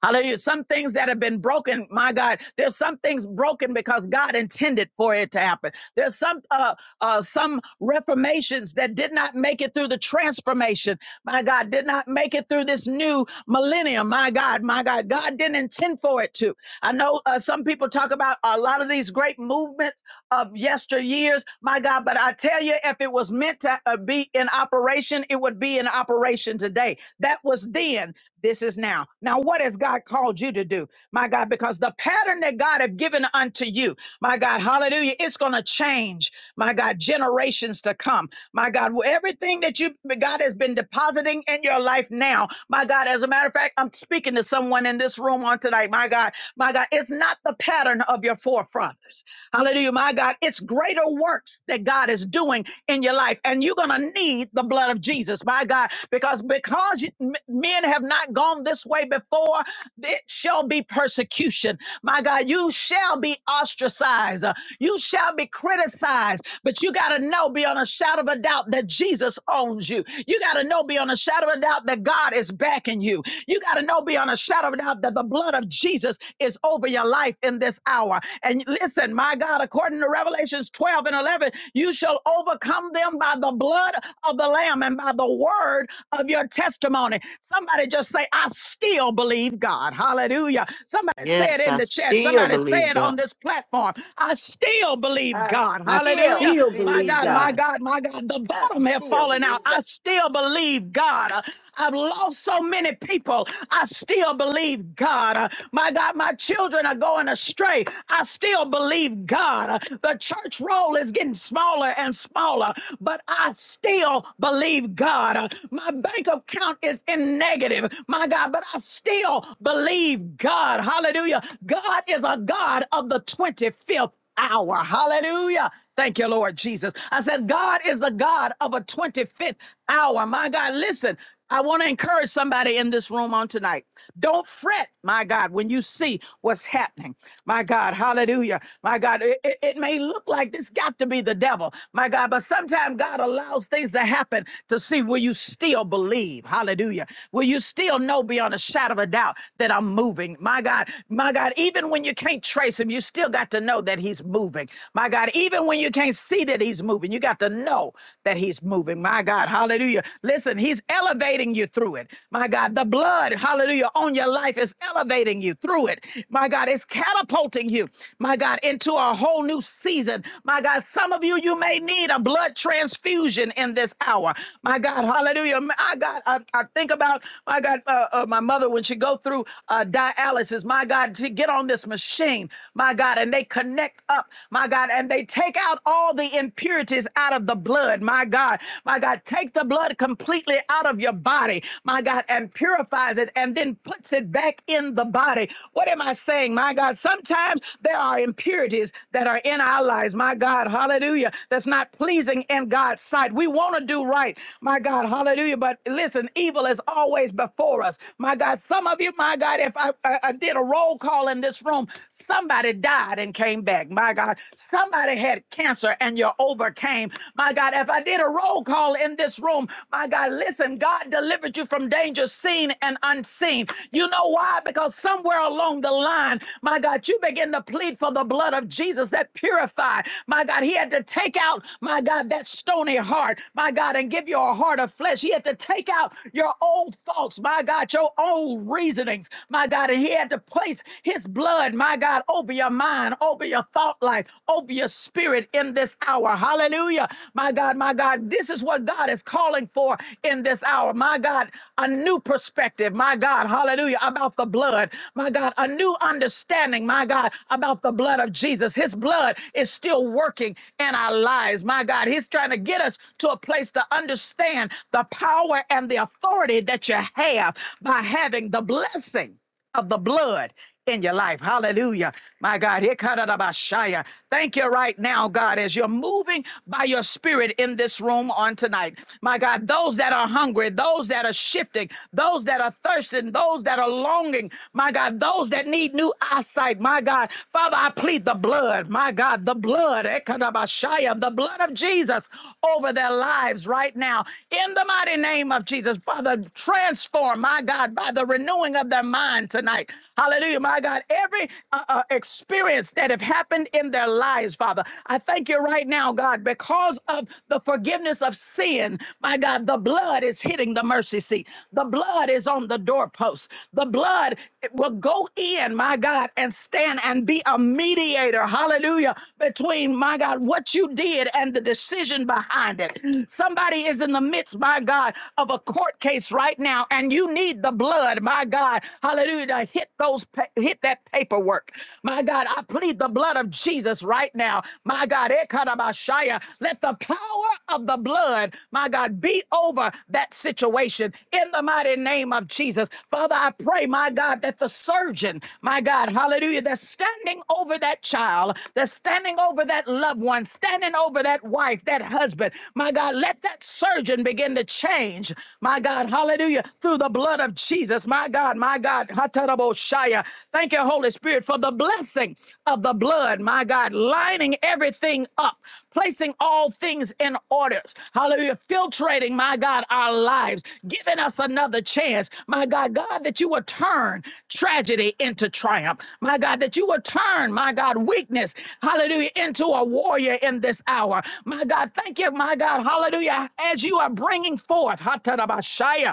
S1: Hallelujah. Some things that have been broken, my God, there's some things broken because God intended for it to happen. There's some uh, uh, some reformations that did not make it through the transformation. My God, did not make it through this new millennium. My God, my God, God didn't intend for it to. I know uh, some people talk about a lot of these great movements of yesteryears, my God. But I tell you, if it was meant to uh, be in operation, it would be in operation today. That was then. This is now. Now, what has God called you to do, my God? Because the pattern that God have given unto you, my God, hallelujah, it's going to change, my God, generations to come, my God. Everything that you, God, has been depositing in your life now, my God. As a matter of fact, I'm speaking to someone in this room on tonight, my God, my God. It's not the pattern of your your forefathers. Hallelujah, my God. It's greater works that God is doing in your life, and you're going to need the blood of Jesus, my God, because because you- m- men have not gone this way before, it shall be persecution. My God, you shall be ostracized. Uh, You shall be criticized, but you got to know beyond a shadow of a doubt that Jesus owns you. You got to know beyond a shadow of a doubt that God is backing you. You got to know beyond a shadow of a doubt that the blood of Jesus is is over your life in this hour. And listen, my God, according to Revelations 12 and 11, you shall overcome them by the blood of the Lamb and by the word of your testimony. Somebody just say, I still believe God. Hallelujah. Somebody say it
S4: Yes,
S1: in
S4: I
S1: the chat.
S4: still
S1: Somebody say
S4: believe
S1: it on
S4: God.
S1: this platform. I still believe
S5: I
S1: God.
S11: I
S1: Hallelujah.
S5: still
S11: still
S1: My
S11: believe
S5: believe
S1: God, my
S5: God.
S11: God.
S1: God, my God. The
S5: I
S1: bottom have
S5: still
S1: fallen
S5: believe
S1: out.
S5: God.
S1: I still believe God. I've lost so many people. I still believe believe God. Uh, My God, my children are going astray. I still believe God. Uh, The church roll is getting smaller and smaller, but I still believe God. Uh, My bank account is in negative, my God, but I still believe God. Hallelujah. God is a God of the 25th hour. Hallelujah. Thank you, Lord Jesus. I said, God is the God of a 25th hour. My God, listen, I want to encourage somebody in this room on tonight. Don't fret, my God, when you see what's happening. My God, hallelujah. My God, it, it- it may look like this got to be the devil, my God, but sometimes God allows things to happen to see will you still believe. Hallelujah. Will you still know beyond a shadow of a doubt that I'm moving? My God, my God, even when you can't trace him, you still got to know that he's moving. My God, even when you can't see that he's moving, you got to know that he's moving. My God, hallelujah. Hallelujah. Listen, he's elevating you through it. My God, the blood, hallelujah, on your life is elevating you through it. My God, it's catapulting you, my God, into a whole new season. My God, some of you, you may need a blood transfusion in this hour. My God, hallelujah. My God, I, I think about, my God, uh, uh, my mother when she go through uh, dialysis, my God, to get on this machine, my God, and they connect up, my God, and they take out all the impurities out of the blood, blood, my God. My God, take the blood completely out of your body, my God, and purifies it and then puts it back in the body. What am I saying, my God? Sometimes there are impurities that are in our lives, my God, hallelujah, that's not pleasing in God's sight. We want to do right, my God, hallelujah, but listen, evil is always before us, my God. Some of you, my God, if I, I, I did a roll call in this room, somebody died and came back, my God. Somebody had cancer and you're failure overcame. My God, if I did a roll call in this room, my God, listen, God delivered you from danger seen and unseen. You know why? Because somewhere along the line, my God, you begin to plead for the blood of Jesus that purified. My God, he had to take out, my God, that stony heart, my God, and give you a heart of flesh. He had to take out your old thoughts, my God, your old reasonings, my God, and he had to place his blood, my God, over your mind, over your thought life, over over your spirit in this hour. Hallelujah. My God, my God, this is what God is calling for in this hour. My God, a new perspective. My God, hallelujah, about the blood. My God, a new understanding. My God, about the blood of Jesus. His blood is still working in our lives. My God, He's trying to get us to a place to understand the power and the authority that you have by having the blessing of the blood in your life. Hallelujah. My God. Hikadadabashaya. Thank you right now, God, as you're moving by your spirit in this room on tonight. My God, those that are hungry, those that are shifting, those that are thirsting, those that are longing, my God, those that need new eyesight, my God. Father, I plead the blood, my God, the blood, Hikadabashaya, the blood of Jesus over their lives right now. In the mighty name of Jesus, Father, transform, my God, by the renewing renewing of their mind tonight. Hallelujah, my God. Every uh, uh, experience that have happened in their lives, Father, I thank you right now, God, because of the forgiveness of sin. My God, the blood is hitting the mercy seat. The blood is on the doorpost. The blood will go in, my God, and stand and be a mediator. Hallelujah, between my God, what you did and the decision behind it. Somebody is in the midst, my God, of a court case right now, and you need the blood blood, my God, hallelujah, to hit those pa- hit that paperwork. My God, I plead the blood of Jesus right now. My God, Ekanabashaya, let the power of the blood, my God, be over that situation in the mighty name of Jesus. Father, I pray, my God, that the surgeon, my God, hallelujah, that's standing over that child, that's standing over that loved one, standing over that wife, that husband, my God, let that surgeon begin to change, my God, hallelujah, through the the blood of Jesus. My God, my God. Hataraboshaya. Thank you, Holy Spirit, for the blessing of the blood. My God, lining everything up, placing all things in orders. Hallelujah. Filtrating, my God, our lives, giving us another chance. My God, God, that you will turn tragedy into triumph. My God, that you will turn, my God, weakness, hallelujah, into a warrior in this hour. My God, thank you, my God, hallelujah, as you are bringing forth, Hatarabashaya.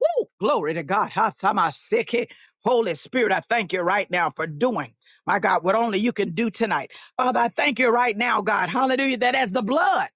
S1: Woo! Glory to God. Ha, sama seke. Holy Spirit, I thank you right now for doing, my God, what only you can do tonight. Father, I thank you right now, God. Hallelujah. That as the blood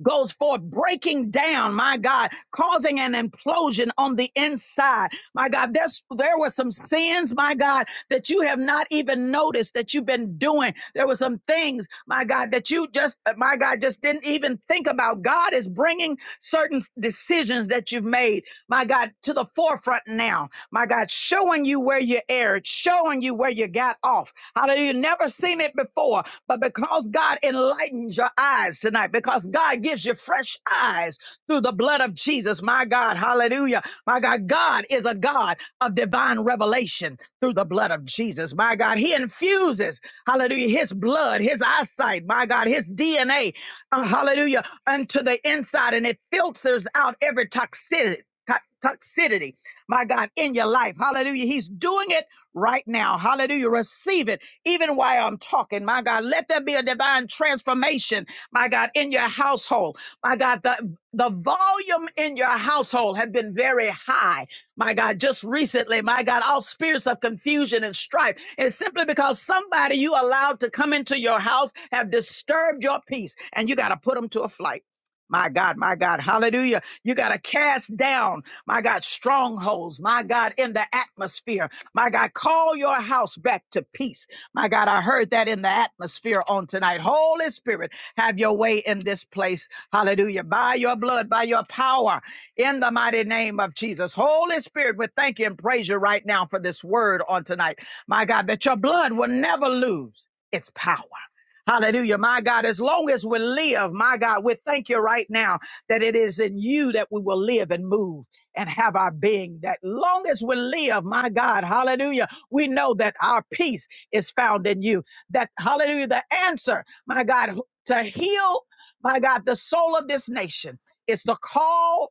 S1: goes forth, breaking down, my God, causing an implosion on the inside. My God, there's, there were some sins, my God, that you have not even noticed that you've been doing. There were some things, my God, that you just, my God, just didn't even think about. God is is bringing certain decisions that you've made, my God, to the forefront now. My God, showing you where you erred, showing you where you got off. Hallelujah. Never seen it before, but because God enlightens your eyes tonight, because God gives you fresh eyes through the blood of Jesus, my God, hallelujah. My God, God is a God of divine revelation through the blood of Jesus, my God. He infuses, hallelujah, his blood, his eyesight, my God, his DNA uh, hallelujah, unto the inside and it filters out every toxicity. to- Toxicity, my God, in your life. Hallelujah. He's doing it right now. Hallelujah. Receive it even while I'm talking. My God, let there be a divine transformation, my God, in your household. My God, the, the volume in your household have been very high my God, just recently, my God, all spirits of confusion and strife. And It's simply because somebody you allowed to come into your house have disturbed your peace and you got to put them to a flight. My God, my God, hallelujah. You got to cast down, my God, strongholds, my God, in the atmosphere. My God, call your house back to peace. My God, I heard that in the atmosphere on tonight. Holy Spirit, have your way in this place. Hallelujah. By your blood, by your power, in the mighty name of Jesus. Holy Spirit, we thank you and praise you right now for this word on tonight. My God, that your blood will never lose its power. Hallelujah. My God, as long as we live, my God, we thank you right now that it is in you that we will live and move and have our being. That long as we live, my God, hallelujah, we know that our peace is found in you. That, hallelujah, the answer, my God, to heal, my God, the soul of this nation is to call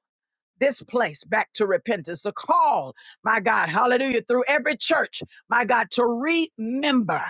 S1: this place back to repentance, the call, my God, hallelujah, through every church, my God, to remember,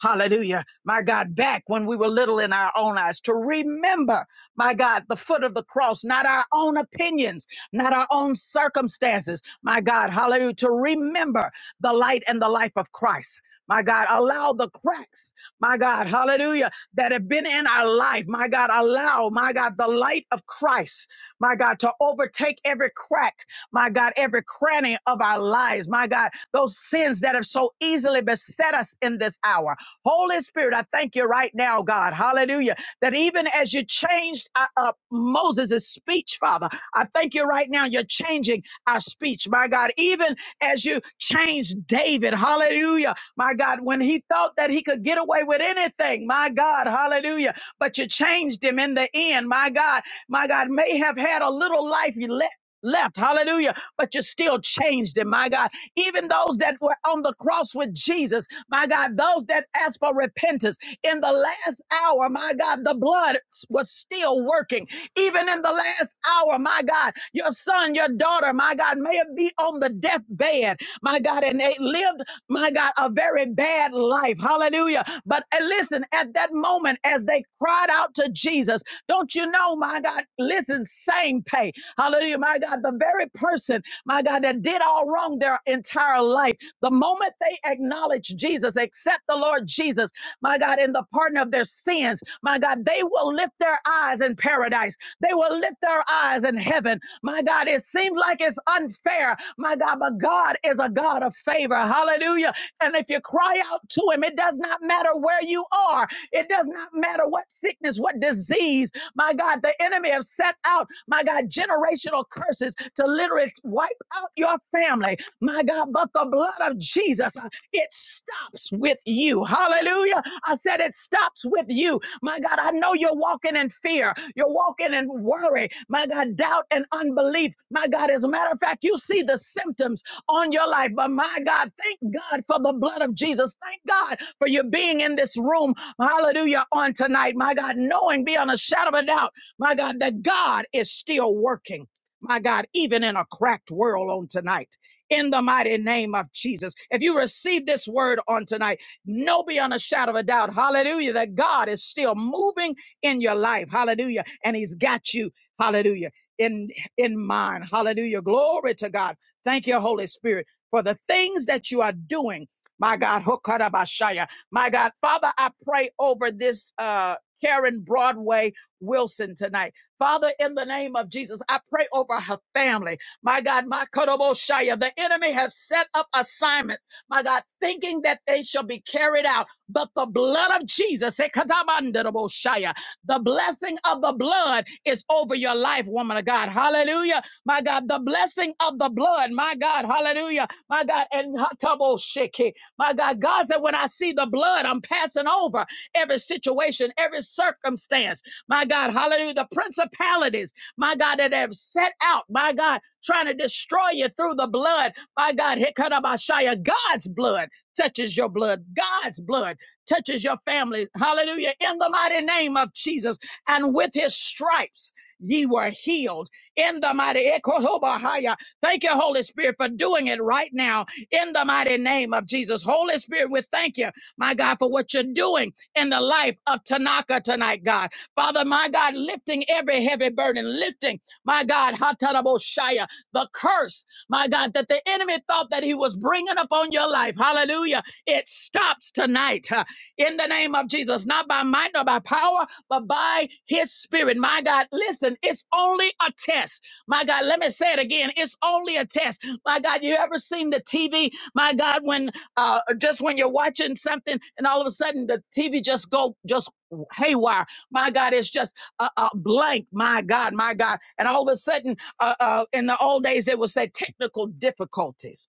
S1: hallelujah, my God, back when we were little in our own eyes, to remember, my God, the foot of the cross, not our own opinions, not our own circumstances, my God, hallelujah, to remember the light and the life of Christ. My God, allow the cracks, my God, hallelujah, that have been in our life. My God, allow, my God, the light of Christ my God, to overtake every crack, my God, every cranny of our lives, my God, those sins that have so easily beset us in this hour. Holy Spirit, I thank you right now, God, hallelujah, that even as you changed uh, uh, Moses' speech, Father, I thank you right now, you're changing our speech, my God, even as you changed David, hallelujah, my God, when he thought that he could get away with anything, my God, hallelujah, but you changed him in the end, my God, my God, may have had a little life left left. Hallelujah. But you still changed him, my God. Even those that were on the cross with Jesus, my God, those that asked for repentance in the last hour, my God, the blood was still working. Even in the last hour, my God, your son, your daughter, my God, may have be on the deathbed, my God, and they lived, my God, a very bad life. Hallelujah. But uh, listen, at that moment, as they cried out to Jesus, don't you know, my God, listen, same pay. Hallelujah my God, the very person, my God, that did all wrong their entire life, the moment they acknowledge Jesus, accept the Lord Jesus, my God, in the pardon of their sins, my God, they will lift their eyes in paradise. They will lift their eyes in heaven. My God, it seems like it's unfair, my God, but God is a God of favor. Hallelujah. And if you cry out to Him, it does not matter where you are, it does not matter what sickness, what disease, my God, the enemy have set out, my God, generational generational curses to literally wipe out your family. My God, but the blood of Jesus, uh, it stops with you. Hallelujah. I said it stops with you. My God, I know you're walking in fear. You're walking in worry. My God, doubt and unbelief. My God, as a matter of fact, you see the symptoms on your life. But my God, thank God for the blood of Jesus. Thank God for you being in this room. Hallelujah. On tonight, my God, knowing beyond a shadow of a doubt, my God, that God is still working my God, even in a cracked world on tonight. In the mighty name of Jesus. If you receive this word on tonight, know beyond a shadow of a doubt, hallelujah, that God is still moving in your life. Hallelujah. And He's got you, hallelujah, in in mind. Hallelujah. Glory to God. Thank you, Holy Spirit, for the things that you are doing. My God, Hokarabashaya. My God, Father, I pray over this uh Karen Broadway Wilson tonight. Father, in the name of Jesus, I pray over her family. My God, my Kodoboshaya, the enemy has set up assignments, my God, thinking that they shall be carried out. But the blood of Jesus, eh, Katamandaboshaya, the blessing of the blood is over your life, woman of God. Hallelujah. My God, the blessing of the blood, my God, hallelujah. My God, and Hataboshiki. my God, God said, when I see the blood, I'm passing over every situation, every circumstance. My God, hallelujah. The principalities, my God, that have set out, my God, trying to destroy you through the blood. My God, Hikarabashaya, God's blood touches your blood. God's blood touches your family. Hallelujah. In the mighty name of Jesus. And with his stripes, ye were healed. In the mighty Ekohobahaya. Thank you, Holy Spirit, for doing it right now. In the mighty name of Jesus. Holy Spirit, we thank you, my God, for what you're doing in the life of Tanaka tonight, God. Father, my God, lifting every heavy burden, lifting, my God, Hataraboshaya, the curse, my God, that the enemy thought that he was bringing upon your life. Hallelujah. It stops tonight huh, in the name of Jesus, not by might nor by power, but by his spirit. My God, listen, it's only a test. My God, let me say it again. It's only a test. My God, you ever seen the TV? My God, when uh, just when you're watching something and all of a sudden the TV just go just haywire. My God, it's just a, a blank. My God, my God, and all of a sudden, uh, uh, in the old days they would say technical difficulties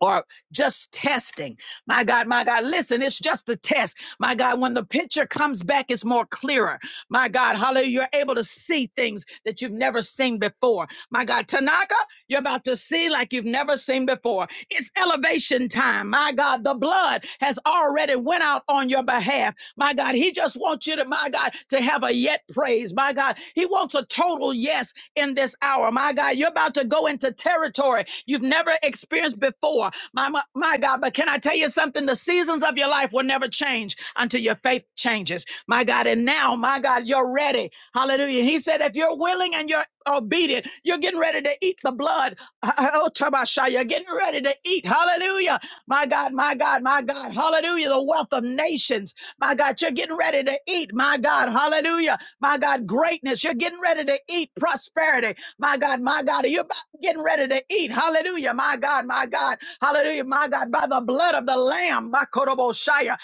S1: or just testing. My God, my God, listen, it's just a test. My God, when the picture comes back, it's more clearer. My God, hallelujah, you're able to see things that you've never seen before. My God, Tanaka, you're about to see like you've never seen before. It's elevation time. My God, the blood has already went out on your behalf. My God, he just wants you to, my God, to have a yet praise. My God, he wants a total yet yes in this hour. My God, you're about to go into territory you've never experienced before. My, my, my God, but can I tell you something? The seasons of your life will never change until your faith changes. My God, and now, my God, you're ready. Hallelujah. He said, if you're willing and you're obedient, you're getting ready to eat the blood. [LAUGHS] Oh, Tabashah, You're getting ready to eat. Hallelujah. My God, my God, my God. Hallelujah. The wealth of nations. My God, you're getting ready to eat. My God. Hallelujah. My God, greatness. You're getting ready to eat prosperity. My God, my God, you're about getting ready to eat. Hallelujah. My God, my God. Hallelujah. My God, by the blood of the Lamb. My Koroboshaya.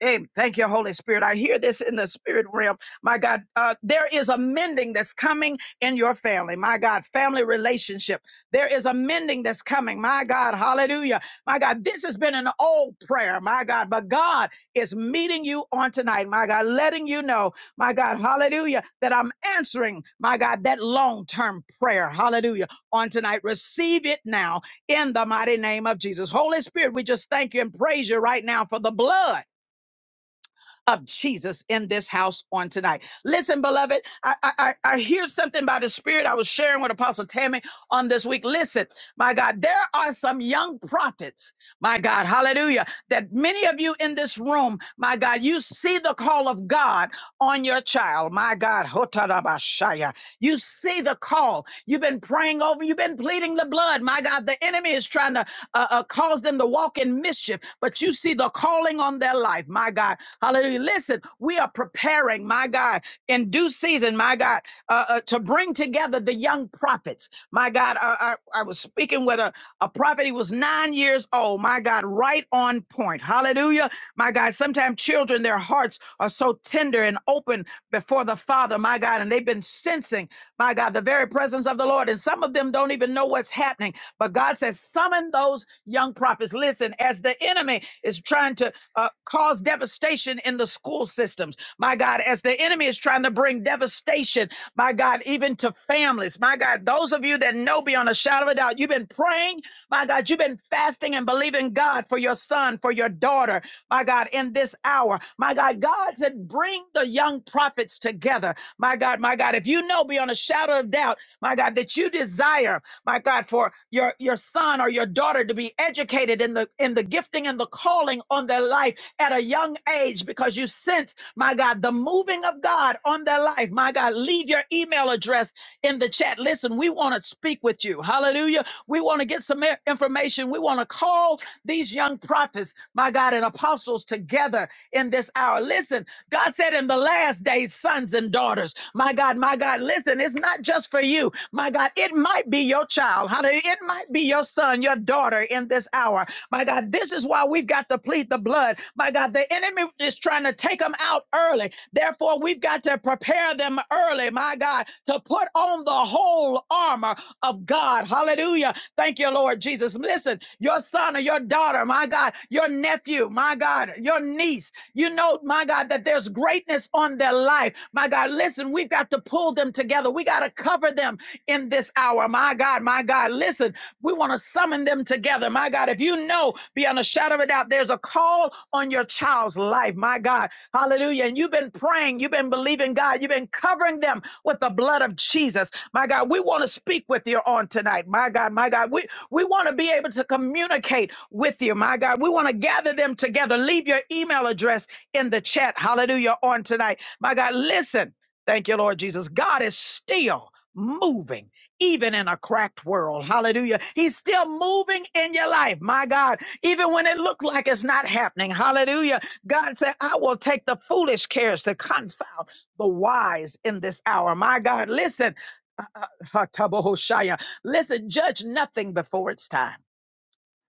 S1: Hey, thank you, Holy Spirit. I hear this in the spirit realm. My God, uh, there is a mending that's coming in your family. My God, family relationship. There is a mending that's coming. My God, hallelujah. My God, this has been an old prayer. My God, but God is meeting you on tonight. My God, letting you know, my God, hallelujah, that I'm answering, my God, that long term prayer. Hallelujah. On tonight, receive it now in the mighty name of Jesus. Holy Spirit, we just thank you and praise you right now for the blood of Jesus in this house on tonight. Listen, beloved, I, I, I I hear something by the Spirit I was sharing with Apostle Tammy on this week. Listen, my God, there are some young prophets my God, hallelujah, that many of you in this room, my God, you see the call of God on your child, my God, hotarabashaya. you see the call. You've been praying over, you've been pleading the blood, my God, the enemy is trying to uh, uh, cause them to walk in mischief, but you see the calling on their life, my God, hallelujah. Listen, we are preparing, my God, in due season, my God, uh, uh, to bring together the young prophets, my God. God, I, I, I was speaking with a, a prophet. He was nine years old. My God, right on point. Hallelujah. My God, sometimes children, their hearts are so tender and open before the Father, my God, and they've been sensing, my God, the very presence of the Lord. And some of them don't even know what's happening. But God says, summon those young prophets. Listen, as the enemy is trying to uh, cause devastation in the school systems, my God, as the enemy is trying to bring devastation devastation, my God, even to families. My God, those of you that know beyond a shadow of a doubt, you've been praying, my God, you've been fasting and believing God for your son, for your daughter, my God, in this hour. My God, God said, bring the young prophets together. My God, my God, if you know beyond a shadow of doubt, my God, that you desire, my God, for your, your son or your daughter to be educated in the in the gifting and the calling on their life at a young page because you sense, my God, the moving of God on their life. My God, leave your email address in the chat. Listen, we want to speak with you. Hallelujah. We want to get some information. We want to call these young prophets, my God, and apostles together in this hour. Listen, God said in the last days, sons and daughters, my God, my God, listen, it's not just for you. My God, it might be your child. Hallelujah. It might be your son, your daughter in this hour power. My God, this is why we've got to plead the blood. My God, the enemy is trying to take them out early. Therefore, we've got to prepare them early, my God, to put on the whole armor of God. Hallelujah. Thank you, Lord Jesus. Listen, your son or your daughter, my God, your nephew, my God, your niece, you know, my God, that there's greatness on their life. My God, listen, we've got to pull them together. We got to cover them in this hour hour. My God, my God. Listen, we want to summon them together. My God, if you know beyond a shadow of a doubt, there's a call on your child's life. My God, hallelujah. And you've been praying, you've been believing God, you've been covering them with the blood of Jesus. My God, we want to speak with you on tonight. My God, my God, we, we want to be able to communicate with you. My God, we want to gather them together. Leave your email address in the chat. Hallelujah on tonight. My God, listen. Thank you, Lord Jesus. God is still moving even in a cracked world. Hallelujah. He's still moving in your life. My God, even when it looked like it's not happening. Hallelujah. God said, I will take the foolish cares to confound the wise in this hour. My God, listen. uh, uh, Hatabohoshaya. Listen, judge nothing before it's time.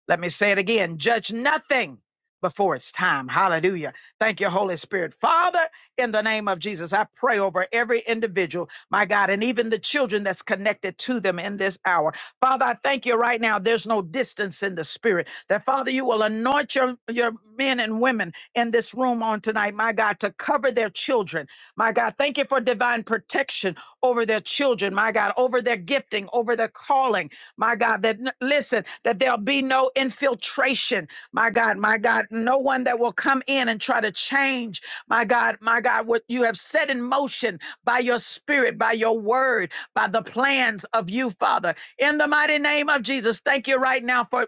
S1: Let me say it again. Judge nothing before it's time. Hallelujah. Thank you, Holy Spirit. Father, in the name of Jesus, I pray over every individual, my God, and even the children that's connected to them in this hour. Father, I thank you right now. There's no distance in the spirit. That Father, you will anoint your, your men and women in this room on tonight, my God, to cover their children. My God, thank you for divine protection over their children, my God, over their gifting, over their calling my God, that n- listen, that there'll be no infiltration, my God, my God, no one that will come in and try to change, my God, my God, what you have set in motion by your spirit, by your word, by the plans of you, Father. In the mighty name of Jesus, thank you right now for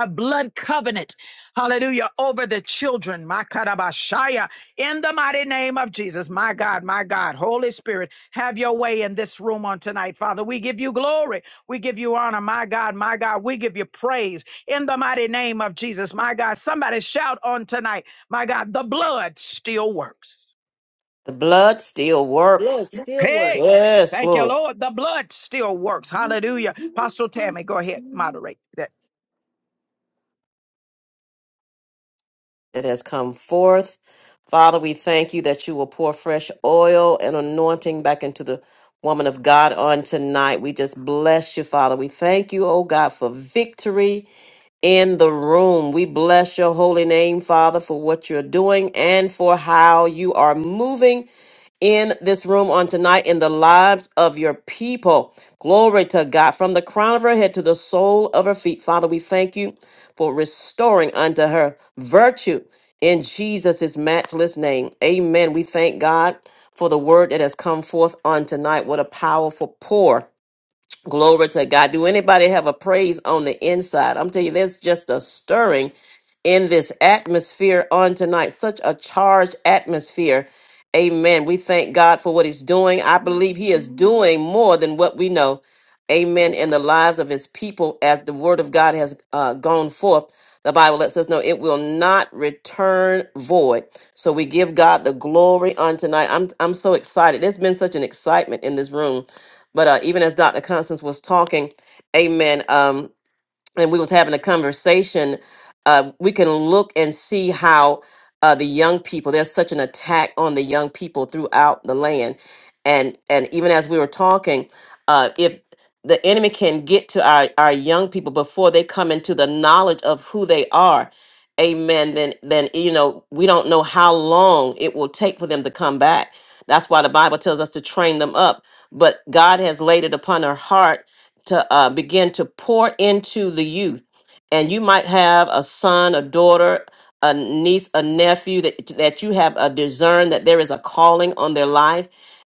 S1: a blood covenant, hallelujah, over the children, my Karabashaya, in the mighty name of Jesus, my God, my God, Holy Spirit, have your way in this room on tonight, Father. We give you glory. We give you honor, my God, my God. We give you praise in the mighty name of Jesus, my God. Somebody shout on tonight, my God, the blood still works.
S4: The blood still
S11: Yeah, it
S4: works.
S11: still works.
S1: Hey,
S4: Yes,
S1: thank you,
S4: glory.
S1: Lord. The blood still works. Hallelujah. Pastor Tammy, go ahead, moderate that.
S4: It has come forth. Father, we thank you that you will pour fresh oil and anointing back into the woman of God on tonight. We just bless you, Father. We thank you, oh God, for victory in the room. We bless your holy name, Father, for what you're doing and for how you are moving. in this room on tonight in the lives of your people. Glory to God. From the crown of her head to the sole of her feet. Father, we thank you for restoring unto her virtue in Jesus' matchless name. Amen. We thank God for the word that has come forth on tonight. What a powerful pour. Glory to God. Do anybody have a praise on the inside? I'm telling you, there's just a stirring in this atmosphere on tonight, such a charged atmosphere. Amen. We thank God for what He's doing. I believe He is doing more than what we know. Amen. In the lives of His people, as the Word of God has uh, gone forth, the Bible lets us know it will not return void. So we give God the glory on tonight. I'm I'm so excited. There's been such an excitement in this room but uh, even as Dr. Constance was talking, amen. Um, and we was having a conversation uh, we can look and see how uh, the young people there's such an attack on the young people throughout the land and and even as we were talking uh, if the enemy can get to our, our young people before they come into the knowledge of who they are amen then then you know we don't know how long it will take for them to come back that's why the bible tells us to train them up but god has laid it upon our heart to uh, begin to pour into the youth. And you might have a son, a daughter, a niece, a nephew that, that you have a discern that there is a calling on their life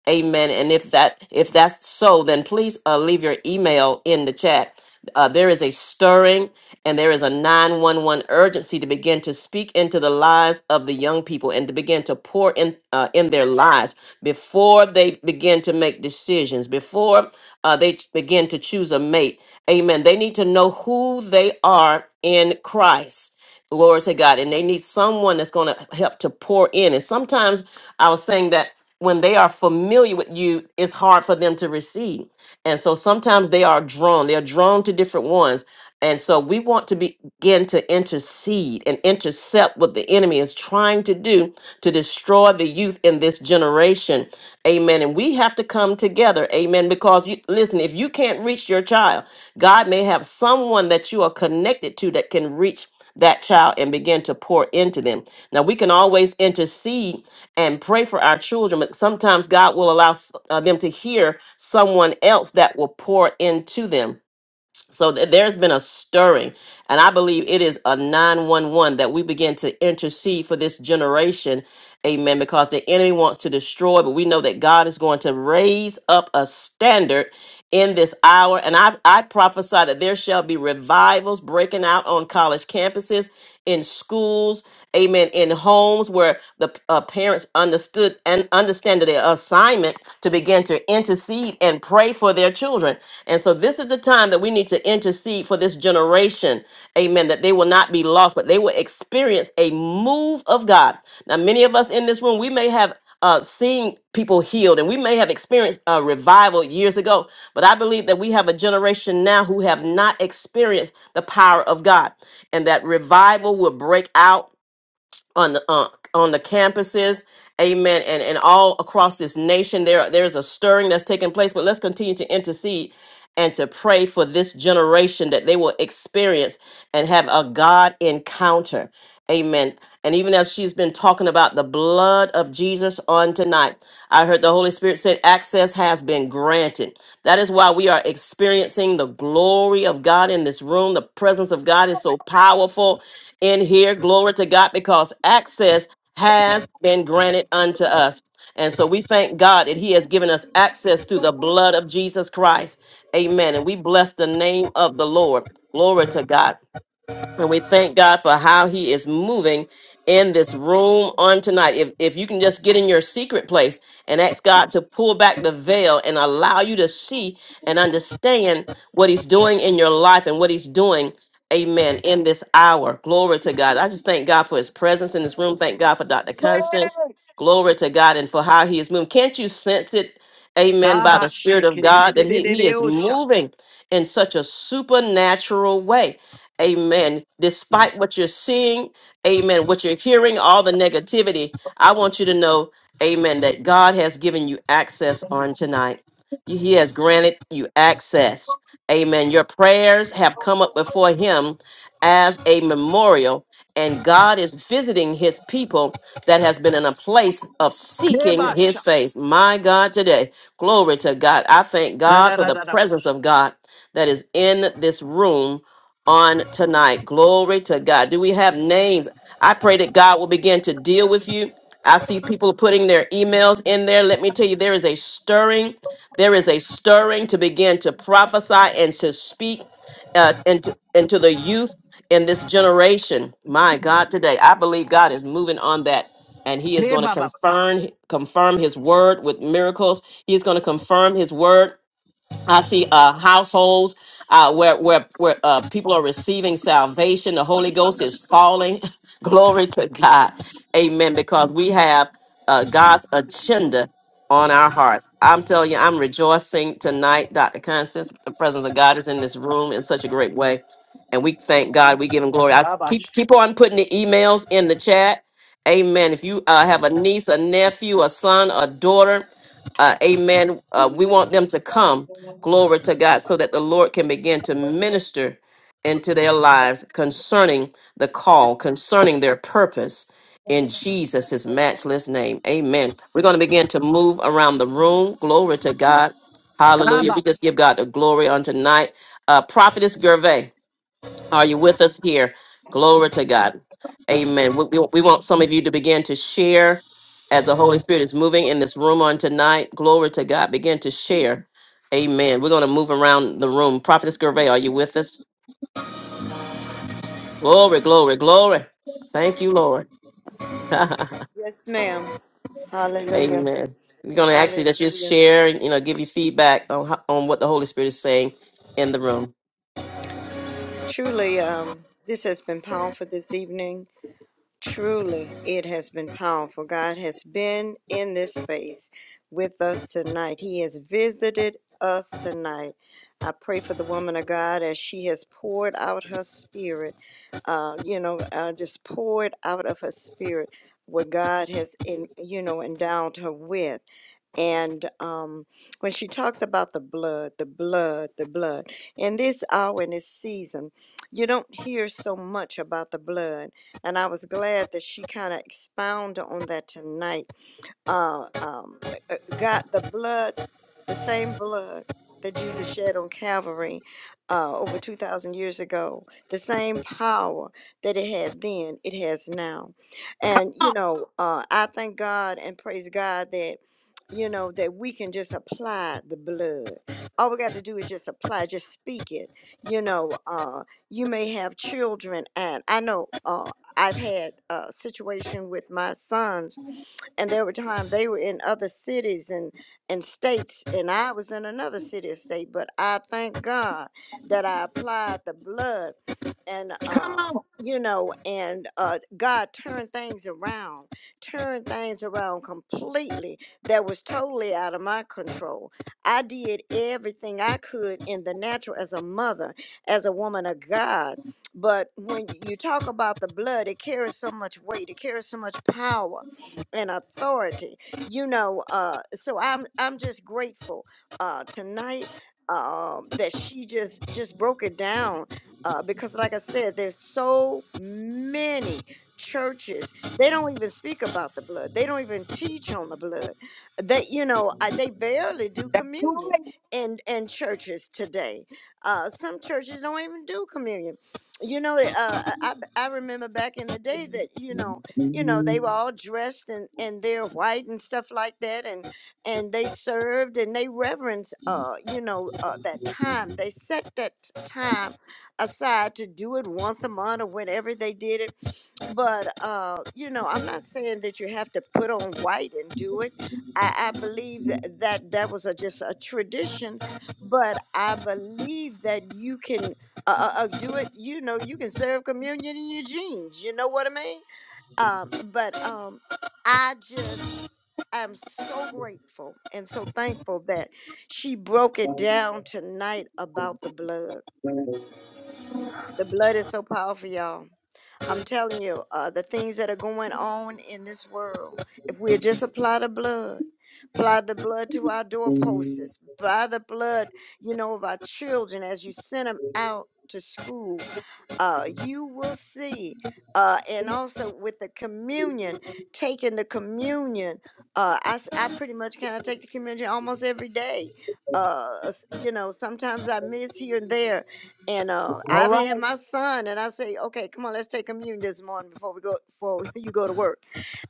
S4: Amen. And if that if that's so, then please uh, leave your email in the chat. Uh, there is a stirring and there is a 911 urgency to begin to speak into the lives of the young people and to begin to pour in uh, in their lives before they begin to make decisions, before uh, they ch- begin to choose a mate. Amen. They need to know who they are in Christ. Glory to God. And they need someone that's going to help to pour in. And sometimes I was saying that when they are familiar with you, it's hard for them to receive. And so sometimes they are drawn, they are drawn to different ones. And so we want to be- begin to intercede and intercept what the enemy is trying to do to destroy the youth in this generation. Amen. And we have to come together. Amen. Because you, listen, if you can't reach your child, God may have someone that you are connected to that can reach that child and begin to pour into them. Now, we can always intercede and pray for our children, but sometimes God will allow s- uh, them to hear someone else that will pour into them. So th- there's been a stirring, and I believe it is a 911 that we begin to intercede for this generation. Amen. Because the enemy wants to destroy, but we know that God is going to raise up a standard in this hour. And I, I prophesy that there shall be revivals breaking out on college campuses, in schools, amen, in homes where the uh, parents understood and understand their assignment to begin to intercede and pray for their children. And so this is the time that we need to intercede for this generation, amen, that they will not be lost, but they will experience a move of God. Now, many of us in this room, we may have uh, seeing people healed, and we may have experienced a revival years ago, but I believe that we have a generation now who have not experienced the power of God, and that revival will break out on the uh, on the campuses amen and and all across this nation there there's a stirring that's taking place but let's continue to intercede and to pray for this generation that they will experience and have a god encounter amen and even as she's been talking about the blood of jesus on tonight i heard the holy spirit said access has been granted that is why we are experiencing the glory of god in this room the presence of god is so powerful in here. Glory to God, because access has been granted unto us. And so we thank God that He has given us access through the blood of Jesus Christ. Amen. And we bless the name of the Lord. Glory to God. And we thank God for how he is moving in this room on tonight. If, if you can just get in your secret place and ask God to pull back the veil and allow you to see and understand what he's doing in your life and what he's doing, amen, in this hour. Glory to God. I just thank God for his presence in this room. Thank God for Dr. Constance.
S1: Hey.
S4: Glory to God and for how he is moving. Can't you sense it? Amen. By the Spirit of God, that He, he is
S1: Tabashikididididididosha.
S4: moving in such a supernatural way. Amen. Despite what you're seeing, amen, what you're hearing, all the negativity, I want you to know, amen, that God has given you access on tonight. You- He has granted you access. Amen. Your prayers have come up before Him as a memorial, and God is visiting His people that has been in a place of seeking His
S1: Kebasha.
S4: face. My God, today, glory to God. I thank God for the
S1: Da-da-da-da-da.
S4: presence of God that is in this room on tonight. Glory to God. Do we have names? I pray that God will begin to deal with you. I see people putting their emails in there. Let me tell you, there is a stirring. There is a stirring to begin to prophesy and to speak uh, into, into the youth in this generation. My God, today, I believe God is moving on that. And he is going to
S1: Kebaba.
S4: confirm confirm his word with miracles. He is going to confirm his word I see uh, households uh, where where where uh, people are receiving salvation. The Holy Ghost is falling. [LAUGHS] Glory to God, Amen. Because we have uh, God's agenda on our hearts. I'm telling you, I'm rejoicing tonight, Doctor Constance. The presence of God is in this room in such a great way, and we thank God. We give Him glory. I s-
S1: Kabash.
S4: keep keep on putting the emails in the chat. Amen. If you uh, have a niece, a nephew, a son, a daughter, uh, amen. Uh, we want them to come Glory to God, so that the Lord can begin to minister into their lives concerning the call, concerning their purpose in Jesus' his matchless name. Amen. We're going to begin to move around the room. Glory to God. Hallelujah. We just
S1: Kabash.
S4: give God the glory on tonight. Uh, Prophetess Gervais. Are you with us here? Glory to God. Amen. We, we, we want some of you to begin to share as the Holy Spirit is moving in this room on tonight. Glory to God. Begin to share. Amen. We're going to move around the room. Prophetess Gervais, are you with us? Glory, glory, glory. Thank you, Lord. [LAUGHS] Amen.
S5: Yes, ma'am. Hallelujah.
S4: We're going to ask you that you
S5: Hallelujah.
S4: share you know give you feedback on how, on what the Holy Spirit is saying in the room.
S5: Truly, um, this has been powerful this evening. Truly, it has been powerful. God has been in this space with us tonight. He has visited us tonight. I pray for the woman of God as she has poured out her spirit, uh, you know, uh, just poured out of her spirit what God has, in, you know, endowed her with. And um, when she talked about the blood, the blood, the blood, in this hour, in this season, you don't hear so much about the blood. And I was glad that she kind of expounded on that tonight uh, um, uh, God, the blood, the same blood that Jesus shed on Calvary uh, over 2,000 years ago, the same power that it had then, it has now. And,
S1: Come
S5: you
S1: on.
S5: know, uh, I thank God and praise God that. You know, that we can just apply the blood. All we got to do is just apply, just speak it. You know, uh, you may have children, and I know uh, I've had a situation with my sons and there were times they were in other cities and and states and i was in another city or state but i thank god that i applied the blood and
S1: Come
S5: uh
S1: on.
S5: you know and uh god turned things around turned things around completely that was totally out of my control i did everything i could in the natural as a mother as a woman of god but when you talk about the blood it carries so much weight it carries so much power and authority. You know, uh, so I'm I'm just grateful uh, tonight um, that she just just broke it down uh, because, like I said, there's so many churches they don't even speak about the blood. They don't even teach on the blood. They you know I, they barely do
S1: Tonight,
S5: communion in in churches today. Uh, some churches don't even do communion. You know, uh, I I I remember back in the day that you know you know they were all dressed and and they're white and stuff like that and and they served and they reverenced uh you know uh, that time they set that t- time aside to do it once a month or whenever they did it but uh you know i'm not saying that you have to put on white and do it i i believe that that, that was a, just a tradition but i believe that you can uh, uh, uh, do it you know you can serve communion in your jeans you know what i mean um, but um, I just am so grateful and so thankful that she broke it down tonight about the blood the blood is so powerful, y'all. I'm telling you, uh, the things that are going on in this world, if we just apply the blood, apply the blood to our doorposts, apply the blood, you know, of our children as you send them out to school, uh, you will see. Uh, and also with the communion, taking the communion, uh, I, s- I pretty much kind of take the communion almost every day. Uh, s- you know, sometimes I miss here and there, and uh, I've had my son, and I say, okay, come on, let's take communion this morning before we go before [LAUGHS] you go to work.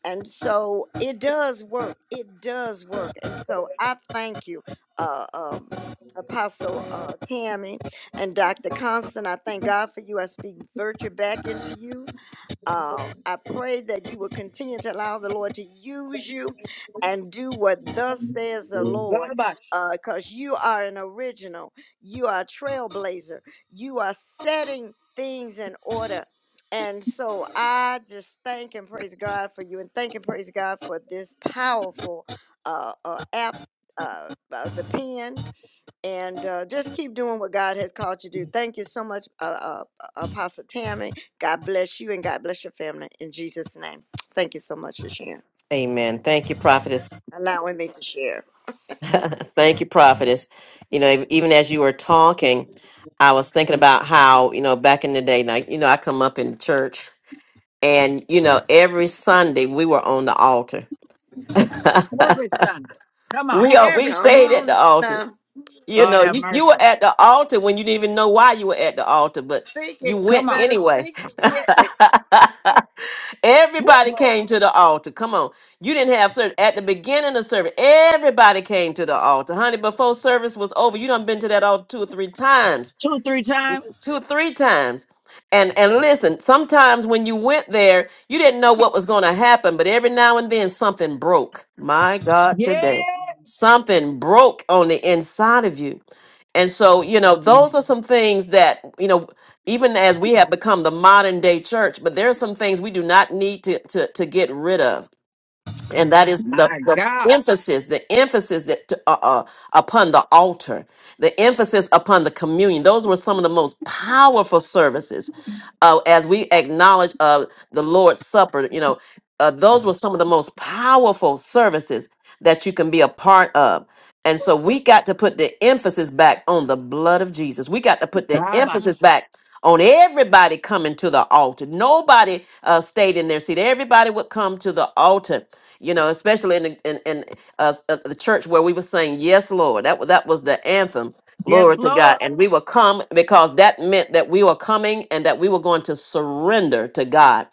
S5: And so it does work. It does work. And so I thank you, uh, um, Apostle uh, Tammy and Dr. Constant. I thank God for you. I speak virtue back into you. Um, I pray that you will continue to allow the Lord to use you and do what thus says the Lord, because you are an original, you are a trailblazer, you are setting things in order. And so I just thank and praise God for you, and thank and praise God for this powerful uh, uh, app, uh, uh, the pen and uh, just keep doing what God has called you to do. Thank you so much, uh, uh, uh, Apostle Tammy. God bless you and God bless your family in Jesus' name. Thank you so much for sharing,
S4: Amen. Thank you, Prophetess
S5: allowing me to share.
S4: [LAUGHS] Thank you, prophetess. You know, ev- even as you were talking, I was thinking about how, you know, back in the day, now, you know, I come up in church and, you know, every Sunday we were on the altar.
S1: Every Sunday. Come on.
S4: We all, we
S1: Every Sunday.
S5: Come
S4: stayed at the
S5: on
S4: altar.
S5: now,
S4: You
S1: Lord
S4: know,
S1: have
S4: you, you were
S1: mercy.
S4: at the altar when you didn't even know why you were at the altar, but
S5: speak
S4: you
S5: it. You
S4: went
S1: Come on.
S5: better
S4: anyway.
S5: speak it. [LAUGHS]
S4: [LAUGHS]
S1: Woo!
S4: Everybody came to the altar. Come on. You didn't have service. At the beginning of service, everybody came to the altar. Honey, before service was over, you done been to that altar two or three times.
S1: Two, three times.
S4: Two or three times. And and listen, sometimes when you went there, you didn't know what was going to happen, but every now and then something broke. My God,
S1: Yeah.
S4: today. Something broke on the inside of you and so, you know, those are some things that, you know, even as we have become the modern day church, but there are some things we do not need to to, to get rid of and that is the,
S1: My
S4: the
S1: God.
S4: emphasis the emphasis that uh, uh, upon the altar the emphasis upon the communion those were some of the most powerful services uh, as we acknowledge uh, the lord's supper you know uh, those were some of the most powerful services that you can be a part of and so we got to put the emphasis back on the blood of jesus we got to put the emphasis
S1: Babash.
S4: back on everybody coming to the altar nobody uh, stayed in their seat everybody would come to the altar you know, especially in the, in, in uh, s- uh, the church where we were saying, "Yes, Lord." That was that was the anthem.
S1: Yes,
S4: Glory to God.
S1: Lord.
S4: And we will come because that meant that we were coming and that we were going to surrender to God.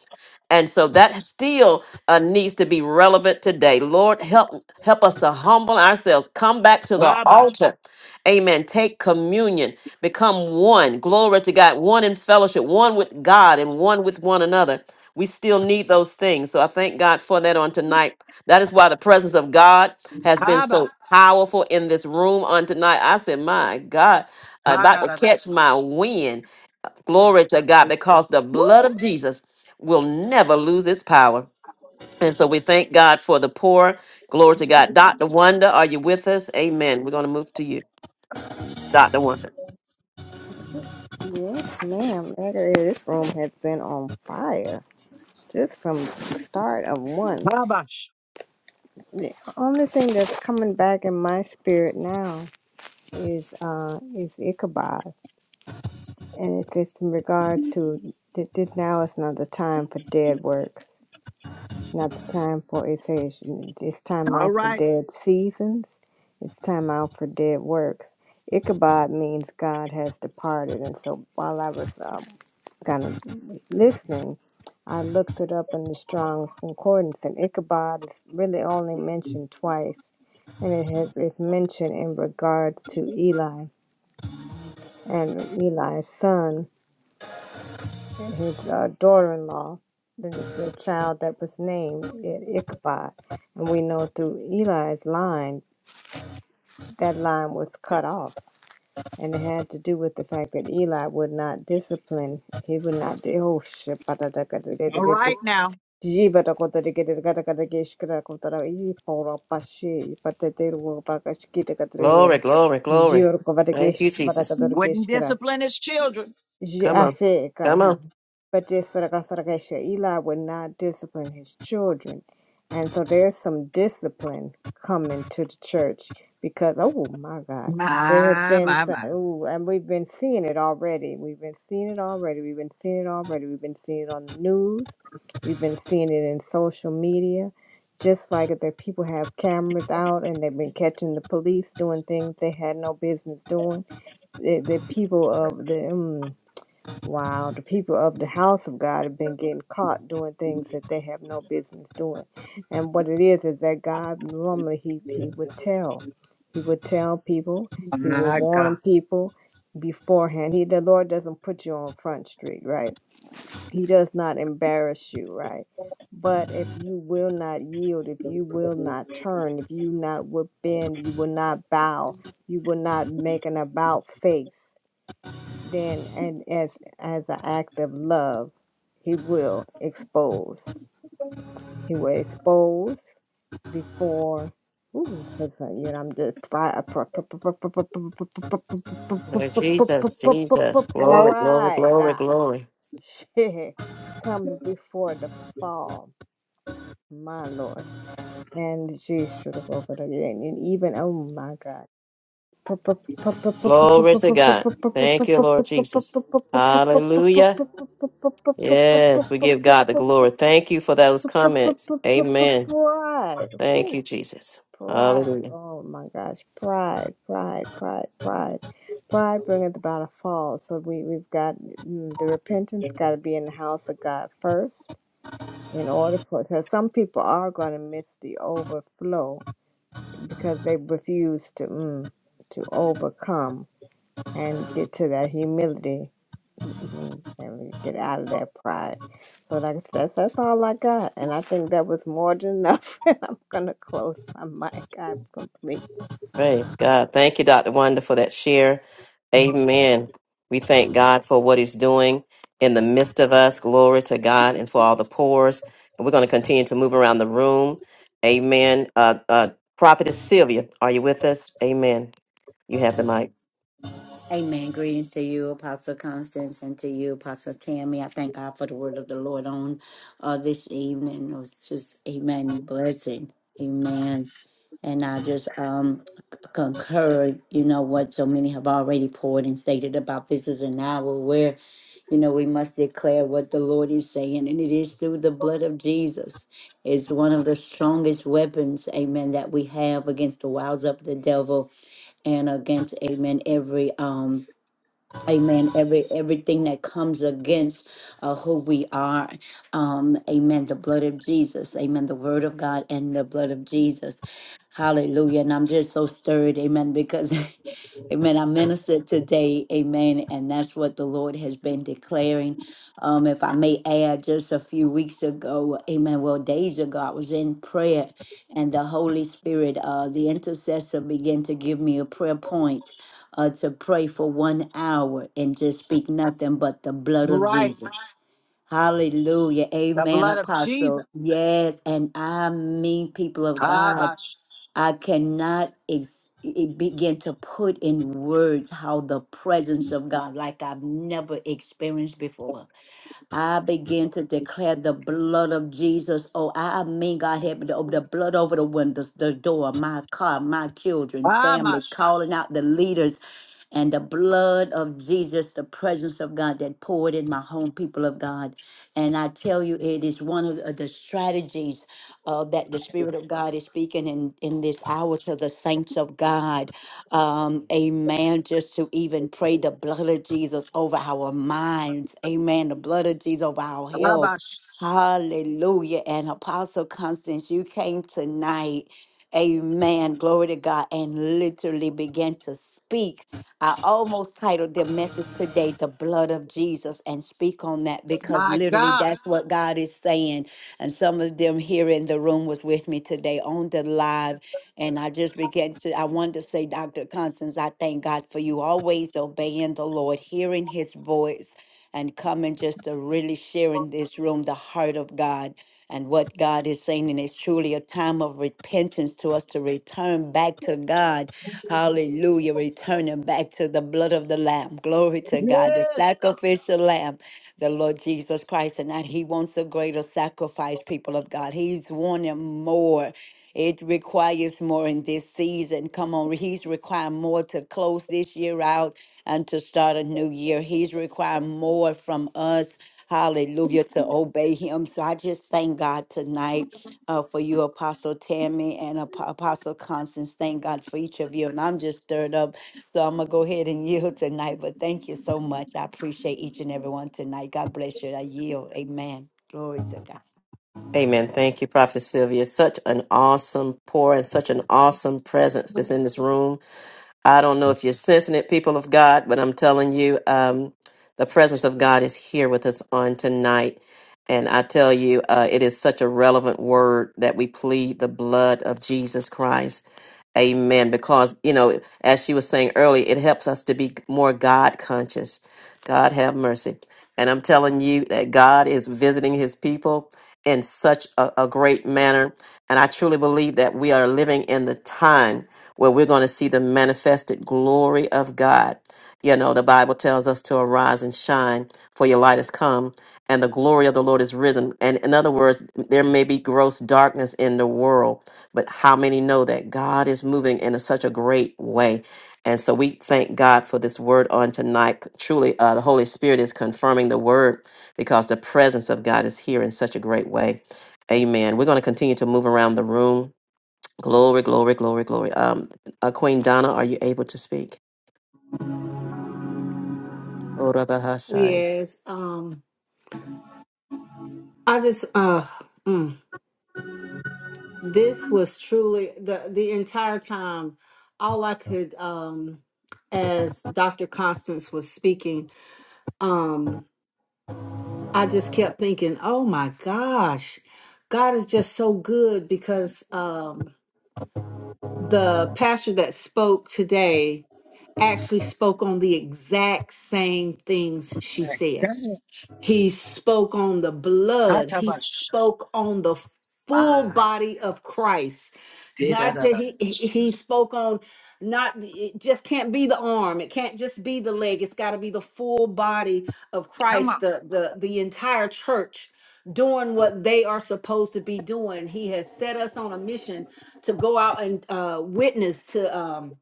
S4: And so that still uh, needs to be relevant today. Lord, help help us to humble ourselves, come back to the
S1: Babash.
S4: altar. Amen. Take communion, become one. Glory to God, one in fellowship, one with God and one with one another we still need those things. So I thank God for that on tonight. That is why the presence of God has been
S1: babash,
S4: so powerful in this room on tonight. I said, My God, I'm
S1: Da,
S4: about
S1: da,
S4: to
S1: da, da.
S4: catch my wind. Glory to God, because the
S1: Woo!
S4: blood of Jesus will never lose its power. And so we thank God for the poor. Glory to God. Dr. Wonder, are you with us? Amen. We're going to move to you, Dr. Wonder.
S6: Yes, ma'am. That is, this room has been on fire. Just from the start of one.
S1: Babash.
S6: The only thing that's coming back in my spirit now is uh is Ichabod. and it's it's in regards to that this now is not the time for dead works, not the time for it says it's time
S1: All
S6: out for
S1: right.
S6: dead seasons, it's time out for dead works. Ichabod means God has departed, and so while I was um, kind of listening, I looked it up in the Strong's Concordance, and Ichabod is really only mentioned twice, and it has it's mentioned in regard to Eli and Eli's son and his uh, daughter-in-law, the, the child that was named at Ichabod. And we know through Eli's line, that line was cut off. And it had to do with the fact that Eli would not discipline. He would not. di- Oh, shit.
S1: All right now.
S4: Glory,
S6: [LAUGHS]
S4: glory, glory.
S6: Jiorko
S4: Thank
S6: vargeish
S4: you, Jesus.
S6: vargador geish
S1: Wouldn't
S6: kara.
S1: discipline his children.
S6: Ji
S4: Come on. Come
S6: afe
S4: on.
S6: but just like I said, okay, sure, Eli would not discipline his children. And so there's some discipline coming to the church because, oh my God, there has
S1: My,
S6: been
S1: my,
S6: some,
S1: my.
S6: ooh, and we've been seeing it already. We've been seeing it already. We've been seeing it already. We've been seeing it on the news. We've been seeing it in social media. Just like if the people have cameras out and they've been catching the police doing things they had no business doing, the, the people of the, mm, Wow, the people of the house of God have been getting caught doing things that they have no business doing. And what it is is that God normally he, he would tell. He would tell people, he will
S1: My
S6: warn
S1: God.
S6: people beforehand. He the Lord doesn't put you on front street, right? He does not embarrass you, right? But if you will not yield, if you will not turn, if you not will bend, you will not bow, you will not make an about face then and as as an act of love he will expose he will expose before ooh because you know i'm just fi- pr- pr- pr- pr- pr- pr- pr- pr-
S4: Lord Jesus,
S6: pr- pr- pr-
S4: Jesus. Glory,
S12: Hello?
S4: glory,
S6: pride [LAUGHS]
S4: glory,
S6: ah
S4: glory.
S6: shit comes before the fall my lord and she should have over again and even oh my god Pride.
S4: Glory to God. Thank you, Lord Jesus. Hallelujah. Yes, we give God the glory. Thank you for those comments. Amen. Thank
S6: Whew.
S4: you, Jesus.
S6: Pride.
S4: Hallelujah.
S6: Oh my gosh. Pride, pride, pride, pride. Pride bringeth about a fall. So we, we've got mm, the repentance got to be in the house of God first in order for it. so some people are going to miss the overflow because they refuse to mm, to overcome and get to that humility mhm, and we get out of that pride. So like I said, that's, that's all I got. And I think that was more than enough. [LAUGHS] And I'm going to close my mic. I'm complete.
S4: Praise God. Thank you, Dr. Wonder, for that share. Amen. We thank God for what He's doing in the midst of us. Glory to God and for all the pores. And we're going to continue to move around the room. Amen. Uh, uh, Prophetess Sylvia, are you with us? Amen. You have the mic.
S8: Amen. Greetings to you, Apostle Constance, and to you, Apostle Tammy. I thank God for the word of the Lord on uh, this evening. It was just, amen, blessing. Amen. And I just um, c- concur, you know, what so many have already poured and stated about this is an hour where, you know, we must declare what the Lord is saying, and it is through the blood of Jesus. It's one of the strongest weapons, amen, that we have against the wiles of the devil and against, amen, every. um. Amen. Every everything that comes against uh, who we are, um, Amen. The blood of Jesus, Amen. The Word of God and the blood of Jesus, Hallelujah. And I'm just so stirred, Amen, because, [LAUGHS] Amen. I ministered today, Amen, and that's what the Lord has been declaring. Um, if I may add, just a few weeks ago, Amen. Well, days ago, I was in prayer, and the Holy Spirit, uh, the intercessor, began to give me a prayer point uh, to pray for one hour and just speak nothing but the blood of
S1: Right.
S8: Jesus. Hallelujah.
S1: The
S8: Amen,
S1: blood of Jesus.
S8: Apostle. Yes. And I mean, people of God,
S1: Babash.
S8: I cannot ex- it begin to put in words how the presence of God, like I've never experienced before I begin to declare the blood of Jesus. Oh, I mean, God, help me to open the blood over the windows, the door, my car, my children, family,
S1: Babash.
S8: calling out the leaders. And the blood of Jesus, the presence of God that poured in my home, people of God. And I tell you, it is one of the the strategies uh, that the Spirit of God is speaking in, in this hour to the saints of God um, amen, just to even pray the blood of Jesus over our minds, amen, the blood of Jesus over our health.
S1: Babash.
S8: Hallelujah. And Apostle Constance, you came tonight, amen, glory to God, and literally began to speak. I almost titled the message today, The Blood of Jesus, and speak on that because
S1: My
S8: literally
S1: God.
S8: that's what God is saying. And some of them here in the room was with me today on the live. And I just began to, I wanted to say, Dr. Constance, I thank God for you always obeying the Lord, hearing his voice, and coming just to really share in this room the heart of God and what God is saying. And it's truly a time of repentance to us to return back to God. Hallelujah. Returning back to the blood of the Lamb. Glory to God, the
S1: Yes, God.
S8: sacrificial Lamb, the Lord Jesus Christ. And that He wants a greater sacrifice, people of God. He's wanting more. It requires more in this season. Come on, he's requiring more to close this year out and to start a new year. He's requiring more from us. Hallelujah, to obey him. So I just thank God tonight uh, for you, Apostle Tammy and Ap- Apostle Constance. Thank God for each of you. And I'm just stirred up. So I'm going to go ahead and yield tonight. But thank you so much. I appreciate each and every one tonight. God bless you. I yield. Amen. Glory to God.
S4: Amen. Thank you, Prophetess Sylvia. Such an awesome pour and such an awesome presence that's in this room. I don't know if you're sensing it, people of God, but I'm telling you, um, the presence of God is here with us on tonight. And I tell you, uh, it is such a relevant word that we plead the blood of Jesus Christ. Amen. Because, you know, as she was saying earlier, it helps us to be more God conscious. God have mercy. And I'm telling you that God is visiting his people in such a, a great manner and I truly believe that we are living in the time where we're going to see the manifested glory of God. You know, the Bible tells us to arise and shine, for your light has come, and the glory of the Lord is risen. And in other words, there may be gross darkness in the world, but how many know that God is moving in a, such a great way? And so we thank God for this word on tonight. Truly, uh, the Holy Spirit is confirming the word because the presence of God is here in such a great way. Amen. We're going to continue to move around the room. Glory, glory, glory, glory. Um, uh, Queen Donna, are you able to speak? Orabahasai.
S11: Yes. Um. I just. Uh. mm, this was truly the the entire time. All I could. Um. As Dr. Constance was speaking. Um. I just kept thinking, oh my gosh, God is just so good because. Um. the pastor that spoke today actually spoke on the exact same things she
S1: My
S11: said.
S1: God.
S11: He spoke on the blood. He
S1: Hatabash.
S11: spoke on the full
S1: My
S11: body of
S1: God.
S11: Christ. Not just,
S1: Dee-da-da-da.
S11: he he he spoke on not it just can't be the arm. It can't just be the leg. It's got to be the full body of
S1: Come
S11: Christ,
S1: on.
S11: the the the entire church doing what they are supposed to be doing. He has set us on a mission to go out and uh witness to um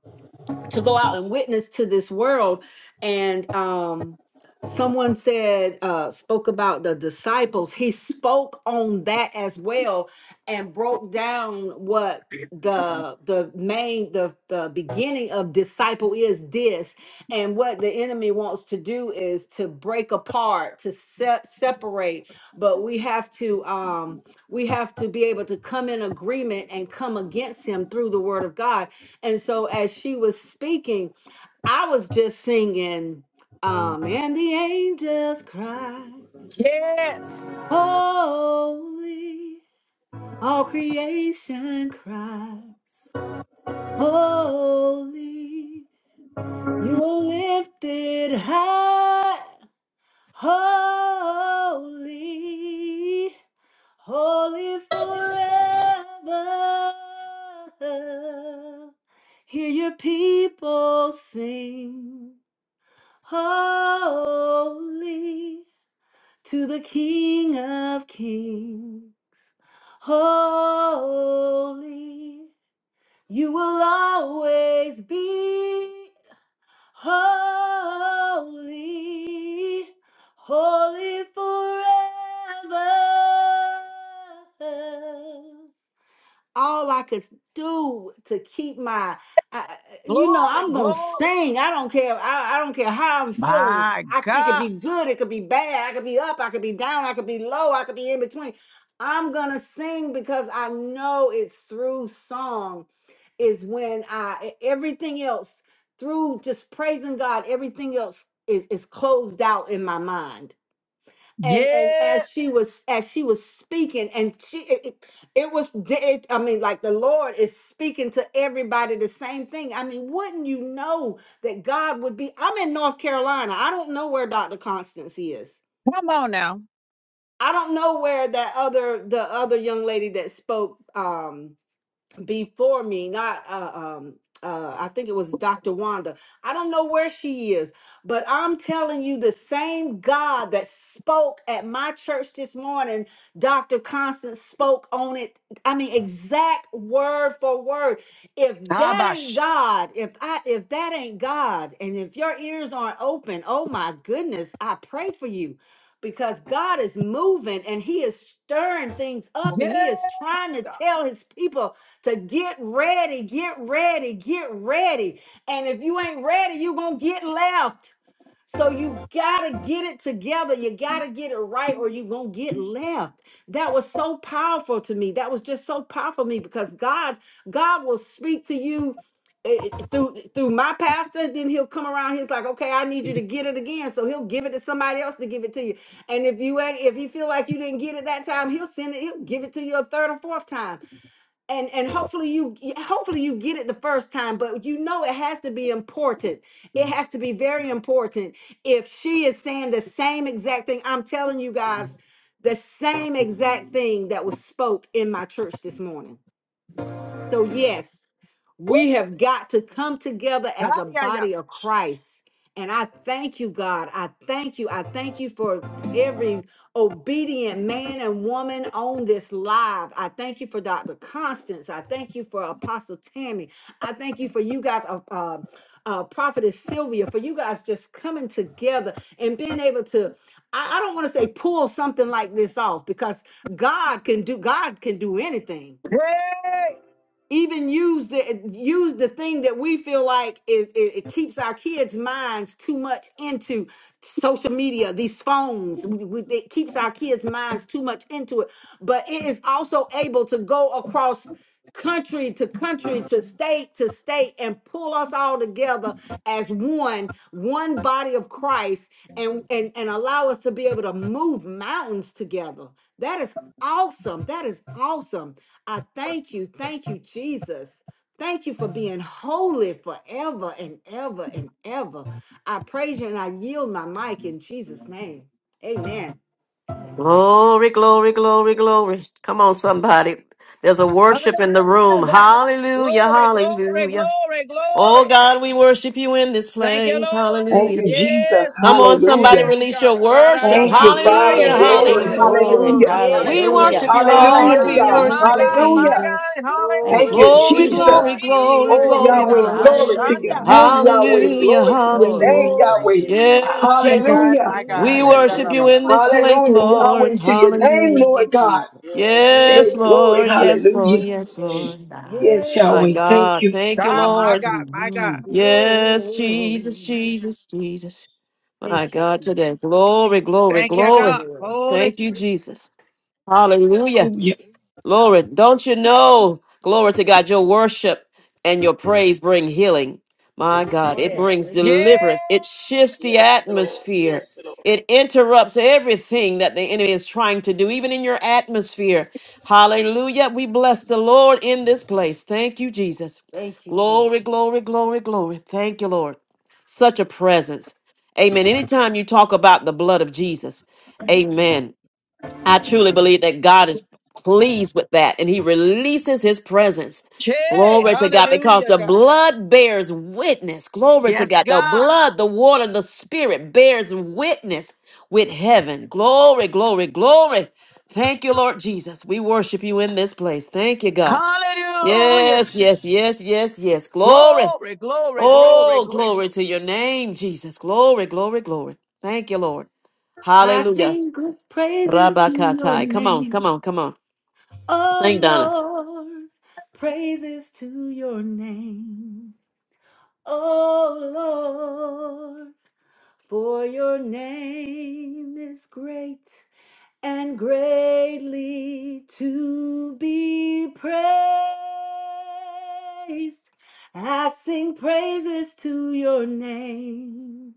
S11: to go out and witness to this world and um someone said uh spoke about the disciples he spoke on that as well and broke down what the the main the the beginning of disciple is this and what the enemy wants to do is to break apart to se- separate but we have to um we have to be able to come in agreement and come against him through the word of god and so as she was speaking, I was just singing, um, and the angels cry,
S1: Yes.
S11: holy, all creation cries, holy, you were lifted high, holy, holy forever. Hear your people sing. Holy to the King of Kings. Holy, you will always be holy, holy forever all I could do to keep my, I, you know,
S1: Glory,
S11: I'm gonna
S1: glory.
S11: sing. I don't care. I, I don't care how I'm feeling.
S1: My
S11: I, it could
S1: God.
S11: be good. It could be bad. I could be up. I could be down. I could be low. I could be in between. I'm gonna sing because I know it's through song is when I e- everything else through just praising God. Everything else is is closed out in my mind and and
S1: Yes.
S11: as she was as she was speaking and she it, it it was di- it, i mean like the lord is speaking to everybody the same thing i mean wouldn't you know that god would be i'm in north carolina i don't know where dr constance is
S1: Come on now.
S11: i don't know where that other the other young lady that spoke um before me, not uh, um uh I think it was Dr. Wanda. I don't know where she is, but I'm telling you the same God that spoke at my church this morning, Dr. Constance spoke on it. I mean exact word for word. If that ain't
S1: Abash.
S11: God, if I if that ain't God and if your ears aren't open, oh my goodness, I pray for you because God is moving and he is stirring things up and he is
S1: Yes,
S11: trying to
S1: God.
S11: tell his people to get ready, get ready, get ready. And if you ain't ready, you going to get left. So you got to get it together. You got to get it right or you going to get left. That was so powerful to me. That was just so powerful to me because God God will speak to you eh, eh, through through my pastor then he'll come around he's like okay I need you to get it again so he'll give it to somebody else to give it to you and if you ain't if you feel like you didn't get it that time he'll send it he'll give it to you a third or fourth time and and hopefully you hopefully you get it the first time but you know it has to be important it has to be very important if she is saying the same exact thing i'm telling you guys the same exact thing that was spoke in my church this morning so, yes,
S1: Woo.
S11: we have got to come together as
S1: Ah,
S11: a
S1: yeah, yeah.
S11: body of Christ. And I thank you, God. I thank you. I thank you for every obedient man and woman on this live. I thank you for Dr. Constance. I thank you for Apostle Tammy. I thank you for you guys, uh, uh, uh, Prophetess Sylvia, for you guys just coming together and being able to. I I don't want to say pull something like this off because God can do. God can do anything
S1: Hey.
S11: even use the use the thing that we feel like is it, it keeps our kids' minds too much into social media, these phones. We, we, it keeps our kids' minds too much into it, but it is also able to go across country to country to state to state and pull us all together as one one body of christ and and and allow us to be able to move mountains together that is awesome that is awesome I thank you. Thank you, Jesus. Thank you for being holy forever and ever and ever. I praise you and I yield my mic in Jesus' name. Amen.
S4: Glory, glory, glory, glory. Come on, somebody. There's a worship in the room.
S1: Hallelujah, God.
S4: Hallelujah,
S1: Glory, glory,
S4: hallelujah.
S1: glory,
S4: Oh
S1: glory.
S4: God, we worship you in this
S1: Thank you,
S4: place.
S1: Lord.
S12: Thank
S4: Hallelujah.
S12: you, Jesus.
S1: Yes,
S4: Come
S1: God.
S4: on, somebody,
S12: Hallelujah.
S1: Yes,
S4: release
S1: God.
S4: your worship.
S12: Thank you,
S5: Glory,
S1: Ra-ra-ra-ra-shaya. ra
S12: Father.
S4: Hallelujah,
S1: ra ra
S12: Glory.
S5: glory,
S4: hallelujah.
S1: ra
S8: Glory.
S12: Hallelujah.
S5: glory.
S1: ra
S11: Yes.
S1: ra
S4: We
S5: Hallelujah.
S8: Hallelujah.
S4: worship you,
S12: Hallelujah,
S4: Lord. We
S1: Hallelujah,
S12: God.
S1: my
S4: worship
S8: Mm.
S5: Hallelujah,
S4: you,
S5: God.
S1: God, my
S12: Hallelujah.
S4: Jesus.
S1: God,
S8: Thank
S5: Glory
S12: Thank
S8: you,
S5: to
S12: you,
S5: your
S4: Glory,
S11: We
S5: name,
S1: hallelujah,
S5: oh
S12: Jesus.
S4: glory,
S5: God.
S11: worship
S8: Jesus.
S5: You're
S4: glory,
S12: Oh,
S5: worthy,
S11: you. We
S1: Jesus.
S4: glory,
S12: Yahweh,
S11: worship
S5: worthy.
S4: glory.
S12: glory to your
S8: Hallelujah.
S1: Dadabashanda.
S11: you.
S12: name, Yahweh.
S4: Hallelujah,
S12: Glory
S5: Hallelujah.
S12: to your
S8: Glory
S12: name,
S8: to
S5: Oh,
S4: hallelujah.
S11: Oh,
S5: thank
S8: God.
S12: Yahweh.
S5: you,
S11: we
S5: Jesus.
S4: Yes,
S1: My
S4: Jesus.
S11: worship
S1: God,
S12: Hallelujah.
S1: my God,
S4: We
S11: you.
S4: worship you
S5: Mm,
S8: Hallelujah.
S4: in
S1: Dadabashanda.
S4: this place,
S12: Hallelujah. Yahweh
S4: Lord.
S12: to your name,
S4: Hallelujah.
S8: Thank
S12: Lord
S8: you,
S12: God.
S8: Jesus.
S5: yes, Lord.
S12: Hey,
S4: Yes,
S12: glory.
S4: Lord. Yes,
S11: Yes.
S4: Lord.
S12: Hallelujah.
S4: Yes, Lord.
S8: Praise God.
S12: Yes,
S11: Yes.
S4: My
S12: Yahweh. Thank
S4: God.
S12: you.
S4: Thank you,
S1: God, my
S4: Lord.
S1: God, my God.
S8: Mhm.
S4: Yes, Jesus,
S11: Lord.
S4: Jesus, Jesus. My
S11: Thank you,
S4: God,
S11: Jesus.
S4: today. Glory, glory,
S1: Thank you,
S11: Thank
S4: glory.
S11: you,
S1: God.
S11: Lord.
S1: Holy
S4: Thank you,
S1: Spirit.
S4: Jesus. Hallelujah.
S12: Hallelujah.
S4: Glory. Don't you know? Glory to God. Your worship and your praise bring healing. My God,
S5: Oh,
S4: it
S11: Yes,
S5: yes.
S4: brings
S11: thank you,
S1: Yeah.
S11: Lord.
S4: deliverance. It shifts the
S5: Yes, Lord.
S4: atmosphere.
S5: Yes, Lord.
S4: It interrupts everything that the enemy is trying to do, even in your atmosphere. Hallelujah. We bless the Lord in this place. Thank you, Jesus.
S11: Thank you,
S4: Glory,
S11: Jesus.
S4: glory, glory, glory. Thank you, Lord. Such a presence. Amen. Anytime you talk about the blood of Jesus, amen. I truly believe that God is pleased with that and he releases his presence.
S1: Okay.
S4: Glory to God because
S1: Hallelujah,
S4: the
S1: God.
S4: blood bears witness. Glory to
S1: Yes,
S4: God. The
S1: God.
S4: blood, the water, the spirit bears witness with heaven. Glory, glory, glory. Thank you, Lord Jesus. We worship you in this place. Thank you, God.
S1: Hallelujah.
S4: Yes,
S1: Jesus.
S4: yes, yes, yes, yes. Glory.
S1: Glory, glory, glory,
S4: Oh,
S1: glory,
S4: glory to your name, Jesus. Glory, glory, glory. Thank you, Lord.
S11: I
S4: Hallelujah.
S11: sing praises to your
S4: Rabakatai. Come on, come
S11: name,
S4: on, come on.
S11: oh
S4: Sing, Donna.
S11: Lord. Praises to your name, oh Lord. For your name is great and greatly to be praised. I sing praises to your name.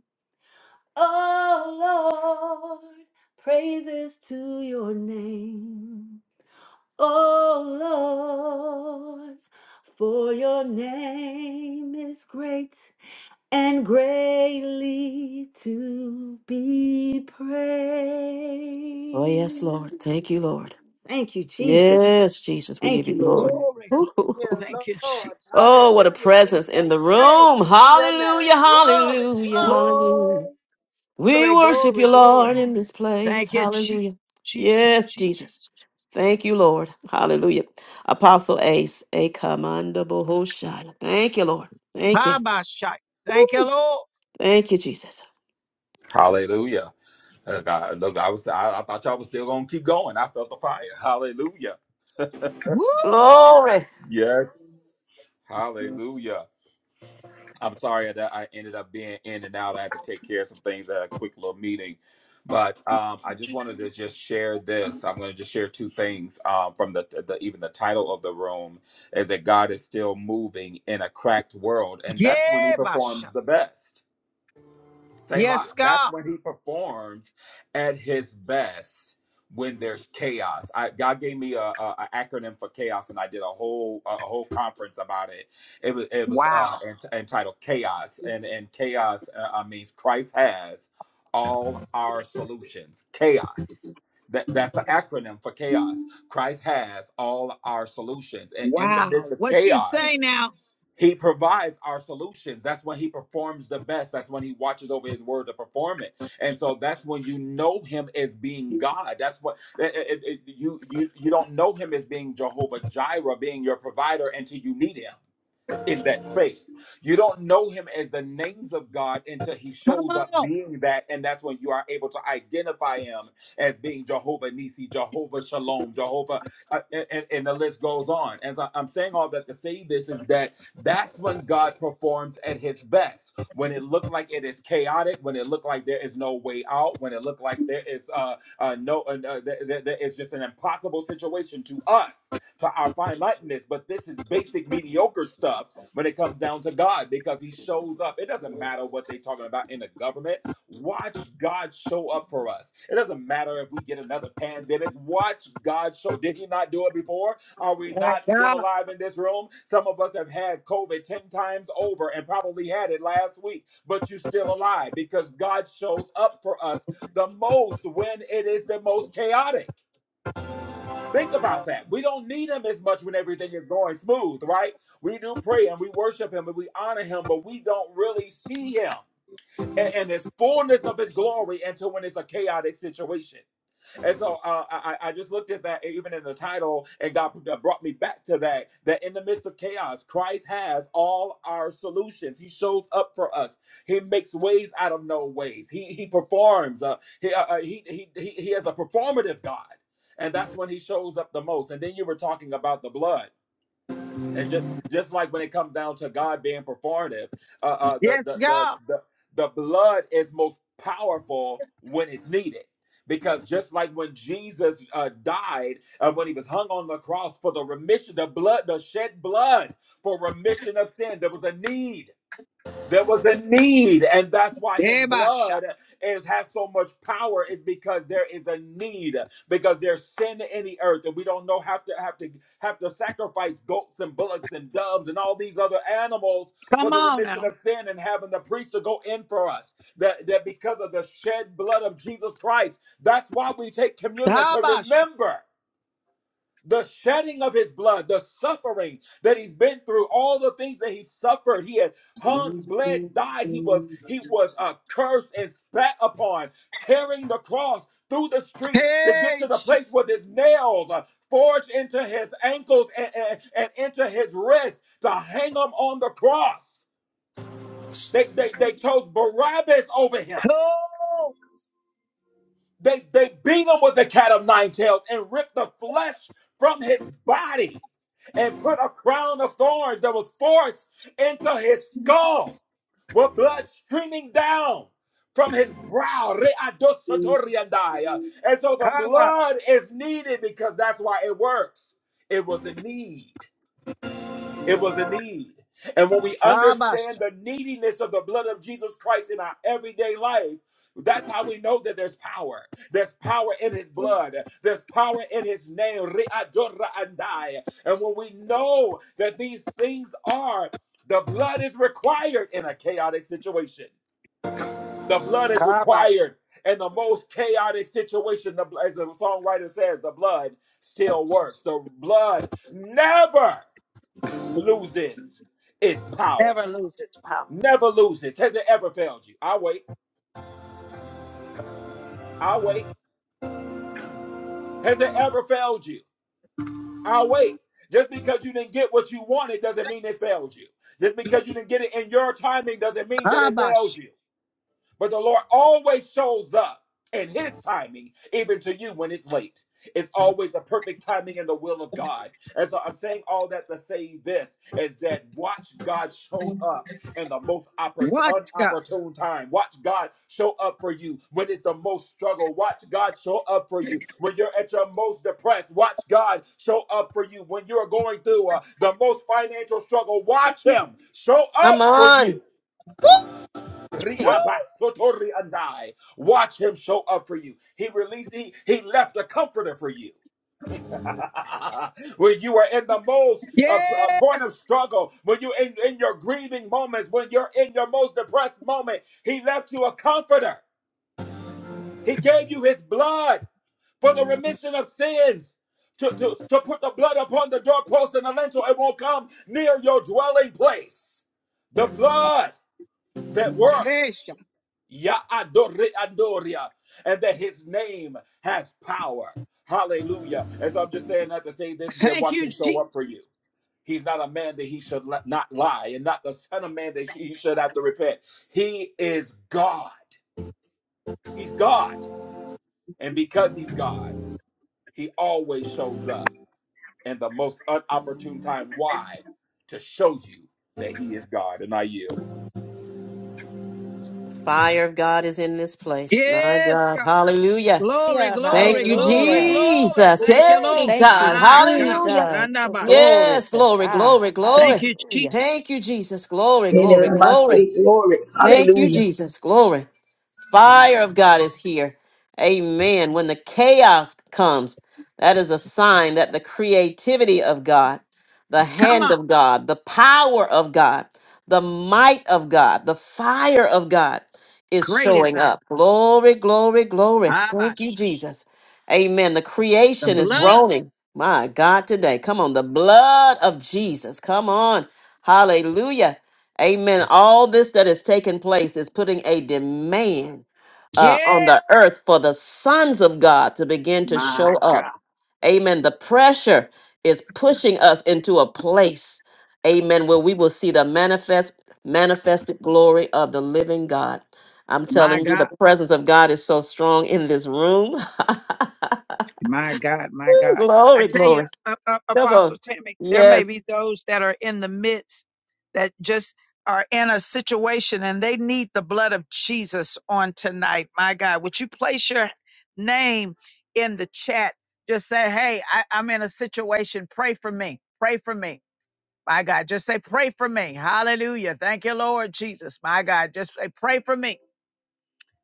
S11: Oh Lord, praises to your name. Oh Lord, for your name is great and greatly to be praised.
S4: Oh, yes, Lord. Thank you, Lord.
S11: Thank you,
S4: Yes,
S11: Jesus.
S4: Jesus, we
S11: Thank
S4: give
S11: you,
S4: you glory.
S11: Lord.
S1: glory,
S4: [LAUGHS] Ooh,
S1: glory.
S4: ooh,
S5: you,
S4: ooh.
S1: Thank you,
S5: Lord.
S1: Jesus.
S4: Oh, what a
S5: Hallelujah. We
S4: presence in
S5: sing
S4: the room.
S5: praises to your name.
S4: Hallelujah,
S5: Glory,
S4: hallelujah,
S5: glory.
S4: hallelujah.
S1: Glory,
S4: We worship
S1: glory,
S4: you,
S1: glory.
S4: Lord, in this place.
S1: Thank you,
S4: Hallelujah.
S1: Jesus, Jesus,
S4: Yes,
S1: Jesus.
S4: Jesus. Thank you, Lord. Hallelujah. Apostle Ace, a commando bohoshaya. Thank you, Lord. Thank you.
S1: Habashai. Thank you,
S4: Woo.
S1: Lord.
S4: Thank you, Jesus.
S10: Hallelujah. Uh, God, look, I was I, I thought y'all was still gonna keep going. I felt the fire. Hallelujah.
S1: Woo!
S4: Glory.
S10: Yes. Hallelujah. I'm sorry that I ended up being in and out. I had to take care of some things at a quick little meeting, but um, I just wanted to just share this. I'm going to just share two things um, from the, the even the title of the room is that God is still moving in a cracked world, and that's when He
S1: Yeah, Bashai.
S10: performs the best Selah.
S1: Yes,
S10: That's
S1: God.
S10: when he performs at his best when there's chaos. I, God gave me a, a, a acronym for chaos, and I did a whole a whole conference about it. It was it was uh,
S1: Wow.
S10: ent- entitled "Chaos," and and chaos uh, uh, means Christ has all our solutions. Chaos. That, that's the acronym for chaos. Christ has all our solutions, and in the midst
S1: Wow.
S10: of
S1: What you
S10: chaos,
S1: say now?
S10: he provides our solutions. That's when he performs the best. That's when he watches over his word to perform it. And so that's when you know him as being God. That's what it- it- it- you you you don't know him as being Jehovah Jireh, being your provider until you need him in that space. You don't know him as the names of God until he
S1: Come
S10: shows up
S1: on.
S10: being that, and that's when you are able to identify him as being Jehovah Nisi, Jehovah Shalom, Jehovah, uh, and, and and the list goes on. As I- I'm saying all that to say this is that that's when God performs at his best. When it looked like it is chaotic, when it looked like there is no way out, when it looked like there is uh, uh no, uh, uh, there, there there is just an impossible situation to us, to our finiteness. But this is basic mediocre stuff when it comes down to God because he shows up. It doesn't matter what they're talking about in the government. Watch God show up for us. It doesn't matter if we get another pandemic. Watch God show. Did he not do it before? Are we
S1: My
S10: not still
S1: God.
S10: alive in this room? Some of us have had COVID 10 times over and probably had it last week, but you're still alive because God shows up for us the most when it is the most chaotic. Think about that. We don't need him as much when everything is going smooth, right? We do pray and we worship him and we honor him, but we don't really see him and, and his fullness of his glory until when it's a chaotic situation. And so uh, I, I just looked at that even in the title, and God brought me back to that. That in the midst of chaos, Christ has all our solutions. He shows up for us. He makes ways out of no ways. He he performs. Uh, he, uh, uh, he he he he has a performative God, and that's when He shows up the most. And then you were talking about the blood. And just just like when it comes down to God being performative, uh, uh, the,
S1: Yes,
S10: the the
S1: God.
S10: the the blood is most powerful when it's needed. Because just like when Jesus uh, died, uh, when he was hung on the cross for the remission, the blood, the shed blood for remission of sin, there was a need. There was a need, and that's why his
S1: Yeah, Bashai.
S10: blood is has so much power, is because there is a need, because there's sin in the earth, and we don't know have to have to have to sacrifice goats and bullocks and doves and all these other animals for
S1: Come
S10: the
S1: on
S10: remission
S1: now.
S10: of sin and having the priest to go in for us. That that because of the shed blood of Jesus Christ, that's why we take communion to
S1: Habashai.
S10: remember the shedding of his blood, the suffering that he's been through, all the things that he suffered. He had hung, bled, died. He was he was uh, cursed and spat upon, carrying the cross through the street to get
S1: Hey,
S10: to the place
S1: Jesus.
S10: where his nails uh, forged into his ankles and, and, and into his wrists to hang him on the cross. They, they, they chose Barabbas over him.
S1: Cool.
S10: They, they beat him with the cat of nine tails and ripped the flesh from his body and put a crown of thorns that was forced into his skull with blood streaming down from his brow. Readosatoriandai. And so the
S1: Kabasha.
S10: blood is needed because that's why it works. It was a need. It was a need. And when we understand
S1: Kabasha.
S10: the neediness of the blood of Jesus Christ in our everyday life, that's how we know that there's power. There's power in his blood. There's power in his name. Re'adorra andai. And when we know that these things are, the blood is required in a chaotic situation. The blood is
S1: Kabasha.
S10: required in the most chaotic situation. The, as the songwriter says, the blood still works. The blood never loses its power.
S1: Never lose its power.
S10: Never loses. Has it ever failed you? I'll wait. I'll wait. Has it ever failed you? I'll wait. Just because you didn't get what you wanted doesn't mean it failed you. Just because you didn't get it in your timing doesn't mean that it failed
S1: Kabasha.
S10: you. But the Lord always shows up in his timing, even to you when it's late. It's always the perfect timing and the will of God. And so I'm saying all that to say this is that watch God show up in the most oppor-
S1: What, God?
S10: unopportune time. Watch God show up for you when it's the most struggle. Watch God show up for you when you're at your most depressed. Watch God show up for you when you're going through uh, the most financial struggle. Watch Him show
S4: Come
S10: up for
S4: on.
S10: you
S1: Woo!
S10: Riabasotori and I. Watch him show up for you. He released, he, he left a comforter for you. [LAUGHS] when you are in the most uh, uh,
S1: Yes.
S10: point of struggle, when you're in, in your grieving moments, when you're in your most depressed moment, he left you a comforter. He gave you his blood for the remission of sins. To, to, to put the blood upon the doorpost and the lintel, it won't come near your dwelling place. The blood that works.
S1: Yes.
S10: Ya adore adoria, and that his name has power. Hallelujah. And so I'm just saying that to say this is that
S1: Thank
S10: watch
S1: you,
S10: him show up for you.
S1: Jesus.
S10: He's not a man that he should li- not lie, and not the son of man that he should have to repent. He is God. He's God. And because he's God, he always shows up in the most unopportune time. Why? To show you that he is God. And I yield.
S4: The fire of God is in this place. My
S1: Yes,
S4: God.
S1: God.
S4: Hallelujah.
S1: Glory,
S8: Yeah,
S4: Thank
S1: glory,
S4: you,
S1: glory,
S8: Hallelujah.
S1: glory.
S4: Jesus.
S1: Thank you,
S8: Woo,
S4: Hey,
S1: Lord.
S8: Thank you,
S4: God.
S1: My God.
S4: Hallelujah.
S8: Jesus. So
S1: Dandabash.
S8: Glory
S4: Yes.
S8: to
S4: Glory,
S8: God.
S4: glory,
S1: Thank
S4: glory.
S1: you,
S8: Hallelujah.
S4: Thank
S1: Jesus.
S4: you, Jesus. Glory, glory,
S12: And I
S4: glory.
S12: say glory.
S4: Thank you,
S12: Hallelujah.
S4: Jesus. Glory. Fire of God is here. Amen. When the chaos comes, that is a sign that the creativity of God, the
S1: Come
S4: hand
S1: on.
S4: of God, the power of God, the might of God, the fire of God is
S1: Great is
S4: showing
S1: our
S4: up. Glory, glory, glory. Thank you,
S1: Abash.
S4: Jesus. Amen. The
S1: The
S4: creation is
S1: blood.
S4: groaning. My God, today. Come on. The blood of Jesus. Come on. Hallelujah. Amen. All this that is taking place is putting a demand uh, on the
S1: Yes.
S4: earth for the sons of God to begin to
S1: My
S4: show up.
S1: God.
S4: Amen. The pressure is pushing us into a place, amen, where we will see the manifest, manifested glory of the living God. I'm
S1: My
S4: telling you, the
S1: God.
S4: presence of God is so strong in this room. [LAUGHS]
S1: My God, my
S4: Woo,
S1: God. I
S4: glory,
S1: tell you,
S4: glory.
S1: uh, uh,
S4: Come on.
S1: Apostle Tammy, there may be
S4: Yes.
S1: those that are in the midst that just are in a situation and they need the blood of Jesus on tonight. My God, would you place your name in the chat? Just say, hey, I, I'm in a situation. Pray for me. Pray for me. My God, just say, pray for me. Hallelujah. Thank you, Lord Jesus. My God, just say, pray for me.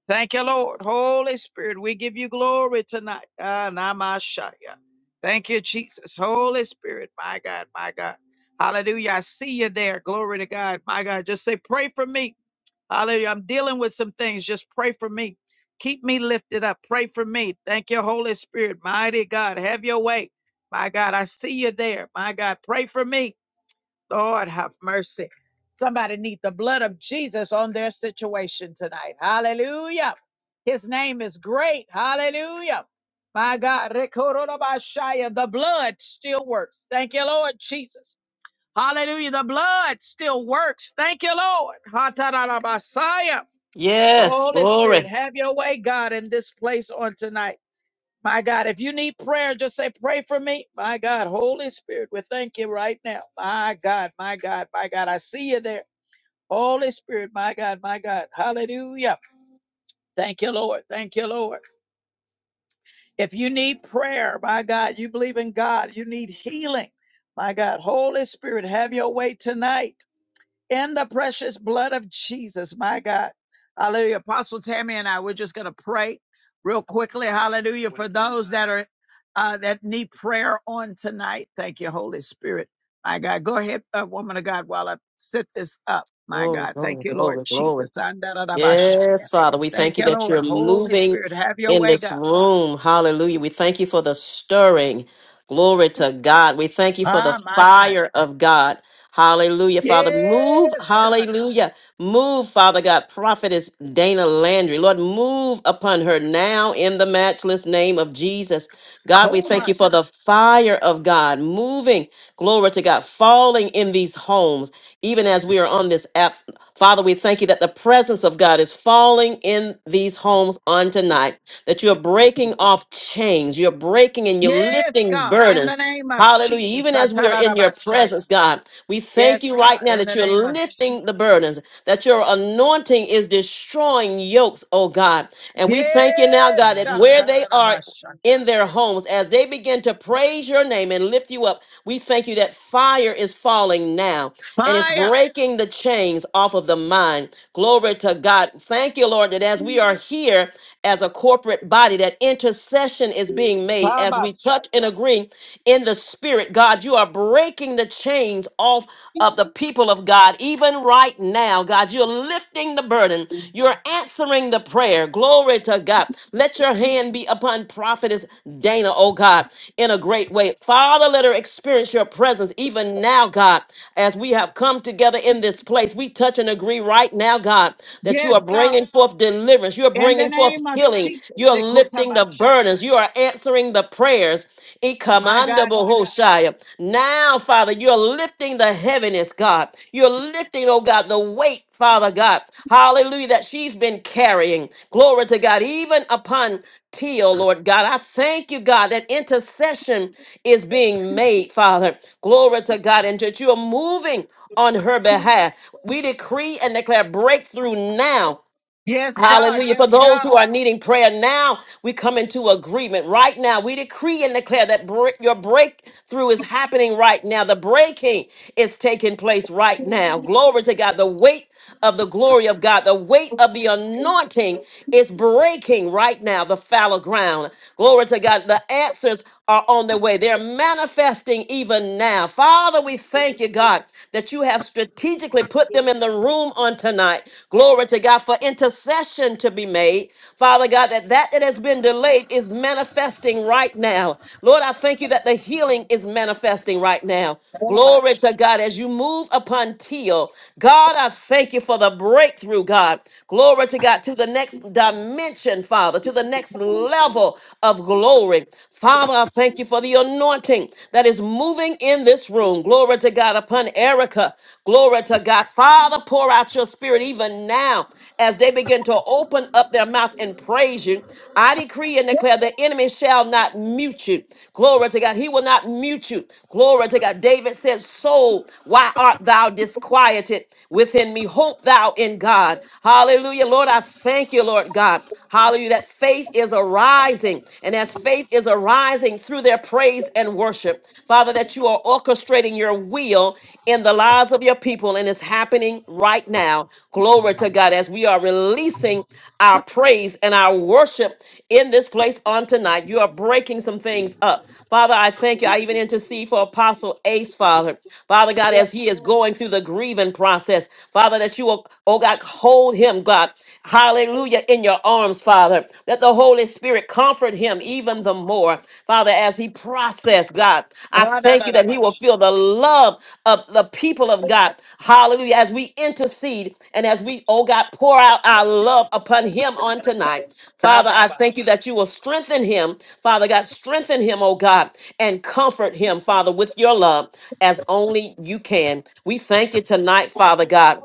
S1: Thank you, Lord. Holy Spirit, we give you glory tonight. Ah, namashaya. Thank you, Jesus. Holy Spirit, my God, my God. Hallelujah. I see you there. Glory to God. My God. Just say, pray for me. Hallelujah. I'm dealing with some things. Just pray for me. Keep me lifted up. Pray for me. Thank you, Holy Spirit. Mighty God. Have your way. My God, I see you there. My God, pray for me. Lord have mercy. Somebody need the blood of Jesus on their situation tonight. Hallelujah. His name is great. Hallelujah. My God, Rekorodobashaya, the blood still works. Thank you, Lord Jesus. Hallelujah. The blood still works. Thank you, Lord. Hatarabasaya.
S4: Yes.
S1: Holy Spirit,
S4: Glory.
S1: have your way, God, in this place on tonight. My God, if you need prayer, just say, pray for me. My God, Holy Spirit, we thank you right now. My God, my God, my God, I see you there. Holy Spirit, my God, my God. Hallelujah. Thank you, Lord. Thank you, Lord. If you need prayer, my God, you believe in God, you need healing. My God, Holy Spirit, have your way tonight. in the precious blood of Jesus, my God. Hallelujah. Apostle Tammy and I, we're just going to pray real quickly. Hallelujah. For those that are, uh, that need prayer on tonight. Thank you, Holy Spirit. My God. Go ahead, uh, woman of God, while I set this up. My
S4: Glory,
S1: God. Thank
S4: glory,
S1: you, Lord
S4: glory, glory.
S1: Jesus. Andarabashaya.
S4: Yes, Father, we
S1: Thank
S4: thank you
S1: you,
S4: that
S1: Lord.
S4: you're
S1: Holy
S4: moving
S1: Spirit, have your
S4: in
S1: way,
S4: this
S1: God.
S4: room. Hallelujah. We thank you for the stirring. Glory to God. We thank you for the
S1: Ah, my child.
S4: fire of God. Hallelujah, Father. Move,
S1: Yes, God.
S4: hallelujah. Move, Father God. Prophetess Dana Landry. Lord, move upon her now in the matchless name of Jesus. God, we
S1: Oh,
S4: thank
S1: my
S4: you for the
S1: child.
S4: fire of God moving, glory to God, falling in these homes, even as we are on this app Father, we thank you that the presence of God is falling in these homes on tonight, that you're breaking off chains, you're breaking and you're
S1: Yes,
S4: lifting
S1: God. In the
S4: burdens.
S1: name of
S4: Hallelujah.
S1: Jesus.
S4: Even as we are in your
S1: Atarabashaya.
S4: presence, God, we thank
S1: Yes,
S4: you
S1: God,
S4: right now
S1: in
S4: that
S1: the
S4: you're
S1: name of Jesus.
S4: lifting the burdens, that your anointing is destroying yokes, oh God. And we thank you now, God,
S1: Yes,
S4: that
S1: God.
S4: where they are
S1: Ra-ra-ra-ba-shanda.
S4: in their homes as they begin to praise your name and lift you up. We thank you that fire is falling now and it's
S1: Fire.
S4: breaking the chains off of the mind. Glory to God. Thank you, Lord, that as we are here as a corporate body, that intercession is being made as we touch
S1: Ba-ba-shaya.
S4: and agree in the spirit. God, you are breaking the chains off of the people of God, even right now. God, you're lifting the burden. You're answering the prayer. Glory to God. Let your hand be upon prophetess Dana, oh God, in a great way. Father, let her experience your presence even now, God, as we have come together in this place. We touch and agree right now, God, that you are
S1: Yes, God,
S4: bringing forth deliverance. You're
S1: in the
S4: bringing forth
S1: name of
S4: healing.
S1: Jesus.
S4: You're lifting the
S1: Dekota-ba-shaya.
S4: burdens. You are answering the the prayers.
S1: My God, my God.
S4: Ikamandabohoshaya. Now, Father, you're lifting the heaviness, God. You're lifting, oh God, the weight, Father God. Hallelujah, that she's been carrying. Glory to God, even upon Teal, Lord God. I thank you, God, that intercession is being made, Father. Glory to God, and that you are moving on her behalf. We decree and declare breakthrough now
S1: Yes, God.
S4: Hallelujah.
S1: Yes,
S4: For those
S1: God.
S4: who are needing prayer now, we come into agreement right now. We decree and declare that break, your breakthrough is happening right now. The breaking is taking place right now. Glory to God. The weight of the glory of God, the weight of the anointing is breaking right now, the fallow ground. Glory to God. The answers are on their way. They're manifesting even now. Father, we thank you, God, that you have strategically to put them in the room on tonight. Glory to God for intercession to be made. Father God, that that that has been delayed is manifesting right now. Lord, I thank you that the healing is manifesting right now. Glory
S1: Ra-ba-sh-
S4: to God as you move upon Teal. God, I thank you for the breakthrough, God. Glory to God to the next dimension, Father, to the next level of glory. Father, I thank you for the anointing that is moving in this room. Glory to God upon Erica. Glory to God. Father, pour out your spirit even now as they begin to open up their mouth and praise you. I decree and declare the enemy shall not mute you. Glory to God. He will not mute you. Glory to God. David said, Soul, why art thou disquieted within me? Hope thou in God. Hallelujah. Lord, I thank you, Lord God. Hallelujah. That faith is arising. And as faith faith is arising through their praise and worship. Father, that you are orchestrating your will in the lives of your people, and it's happening right now. Glory to God as we are releasing our praise and our worship in this place on tonight. You are breaking some things up. Father, I thank you. I even intercede for Apostle Ace, Father. Father God,
S1: Yes,
S4: as he is
S1: God.
S4: going through the grieving process, Father, that you will, oh God, hold him, God. Hallelujah, in your arms, Father. Let the Holy Spirit comfort him even the more, Father, as he process, God. I thank you that he will
S1: Ra-ra-ra-ra-ba-sh-
S4: feel the love love of the people of God. Hallelujah. As we intercede and as we, oh God, pour out our love upon him on tonight. Father, I thank
S1: Ra-ra-ba-sh-
S4: you that you will strengthen him. Father God, strengthen him, oh God, and comfort him, Father, with your love as only you can. We thank you tonight, Father God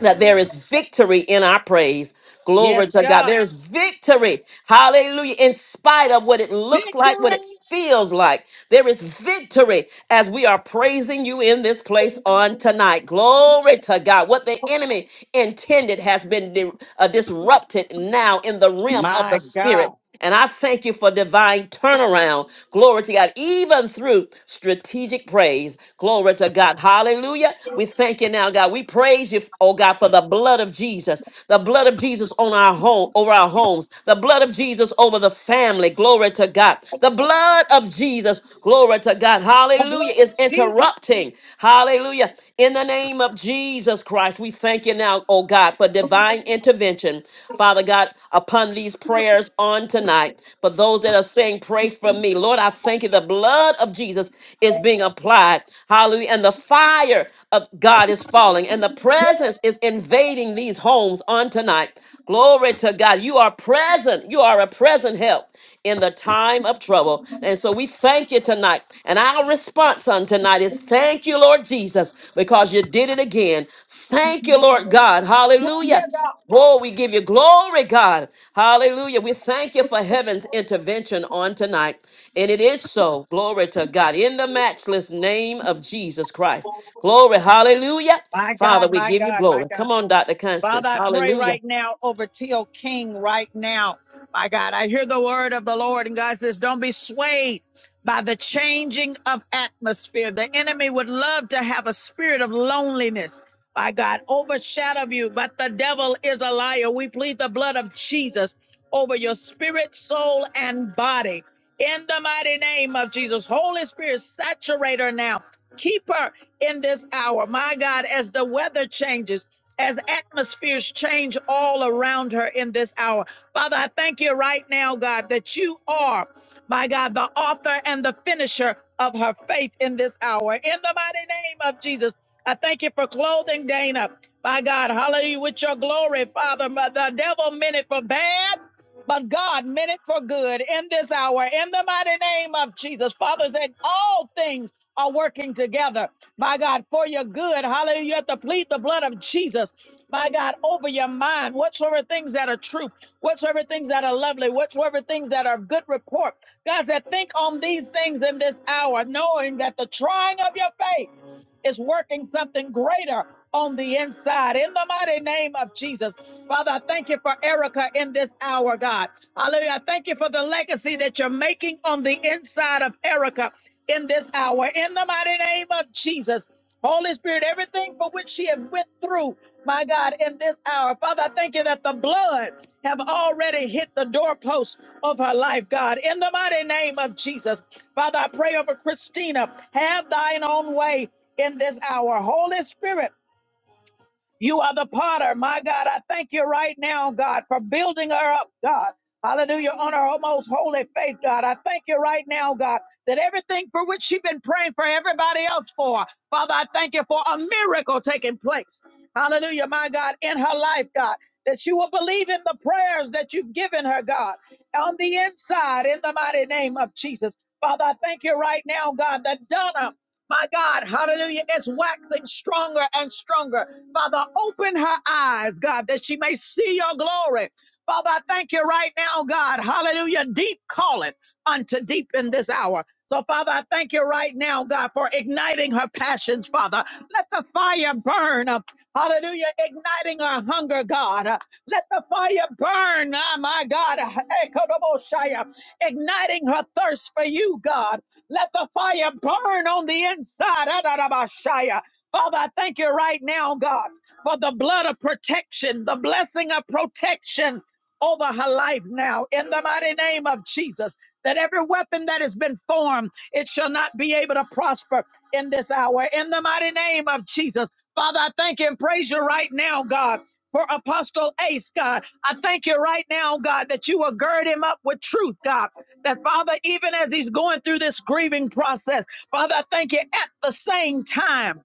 S4: that there is victory in our praise. Glory
S1: Yes,
S4: to God.
S1: God.
S4: There's victory. Hallelujah. In spite of what it looks like, what it
S1: Victory.
S4: feels like, there is victory as we are praising you in this place on tonight. Glory to God. What the enemy intended has been di- uh, disrupted now in the realm of
S1: My
S4: the
S1: God.
S4: spirit. And I thank you for divine turnaround. Glory to God, even through strategic praise. Glory to God. Hallelujah. We thank you now, God. We praise you, oh God, for the blood of Jesus. The blood of Jesus on our home, over our homes. The blood of Jesus over the family. Glory to God. The blood of Jesus. Glory to God.
S1: The blood
S4: Hallelujah.
S1: of
S4: Is
S1: Jesus.
S4: interrupting. Hallelujah. In the name of Jesus. Jesus Christ, we thank you now, oh God, for divine intervention, Father God, upon these prayers on tonight. For those that are saying, pray for me, Lord, I thank you. The blood of Jesus is being applied. Hallelujah. And the fire of God is falling, and the
S1: Yes,
S4: presence is invading these homes on tonight. Glory to God. You are present. You are a present help in the time of trouble. And so we thank you tonight. And our response on tonight is thank you, Lord Jesus, because you did it again. Thank you, Lord God.
S1: thank you,
S4: Hallelujah.
S1: God.
S4: Oh, we give you glory, God. Hallelujah. We thank you for heaven's intervention on tonight. And it is so. Glory to God. In the matchless name of Jesus Christ. Glory. Hallelujah.
S1: My
S4: Father,
S1: God,
S4: we
S1: my
S4: give you
S1: God, my
S4: glory.
S1: God.
S4: Come on, Dr.
S1: Father,
S4: Constance.
S1: I pray
S4: Hallelujah.
S1: right now over Teal King right now. My God, I hear the word of the Lord, and God says, Don't be swayed by the changing of atmosphere. The enemy would love to have a spirit of loneliness. My God, overshadow you, but the devil is a liar. We plead the blood of Jesus over your spirit, soul, and body. In the mighty name of Jesus, Holy Spirit, saturate her now. Keep her in this hour. My God, as the weather changes as atmospheres change all around her in this hour. Father, I thank you right now, God, that you are, my God, the author and the finisher of her faith in this hour. In the mighty name of Jesus, I thank you for clothing Dana, my God, hallelujah, with your glory, Father. But The devil meant it for bad. But God meant it for good in this hour, in the mighty name of Jesus. Father, that all things are working together my God, for your good. Hallelujah. You have to plead the blood of Jesus, my God, over your mind. Whatsoever things that are true, whatsoever things that are lovely, whatsoever things that are of good report. God said, think on these things in this hour, knowing that the trying of your faith is working something greater on the inside. In the mighty name of Jesus. Father, I thank you for Erica in this hour, God. Hallelujah. I thank you for the legacy that you're making on the inside of Erica in this hour. In the mighty name of Jesus. Holy Spirit, everything for which she has went through, my God, in this hour. Father, I thank you that the blood have already hit the doorpost of her life, God. In the mighty name of Jesus. Father, I pray over Christina. Have thine own way in this hour. Holy Spirit, you are the potter. My God, I thank you right now, God, for building her up, God. Hallelujah, on her most holy faith, God. I thank you right now, God, that everything for which she's been praying for everybody else for, Father, I thank you for a miracle taking place. Hallelujah, my God, in her life, God, that she will believe in the prayers that you've given her, God, on the inside, in the mighty name of Jesus. Father, I thank you right now, God, that Donna my God, hallelujah, is waxing stronger and stronger. Father, open her eyes, God, that she may see your glory. Father, I thank you right now, God. Hallelujah. Deep calleth unto deep in this hour. So, Father, I thank you right now, God, for igniting her passions, Father. Let the fire burn. uh, Hallelujah. Igniting her hunger, God. Uh, Let the fire burn, ah, my God. Ekodobosha. Igniting her thirst for you, God. Let the fire burn on the inside. Adadabashaya. Father, I thank you right now, God, for the blood of protection, the blessing of protection over her life now, in the mighty name of Jesus. That every weapon that has been formed, it shall not be able to prosper in this hour, in the mighty name of Jesus. Father, I thank you and praise you right now, God. For Apostle Ace, God, I thank you right now, God, that you will gird him up with truth, God. That Father, even as he's going through this grieving process, Father, I thank you at the same time.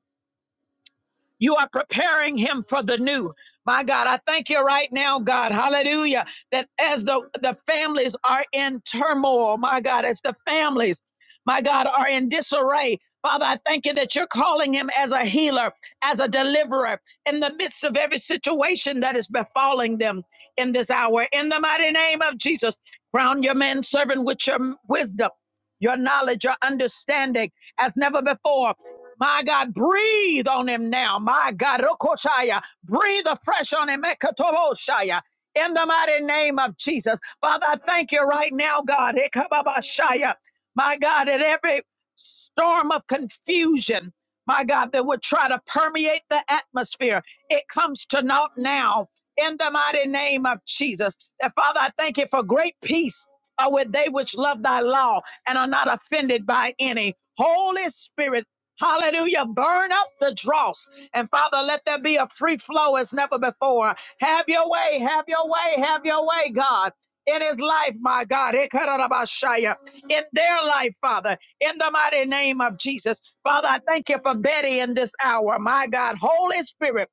S1: You are preparing him for the new. My God, I thank you right now, God. Hallelujah. That as the, the families are in turmoil, my God, as the families, my God, are in disarray, Father, I thank you that you're calling him as a healer, as a deliverer in the midst of every situation that is befalling them in this hour. In the mighty name of Jesus, crown your man servant with your wisdom, your knowledge, your understanding as never before. My God, breathe on him now. My God, Rokoshaya, breathe afresh on him. Ekatoroshaya. In the mighty name of Jesus. Father, I thank you right now, God. Ekababashaya. My God, that every storm of confusion, my God, that would try to permeate the atmosphere, it comes to naught now. In the mighty name of Jesus. And Father, I thank you for great peace are with they which love thy law and are not offended by any. Holy Spirit, hallelujah, burn up the dross. And Father, let there be a free flow as never before. Have your way, have your way, have your way, God. In his life, my God, Ekarabashaya. in their life, Father, in the mighty name of Jesus. Father, I thank you for Betty in this hour, my God. Holy Spirit.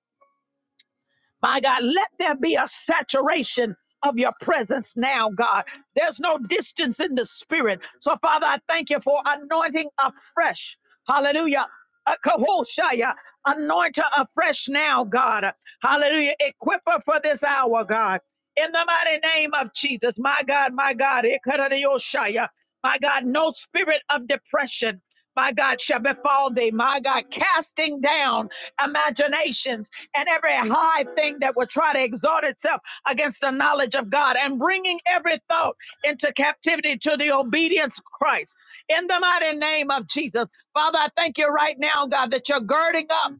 S1: My God, let there be a saturation of your presence now, God. There's no distance in the spirit. So, Father, I thank you for anointing afresh. Hallelujah. A kahoshaya, anoint her afresh now, God. Hallelujah. Equip her for this hour, God. In the mighty name of Jesus, my God, my God, Ekaradiyoshaya. my God, no spirit of depression my God, shall befall thee, my God, casting down imaginations and every high thing that will try to exalt itself against the knowledge of God and bringing every thought into captivity to the obedience of Christ. In the mighty name of Jesus, Father, I thank you right now, God, that you're girding up.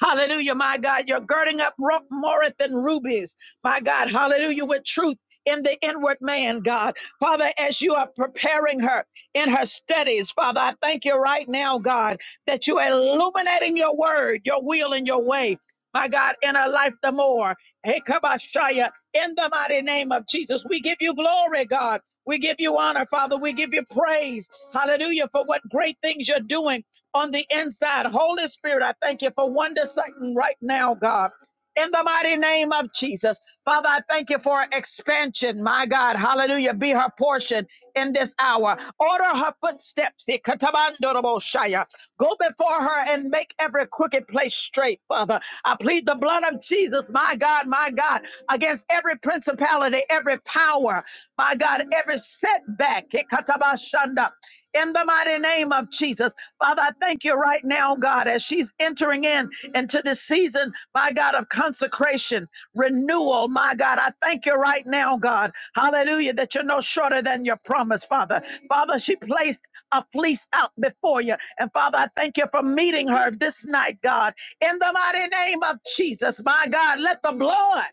S1: Hallelujah, my God. You're girding up ro- more than rubies, my God. Hallelujah, with truth in the inward man, God. Father, as you are preparing her in her studies, Father, I thank you right now, God, that you are illuminating your word, your will, and your way my God, in our life the more. Hey, Kabashaya, in the mighty name of Jesus, we give you glory, God. We give you honor, Father. We give you praise. Hallelujah for what great things you're doing on the inside. Holy Spirit, I thank you for one second right now, God in the mighty name of Jesus. Father, I thank you for expansion. My God, hallelujah, be her portion in this hour. Order her footsteps. Ikatabandoroboshaya. Go before her and make every crooked place straight, Father. I plead the blood of Jesus, my God, my God, against every principality, every power, my God, every setback. Ikatabashanda in the mighty name of Jesus. Father, I thank you right now, God, as she's entering in into this season, my God, of consecration, renewal, my God. I thank you right now, God. Hallelujah, that you're no shorter than your promise, Father. Father, she placed a fleece out before you. And Father, I thank you for meeting her this night, God. In the mighty name of Jesus, my God, let the blood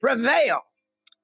S1: prevail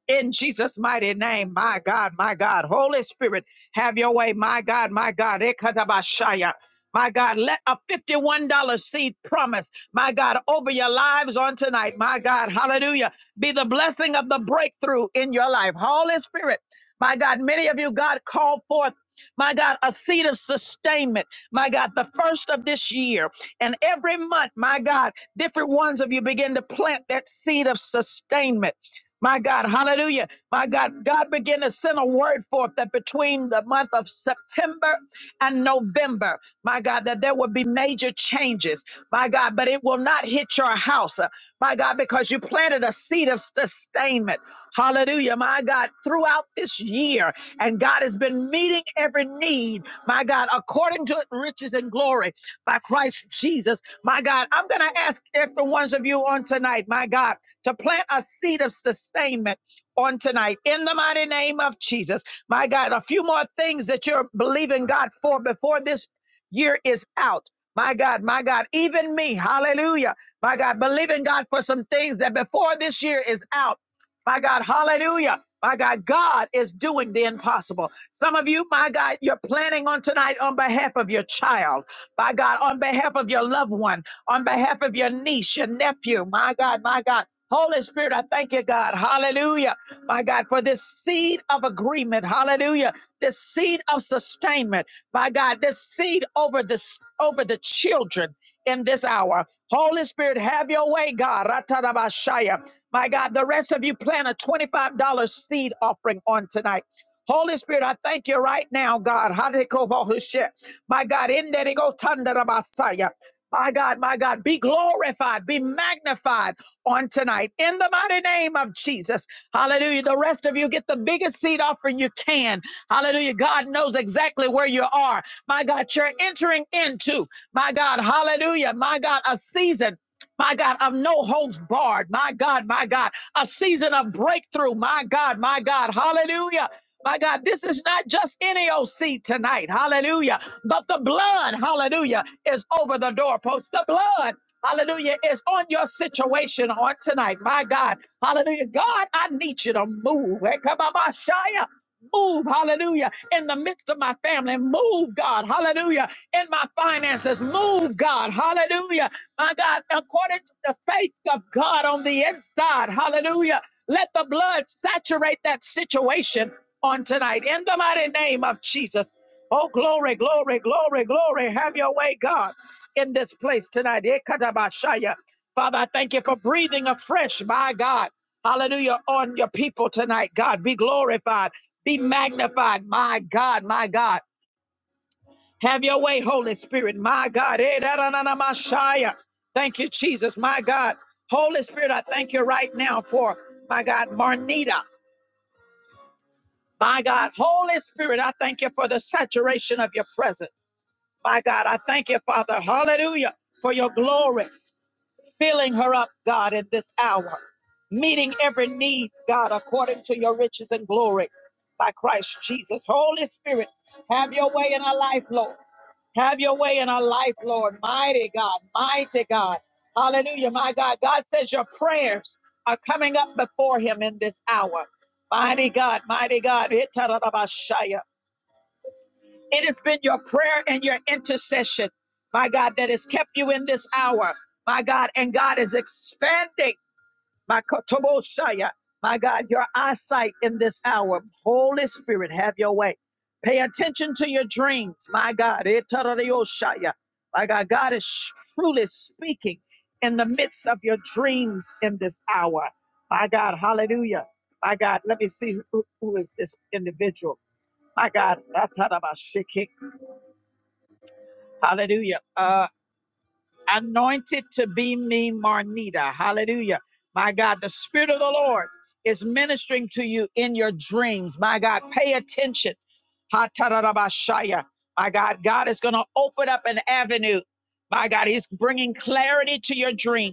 S1: in Jesus' mighty name. My God, my God. Holy Spirit, have your way. My God, my God. Ekatabashaya. My God, let a $51 seed promise, my God, over your lives on tonight. My God, hallelujah. Be the blessing of the breakthrough in your life. Holy Spirit, my God, many of you, God, call forth. My God, a seed of sustainment. My God, the first of this year. And every month, my God, different ones of you begin to plant that seed of sustainment my God, hallelujah. My God, God began to send a word forth that between the month of September and November, my God, that there will be major changes, my God, but it will not hit your house, uh, my God, because you planted a seed of sustainment. Hallelujah, my God, throughout this year. And God has been meeting every need, my God, according to riches and glory by Christ Jesus. My God, I'm going to ask every one of you on tonight, my God to plant a seed of sustainment on tonight in the mighty name of Jesus. My God, a few more things that you're believing God for before this year is out. My God, my God, even me, hallelujah. My God, believing God for some things that before this year is out. My God, hallelujah. My God, God is doing the impossible. Some of you, my God, you're planning on tonight on behalf of your child, my God, on behalf of your loved one, on behalf of your niece, your nephew, my God, my God. Holy Spirit, I thank you, God. Hallelujah. My God, for this seed of agreement. Hallelujah. This seed of sustainment. My God, this seed over this over the children in this hour. Holy Spirit, have your way, God. Ratarabashaya. My God, the rest of you plan a $25 seed offering on tonight. Holy Spirit, I thank you right now, God. Hadekobohushe. My God, in there they go. Tandarabasaya. My God, my God, be glorified, be magnified on tonight in the mighty name of Jesus. Hallelujah. The rest of you get the biggest seed offering you can. Hallelujah. God knows exactly where you are. My God, you're entering into, my God, hallelujah, my God, a season my God, of no holds barred, my God, my God, a season of breakthrough, my God, my God, hallelujah. My God, this is not just any old seed tonight, hallelujah, but the blood, hallelujah, is over the doorpost. The blood, hallelujah, is on your situation on tonight, my God, hallelujah. God, I need you to move. Hey, come on, my Move, hallelujah, in the midst of my family. Move, God, hallelujah, in my finances. Move, God, hallelujah my God, according to the faith of God on the inside. Hallelujah. Let the blood saturate that situation on tonight in the mighty name of Jesus. Oh, glory, glory, glory, glory. Have your way, God, in this place tonight. Ekadabashaya. Father, I thank you for breathing afresh, my God. Hallelujah, on your people tonight, God. Be glorified, be magnified, my God, my God. Have your way, Holy Spirit, my God. Eh, da, da, da, da, my Shia. Thank you, Jesus, my God. Holy Spirit, I thank you right now for, my God, Marnita. My God, Holy Spirit, I thank you for the saturation of your presence. My God, I thank you, Father, hallelujah, for your glory, filling her up, God, in this hour, meeting every need, God, according to your riches and glory by Christ Jesus. Holy Spirit, have your way in our life, Lord. Have your way in our life, Lord. Mighty God, mighty God. Hallelujah, my God. God says your prayers are coming up before him in this hour. Mighty God, mighty God. Itarabashaya. It has been your prayer and your intercession, my God, that has kept you in this hour, my God. And God is expanding. My kotoboshaya. My God, your eyesight in this hour. Holy Spirit, have your way. Pay attention to your dreams. My God. Etarareo Shaya, My God, God is sh- truly speaking in the midst of your dreams in this hour. My God, hallelujah. My God, let me see who, who is this individual. My God, Atarabashiki. hallelujah. Uh, anointed to be me, Marnita. Hallelujah. My God, the Spirit of the Lord is ministering to you in your dreams. My God, pay attention. Ha ta da da ba shaya. My God, God is going to open up an avenue. My God, He's bringing clarity to your dream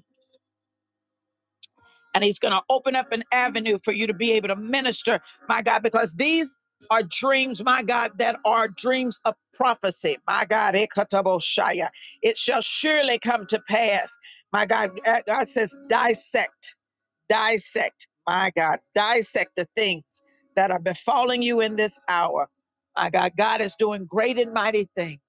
S1: and he's going to open up an avenue for you to be able to minister, my God, because these are dreams, my God, that are dreams of prophecy. My God, Ekataboshaya. it shall surely come to pass. My God, uh, God says, dissect dissect, my God, dissect the things that are befalling you in this hour. My God, God is doing great and mighty things,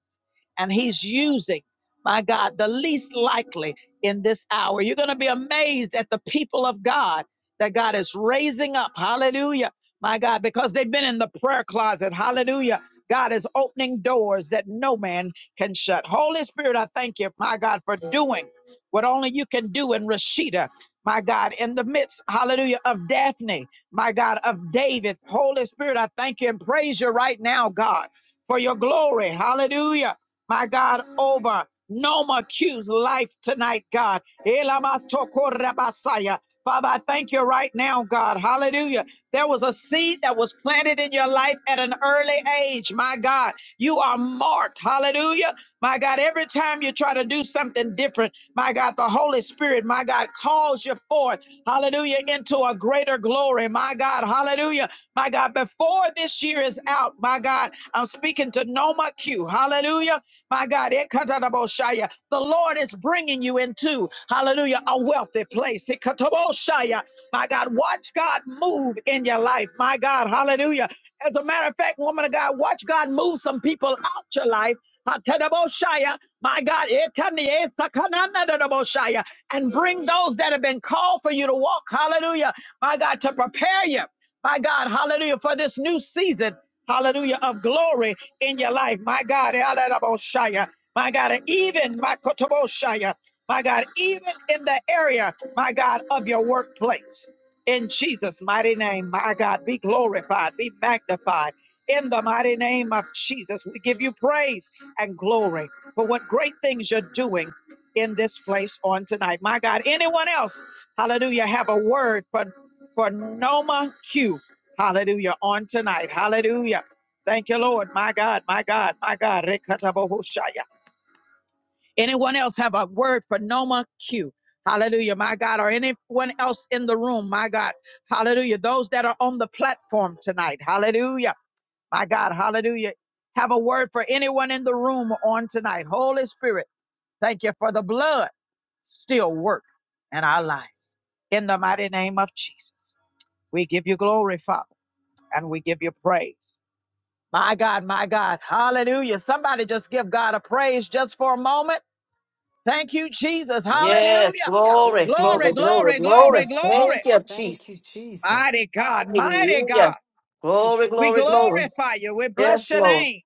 S1: and He's using, my God, the least likely in this hour. You're going to be amazed at the people of God that God is raising up. Hallelujah. My God, because they've been in the prayer closet. Hallelujah. God is opening doors that no man can shut. Holy Spirit, I thank you, my God, for doing what only you can do in Rashida my God, in the midst, hallelujah, of Daphne, my God, of David. Holy Spirit, I thank you and praise you right now, God, for your glory, hallelujah, my God, over Noma Q's life tonight, God. Elamasokorabasaya. Father, I thank you right now, God. Hallelujah. There was a seed that was planted in your life at an early age. My God, you are marked. Hallelujah. My God, every time you try to do something different, my God, the Holy Spirit, my God, calls you forth, hallelujah, into a greater glory. My God, hallelujah. My God, before this year is out, my God, I'm speaking to Noma Q, hallelujah. My God, Ekatadaboshaya, the Lord is bringing you into, hallelujah, a wealthy place. Ekataboshaya, My God, watch God move in your life. My God, hallelujah. As a matter of fact, woman of God, watch God move some people out your life. Hatadaboshaya, My God, etani esakananadaboshaya, and bring those that have been called for you to walk, hallelujah, my God, to prepare you my God, hallelujah, for this new season, hallelujah, of glory in your life, my God, hallelujah, my God, even my kotoboshaya, my God, even in the area, my God, of your workplace, in Jesus' mighty name, my God, be glorified, be magnified. In the mighty name of Jesus, we give you praise and glory for what great things you're doing in this place on tonight. My God, anyone else, hallelujah, have a word for for Noma Q. Hallelujah. On tonight. Hallelujah. Thank you, Lord. My God, my God, my God. Rekatabohoshaya. Anyone else have a word for Noma Q? Hallelujah, my God. Or anyone else in the room, my God. Hallelujah. Those that are on the platform tonight. Hallelujah. My God, hallelujah. Have a word for anyone in the room on tonight. Holy Spirit, thank you for the blood still work in our lives. In the mighty name of Jesus, we give you glory, Father and we give you praise. My God, my God. Hallelujah. Somebody just give God a praise just for a moment. Thank you, Jesus.
S4: Yes.
S1: Hallelujah.
S4: Glory.
S11: Thank you,
S1: Glory,
S4: Glory.
S11: Lord.
S4: Glory.
S1: glory,
S4: Glory.
S1: glory, glory.
S4: Thank you,
S11: Thank you,
S4: Jesus.
S11: Jesus.
S1: Mighty God, mighty God.
S4: Hallelujah.
S11: Thank you.
S4: Glory,
S1: We
S4: glory, glory.
S1: glorify you. We bless
S4: Yes,
S1: your
S4: Lord.
S1: name.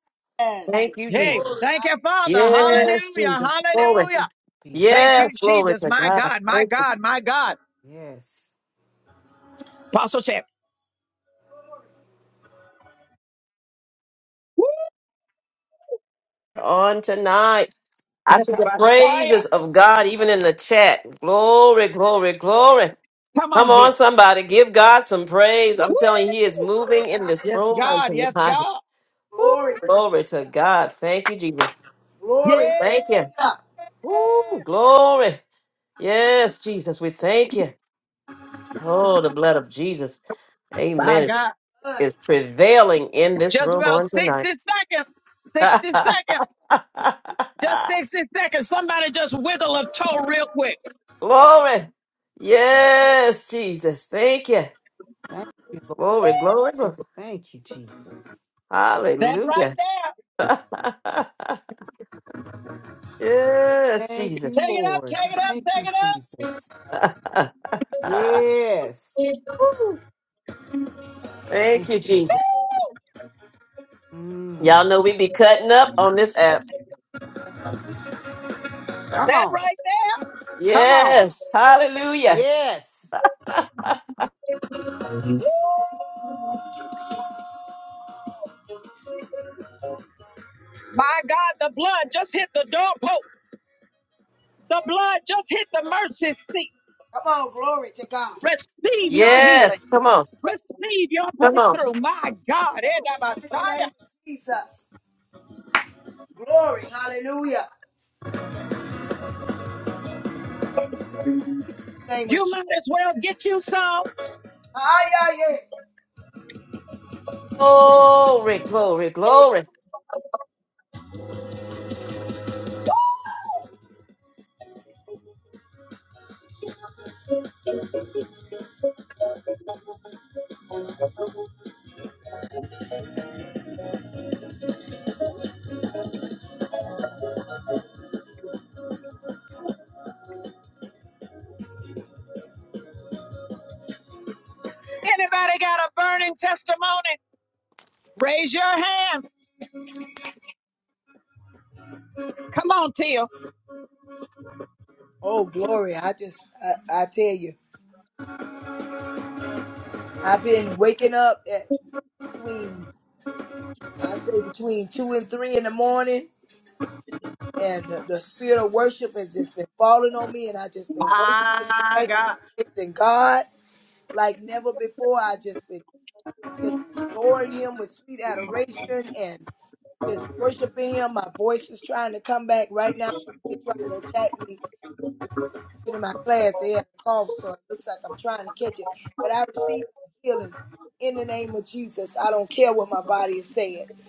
S4: Thank you, Jesus.
S1: Hey, Thank
S11: Yes.
S1: you, Father.
S4: Yes,
S1: Hallelujah.
S4: Jesus. Glory.
S1: Hallelujah.
S11: Thank you, Jesus.
S1: Thank you,
S4: Yes, glory
S1: Jesus.
S4: to
S1: My
S4: God.
S1: God, my
S4: Thank you.
S1: God, my God.
S11: Yes.
S1: Apostle said,
S4: On tonight, I see the praises of God even in the chat. Glory, glory, glory.
S1: come
S4: Come
S1: on
S4: on,
S1: here.
S4: somebody, give God some praise.
S1: Woo!
S4: I'm telling you, He is moving in this
S1: Yes,
S4: room on
S1: God. Yes,
S4: tonight.
S1: God.
S4: Woo, glory to God. Thank you, Jesus. Woo,
S1: Yeah.
S4: Thank you. Woo, glory. Yes, Jesus, we thank you. Oh, the blood of Jesus.
S1: My
S4: Amen. Is,
S1: God.
S4: is prevailing in this
S1: Just
S4: room
S1: about
S4: on
S1: 60
S4: tonight.
S1: seconds. 60
S4: [LAUGHS]
S1: seconds. Just 60 seconds. Somebody just wiggle a toe real quick.
S4: glory. Yes, Jesus. Thank you.
S11: Thank you, Lord.
S4: Glory, glory. glory.
S11: Thank you, Jesus.
S1: That right
S4: Hallelujah.
S1: there.
S4: [LAUGHS] yes,
S11: Thank you,
S4: Jesus.
S1: Take
S4: [LAUGHS]
S1: it up,
S11: Lord.
S1: take it up,
S11: Thank
S1: take
S11: you,
S1: it up.
S11: Jesus. Yes.
S4: Thank
S11: Thank
S4: you,
S11: you, Lord.
S4: Jesus.
S1: Woo!
S4: Y'all
S11: Mm.
S4: know we be cutting up on this app.
S11: Come
S1: That
S11: on.
S1: right there.
S11: Come on.
S4: Yes. Hallelujah.
S11: Yes.
S1: My God, the blood just hit the doorpost. The blood just hit the mercy seat. Receive your healing.
S4: Yes. Come on.
S1: Receive your
S4: Come on.
S1: breakthrough. My God, Edabasaya.
S12: Jesus. Glory. Hallelujah. Name of
S1: you might as well get you some.
S4: Glory, glory, glory.
S1: Anybody got a burning testimony? Raise your hand. Come on, Tia.
S12: Oh, glory. I just, I, I tell you, I've been waking up at between, I say between two and three in the morning, and the, the spirit of worship has just been falling on me, and I just been worshiping,
S1: My
S12: thanking,
S1: God.
S12: praising God like never before.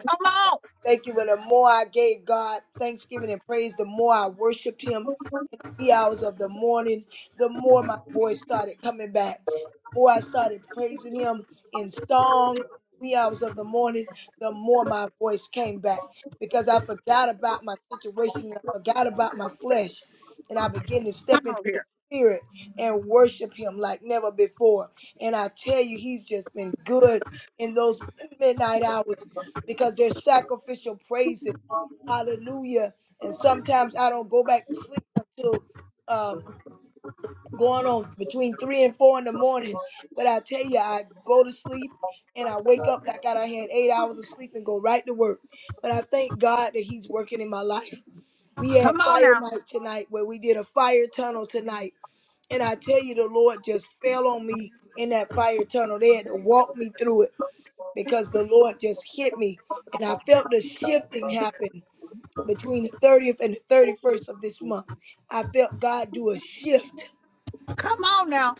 S1: Come on. Come on here. Come on now. Come on now.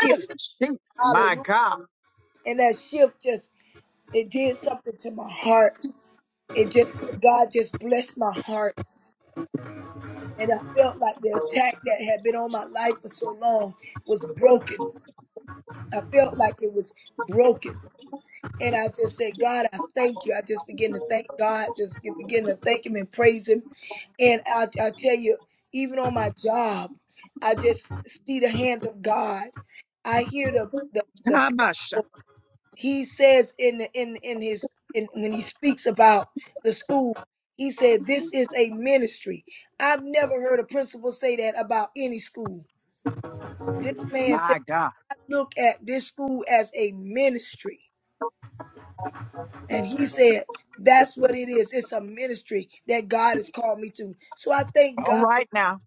S1: Hey, shoot. Kabasha. My God. All right now.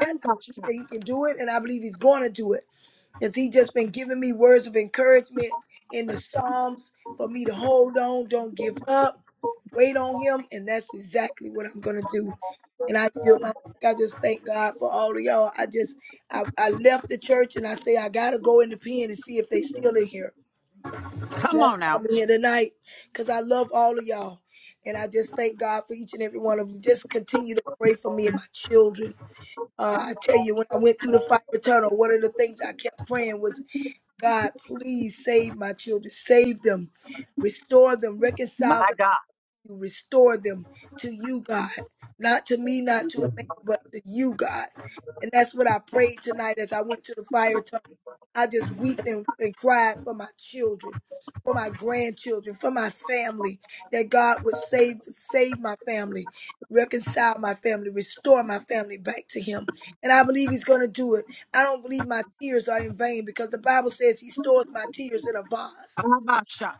S1: Kabasha. Come on now. My God. Kabasha.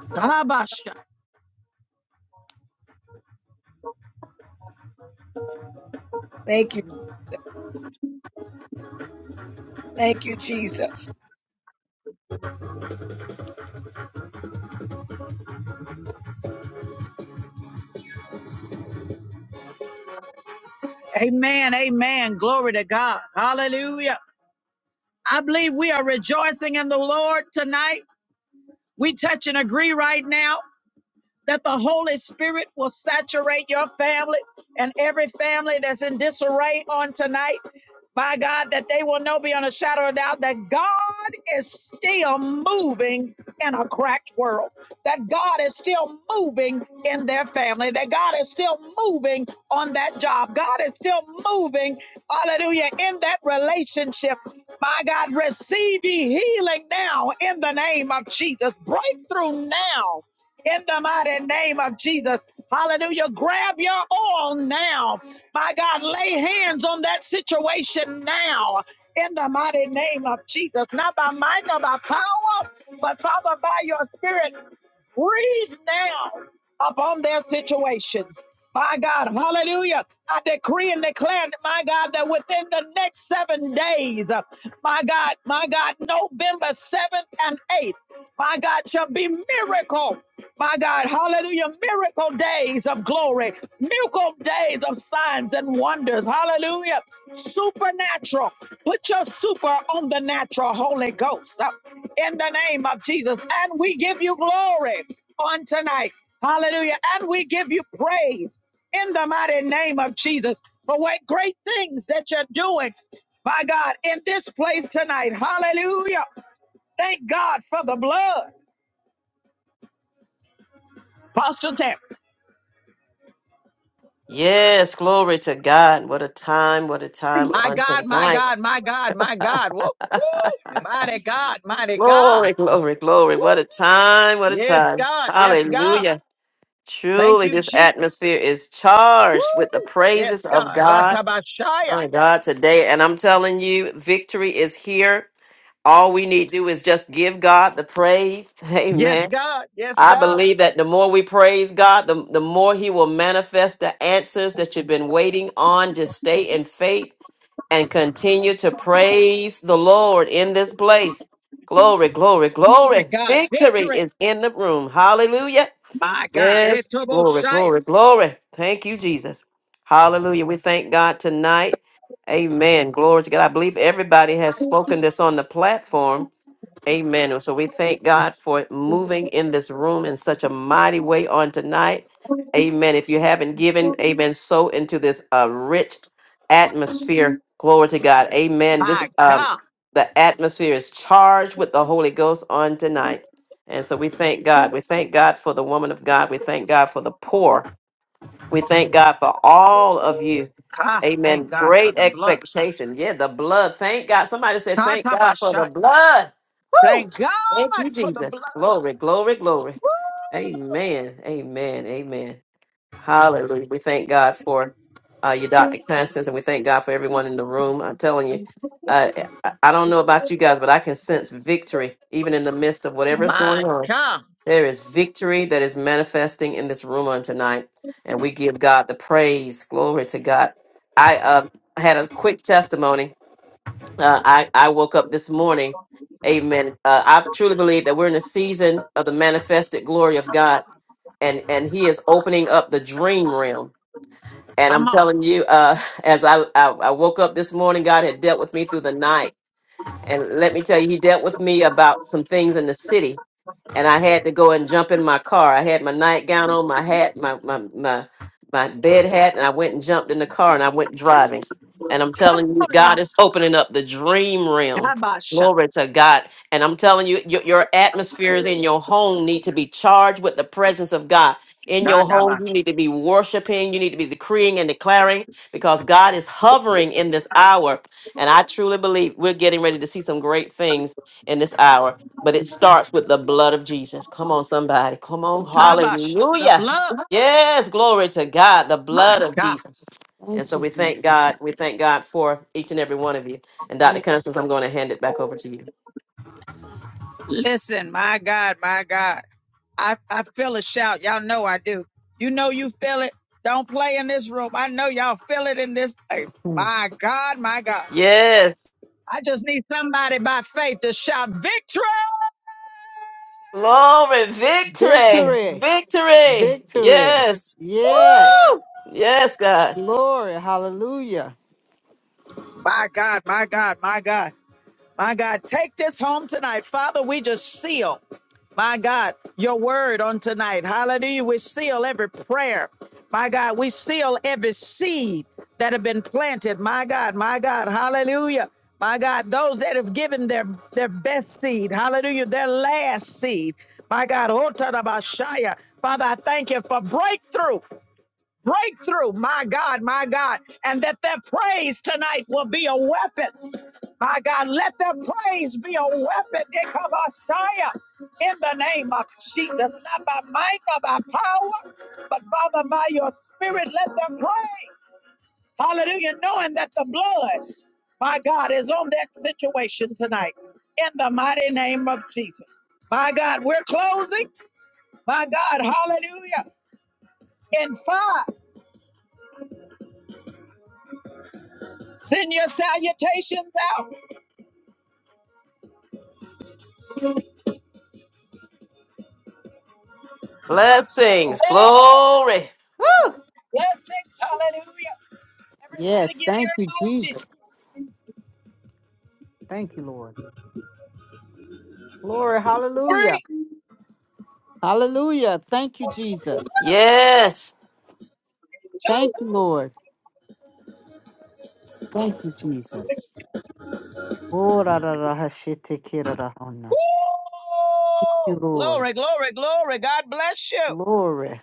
S1: Kabasha. Amen. Amen. Glory to God. Hallelujah. I believe we are rejoicing in the Lord tonight. We touch and agree right now. that the Holy Spirit will saturate your family and every family that's in disarray on tonight. By God, that they will know beyond a shadow of doubt that God is still moving in a cracked world, that God is still moving in their family, that God is still moving on that job, God is still moving, hallelujah, in that relationship. My God, receive ye healing now in the name of Jesus. Breakthrough now in the mighty name of Jesus. Hallelujah. Grab your oil now. My God, lay hands on that situation now in the mighty name of Jesus. Not by might, not by power, but Father, by your spirit, breathe now upon their situations. My God, hallelujah. I decree and declare, my God, that within the next seven days, uh, my God, my God, November 7th and 8th, my God, shall be miracle. My God, hallelujah, miracle days of glory, miracle days of signs and wonders. Hallelujah, supernatural. Put your super on the natural, Holy Ghost, uh, in the name of Jesus. And we give you glory on tonight. Hallelujah. And we give you praise in the mighty name of Jesus for what great things that you're doing, my God, in this place tonight. Hallelujah. Thank God for the blood. Apostle Tam.
S4: Yes, glory to God. What a time, what a time
S1: My
S4: on
S1: God, my
S4: tonight.
S1: God, my God, my God. Woo, woo. Mighty God, mighty God.
S4: Glory, glory, glory. What a
S1: Woo.
S4: time, what a
S1: Yes,
S4: time.
S1: God. Yes, God.
S4: Hallelujah.
S1: Thank
S4: Truly,
S1: you,
S4: this
S1: Jesus.
S4: atmosphere is charged with the
S1: Woo. Yes,
S4: praises of
S1: God.
S4: God.
S1: Ratabashaya.
S4: My God, today. And I'm telling you, victory is here. All we need to do is just give God the praise. [LAUGHS]
S1: Yes,
S4: Amen.
S1: God. Yes,
S4: I
S1: God.
S4: believe that the more we praise God, the, the more He will manifest the answers that you've been waiting on. Just stay in faith and continue to praise the Lord in this place. Glory, glory,
S1: My
S4: glory.
S1: God.
S4: Victory
S1: Victory.
S4: is in the room. Hallelujah.
S1: My God.
S4: Yes. Glory,
S1: Retoboshaya.
S4: glory, glory. Thank you, Jesus. Hallelujah. We thank God tonight. Amen. Glory to God. I believe everybody has spoken this on the platform. Amen. And so we thank God for moving in this room in such a mighty way on tonight. Amen. If you haven't given, amen, so into this uh, rich atmosphere. Glory to God. Amen. This
S1: My
S4: um
S1: God.
S4: the atmosphere is charged with the Holy Ghost on tonight. And so we thank God. We thank God for the woman of God. We thank God for the poor. We thank God for all of you.
S1: Ah, thank
S4: Amen.
S1: God for
S4: Great
S1: the blood.
S4: expectation. Yeah, the blood. Thank God. Somebody said, Thank God for the
S1: Tatabashat.
S4: blood. Woo!
S1: Thank God
S4: Thank you,
S1: for the
S4: Jesus.
S1: blood.
S4: Glory, glory, glory. Amen. Amen. Amen. Hallelujah. We thank God for uh, you, Dr. Constance, and we thank God for everyone in the room. I'm telling you, uh, I I don't know about you guys, but I can sense victory even in the midst of whatever is going
S1: My
S4: on.
S1: God.
S4: There is victory that is manifesting in this room on tonight, and we give God the praise. Glory to God. I uh, had a quick testimony. Uh, I I woke up this morning. Amen. Uh, I truly believe that we're in a season of the manifested glory of God, and and He is opening up the dream realm. And I'm
S1: Come on.
S4: telling you, uh, [LAUGHS] as I, I I woke up this morning, God had dealt with me through the night, and let me tell you, He dealt with me about some things in the city and I had to go and jump in my car. I had my nightgown on, my hat, my my my my bed hat, and I went and jumped in the car and I went driving. And I'm
S1: Come
S4: telling you,
S1: on now.
S4: God is opening up the dream realm.
S1: Dabasha.
S4: Glory to God. And I'm telling you, your, your atmospheres in your home need to be charged with the presence of God. In your home, you
S1: Dadabasha.
S4: need to be worshiping, you need to be decreeing and declaring because God is hovering in this hour. And I truly believe we're getting ready to see some great things in this hour but it starts with the blood of Jesus. Come on, somebody. Come on.
S1: Dabasha. The
S4: Hallelujah.
S1: blood.
S4: Yes, glory to God, the
S1: My
S4: blood of
S1: God.
S4: Jesus.
S11: Thank
S4: And so
S11: you,
S4: we thank
S11: Jesus.
S4: God. We thank God for each and every one of you. And Dr. Constance, I'm going to hand it back over to you.
S1: Listen, my God, my God. I, I feel a shout. Y'all know I do. You know you feel it. Don't play in this room. I know y'all feel it in this place.
S11: Mm.
S1: My God, my God.
S4: Yes.
S1: I just need somebody by faith to shout victory.
S4: Glory, victory,
S11: Victory.
S4: victory.
S11: Victory.
S4: Yes.
S11: Yes.
S4: Woo! Yes, God.
S11: Glory. Hallelujah.
S1: My God, my God, my God, my God. Take this home tonight. Father, we just seal, my God, your word on tonight. Hallelujah. We seal every prayer. My God, we seal every seed that have been planted. My God, my God, hallelujah. My God, those that have given their, their best seed, hallelujah, their last seed. My God, Otarabashaya. Father, I thank you for breakthrough, breakthrough, my God, my God, and that their praise tonight will be a weapon. My God, let their praise be a weapon They come, Messiah, in the name of Jesus. Not by might, not by power, but Father, by your spirit, let them praise. Hallelujah, knowing that the blood, my God, is on that situation tonight in the mighty name of Jesus. My God, we're closing. My God, hallelujah. In five, send your salutations out. Four,
S4: Blessings, glory. Woo!
S1: blessings, hallelujah. Everybody
S11: Yes.
S1: give
S11: Thank you,
S1: your emoji.
S11: Jesus. Thank you, Lord. Glory.
S1: Three,
S11: Hallelujah. Hallelujah. Thank you,
S1: Two.
S11: Jesus.
S4: Yes.
S11: Thank you, Lord. Thank you, Jesus. Oh, ra, ra, ra, ha, shi, te, ki, ra, ra, ho, na.
S1: Woo!
S11: you, Lord.
S1: Glory, glory, glory. God bless you.
S11: Glory.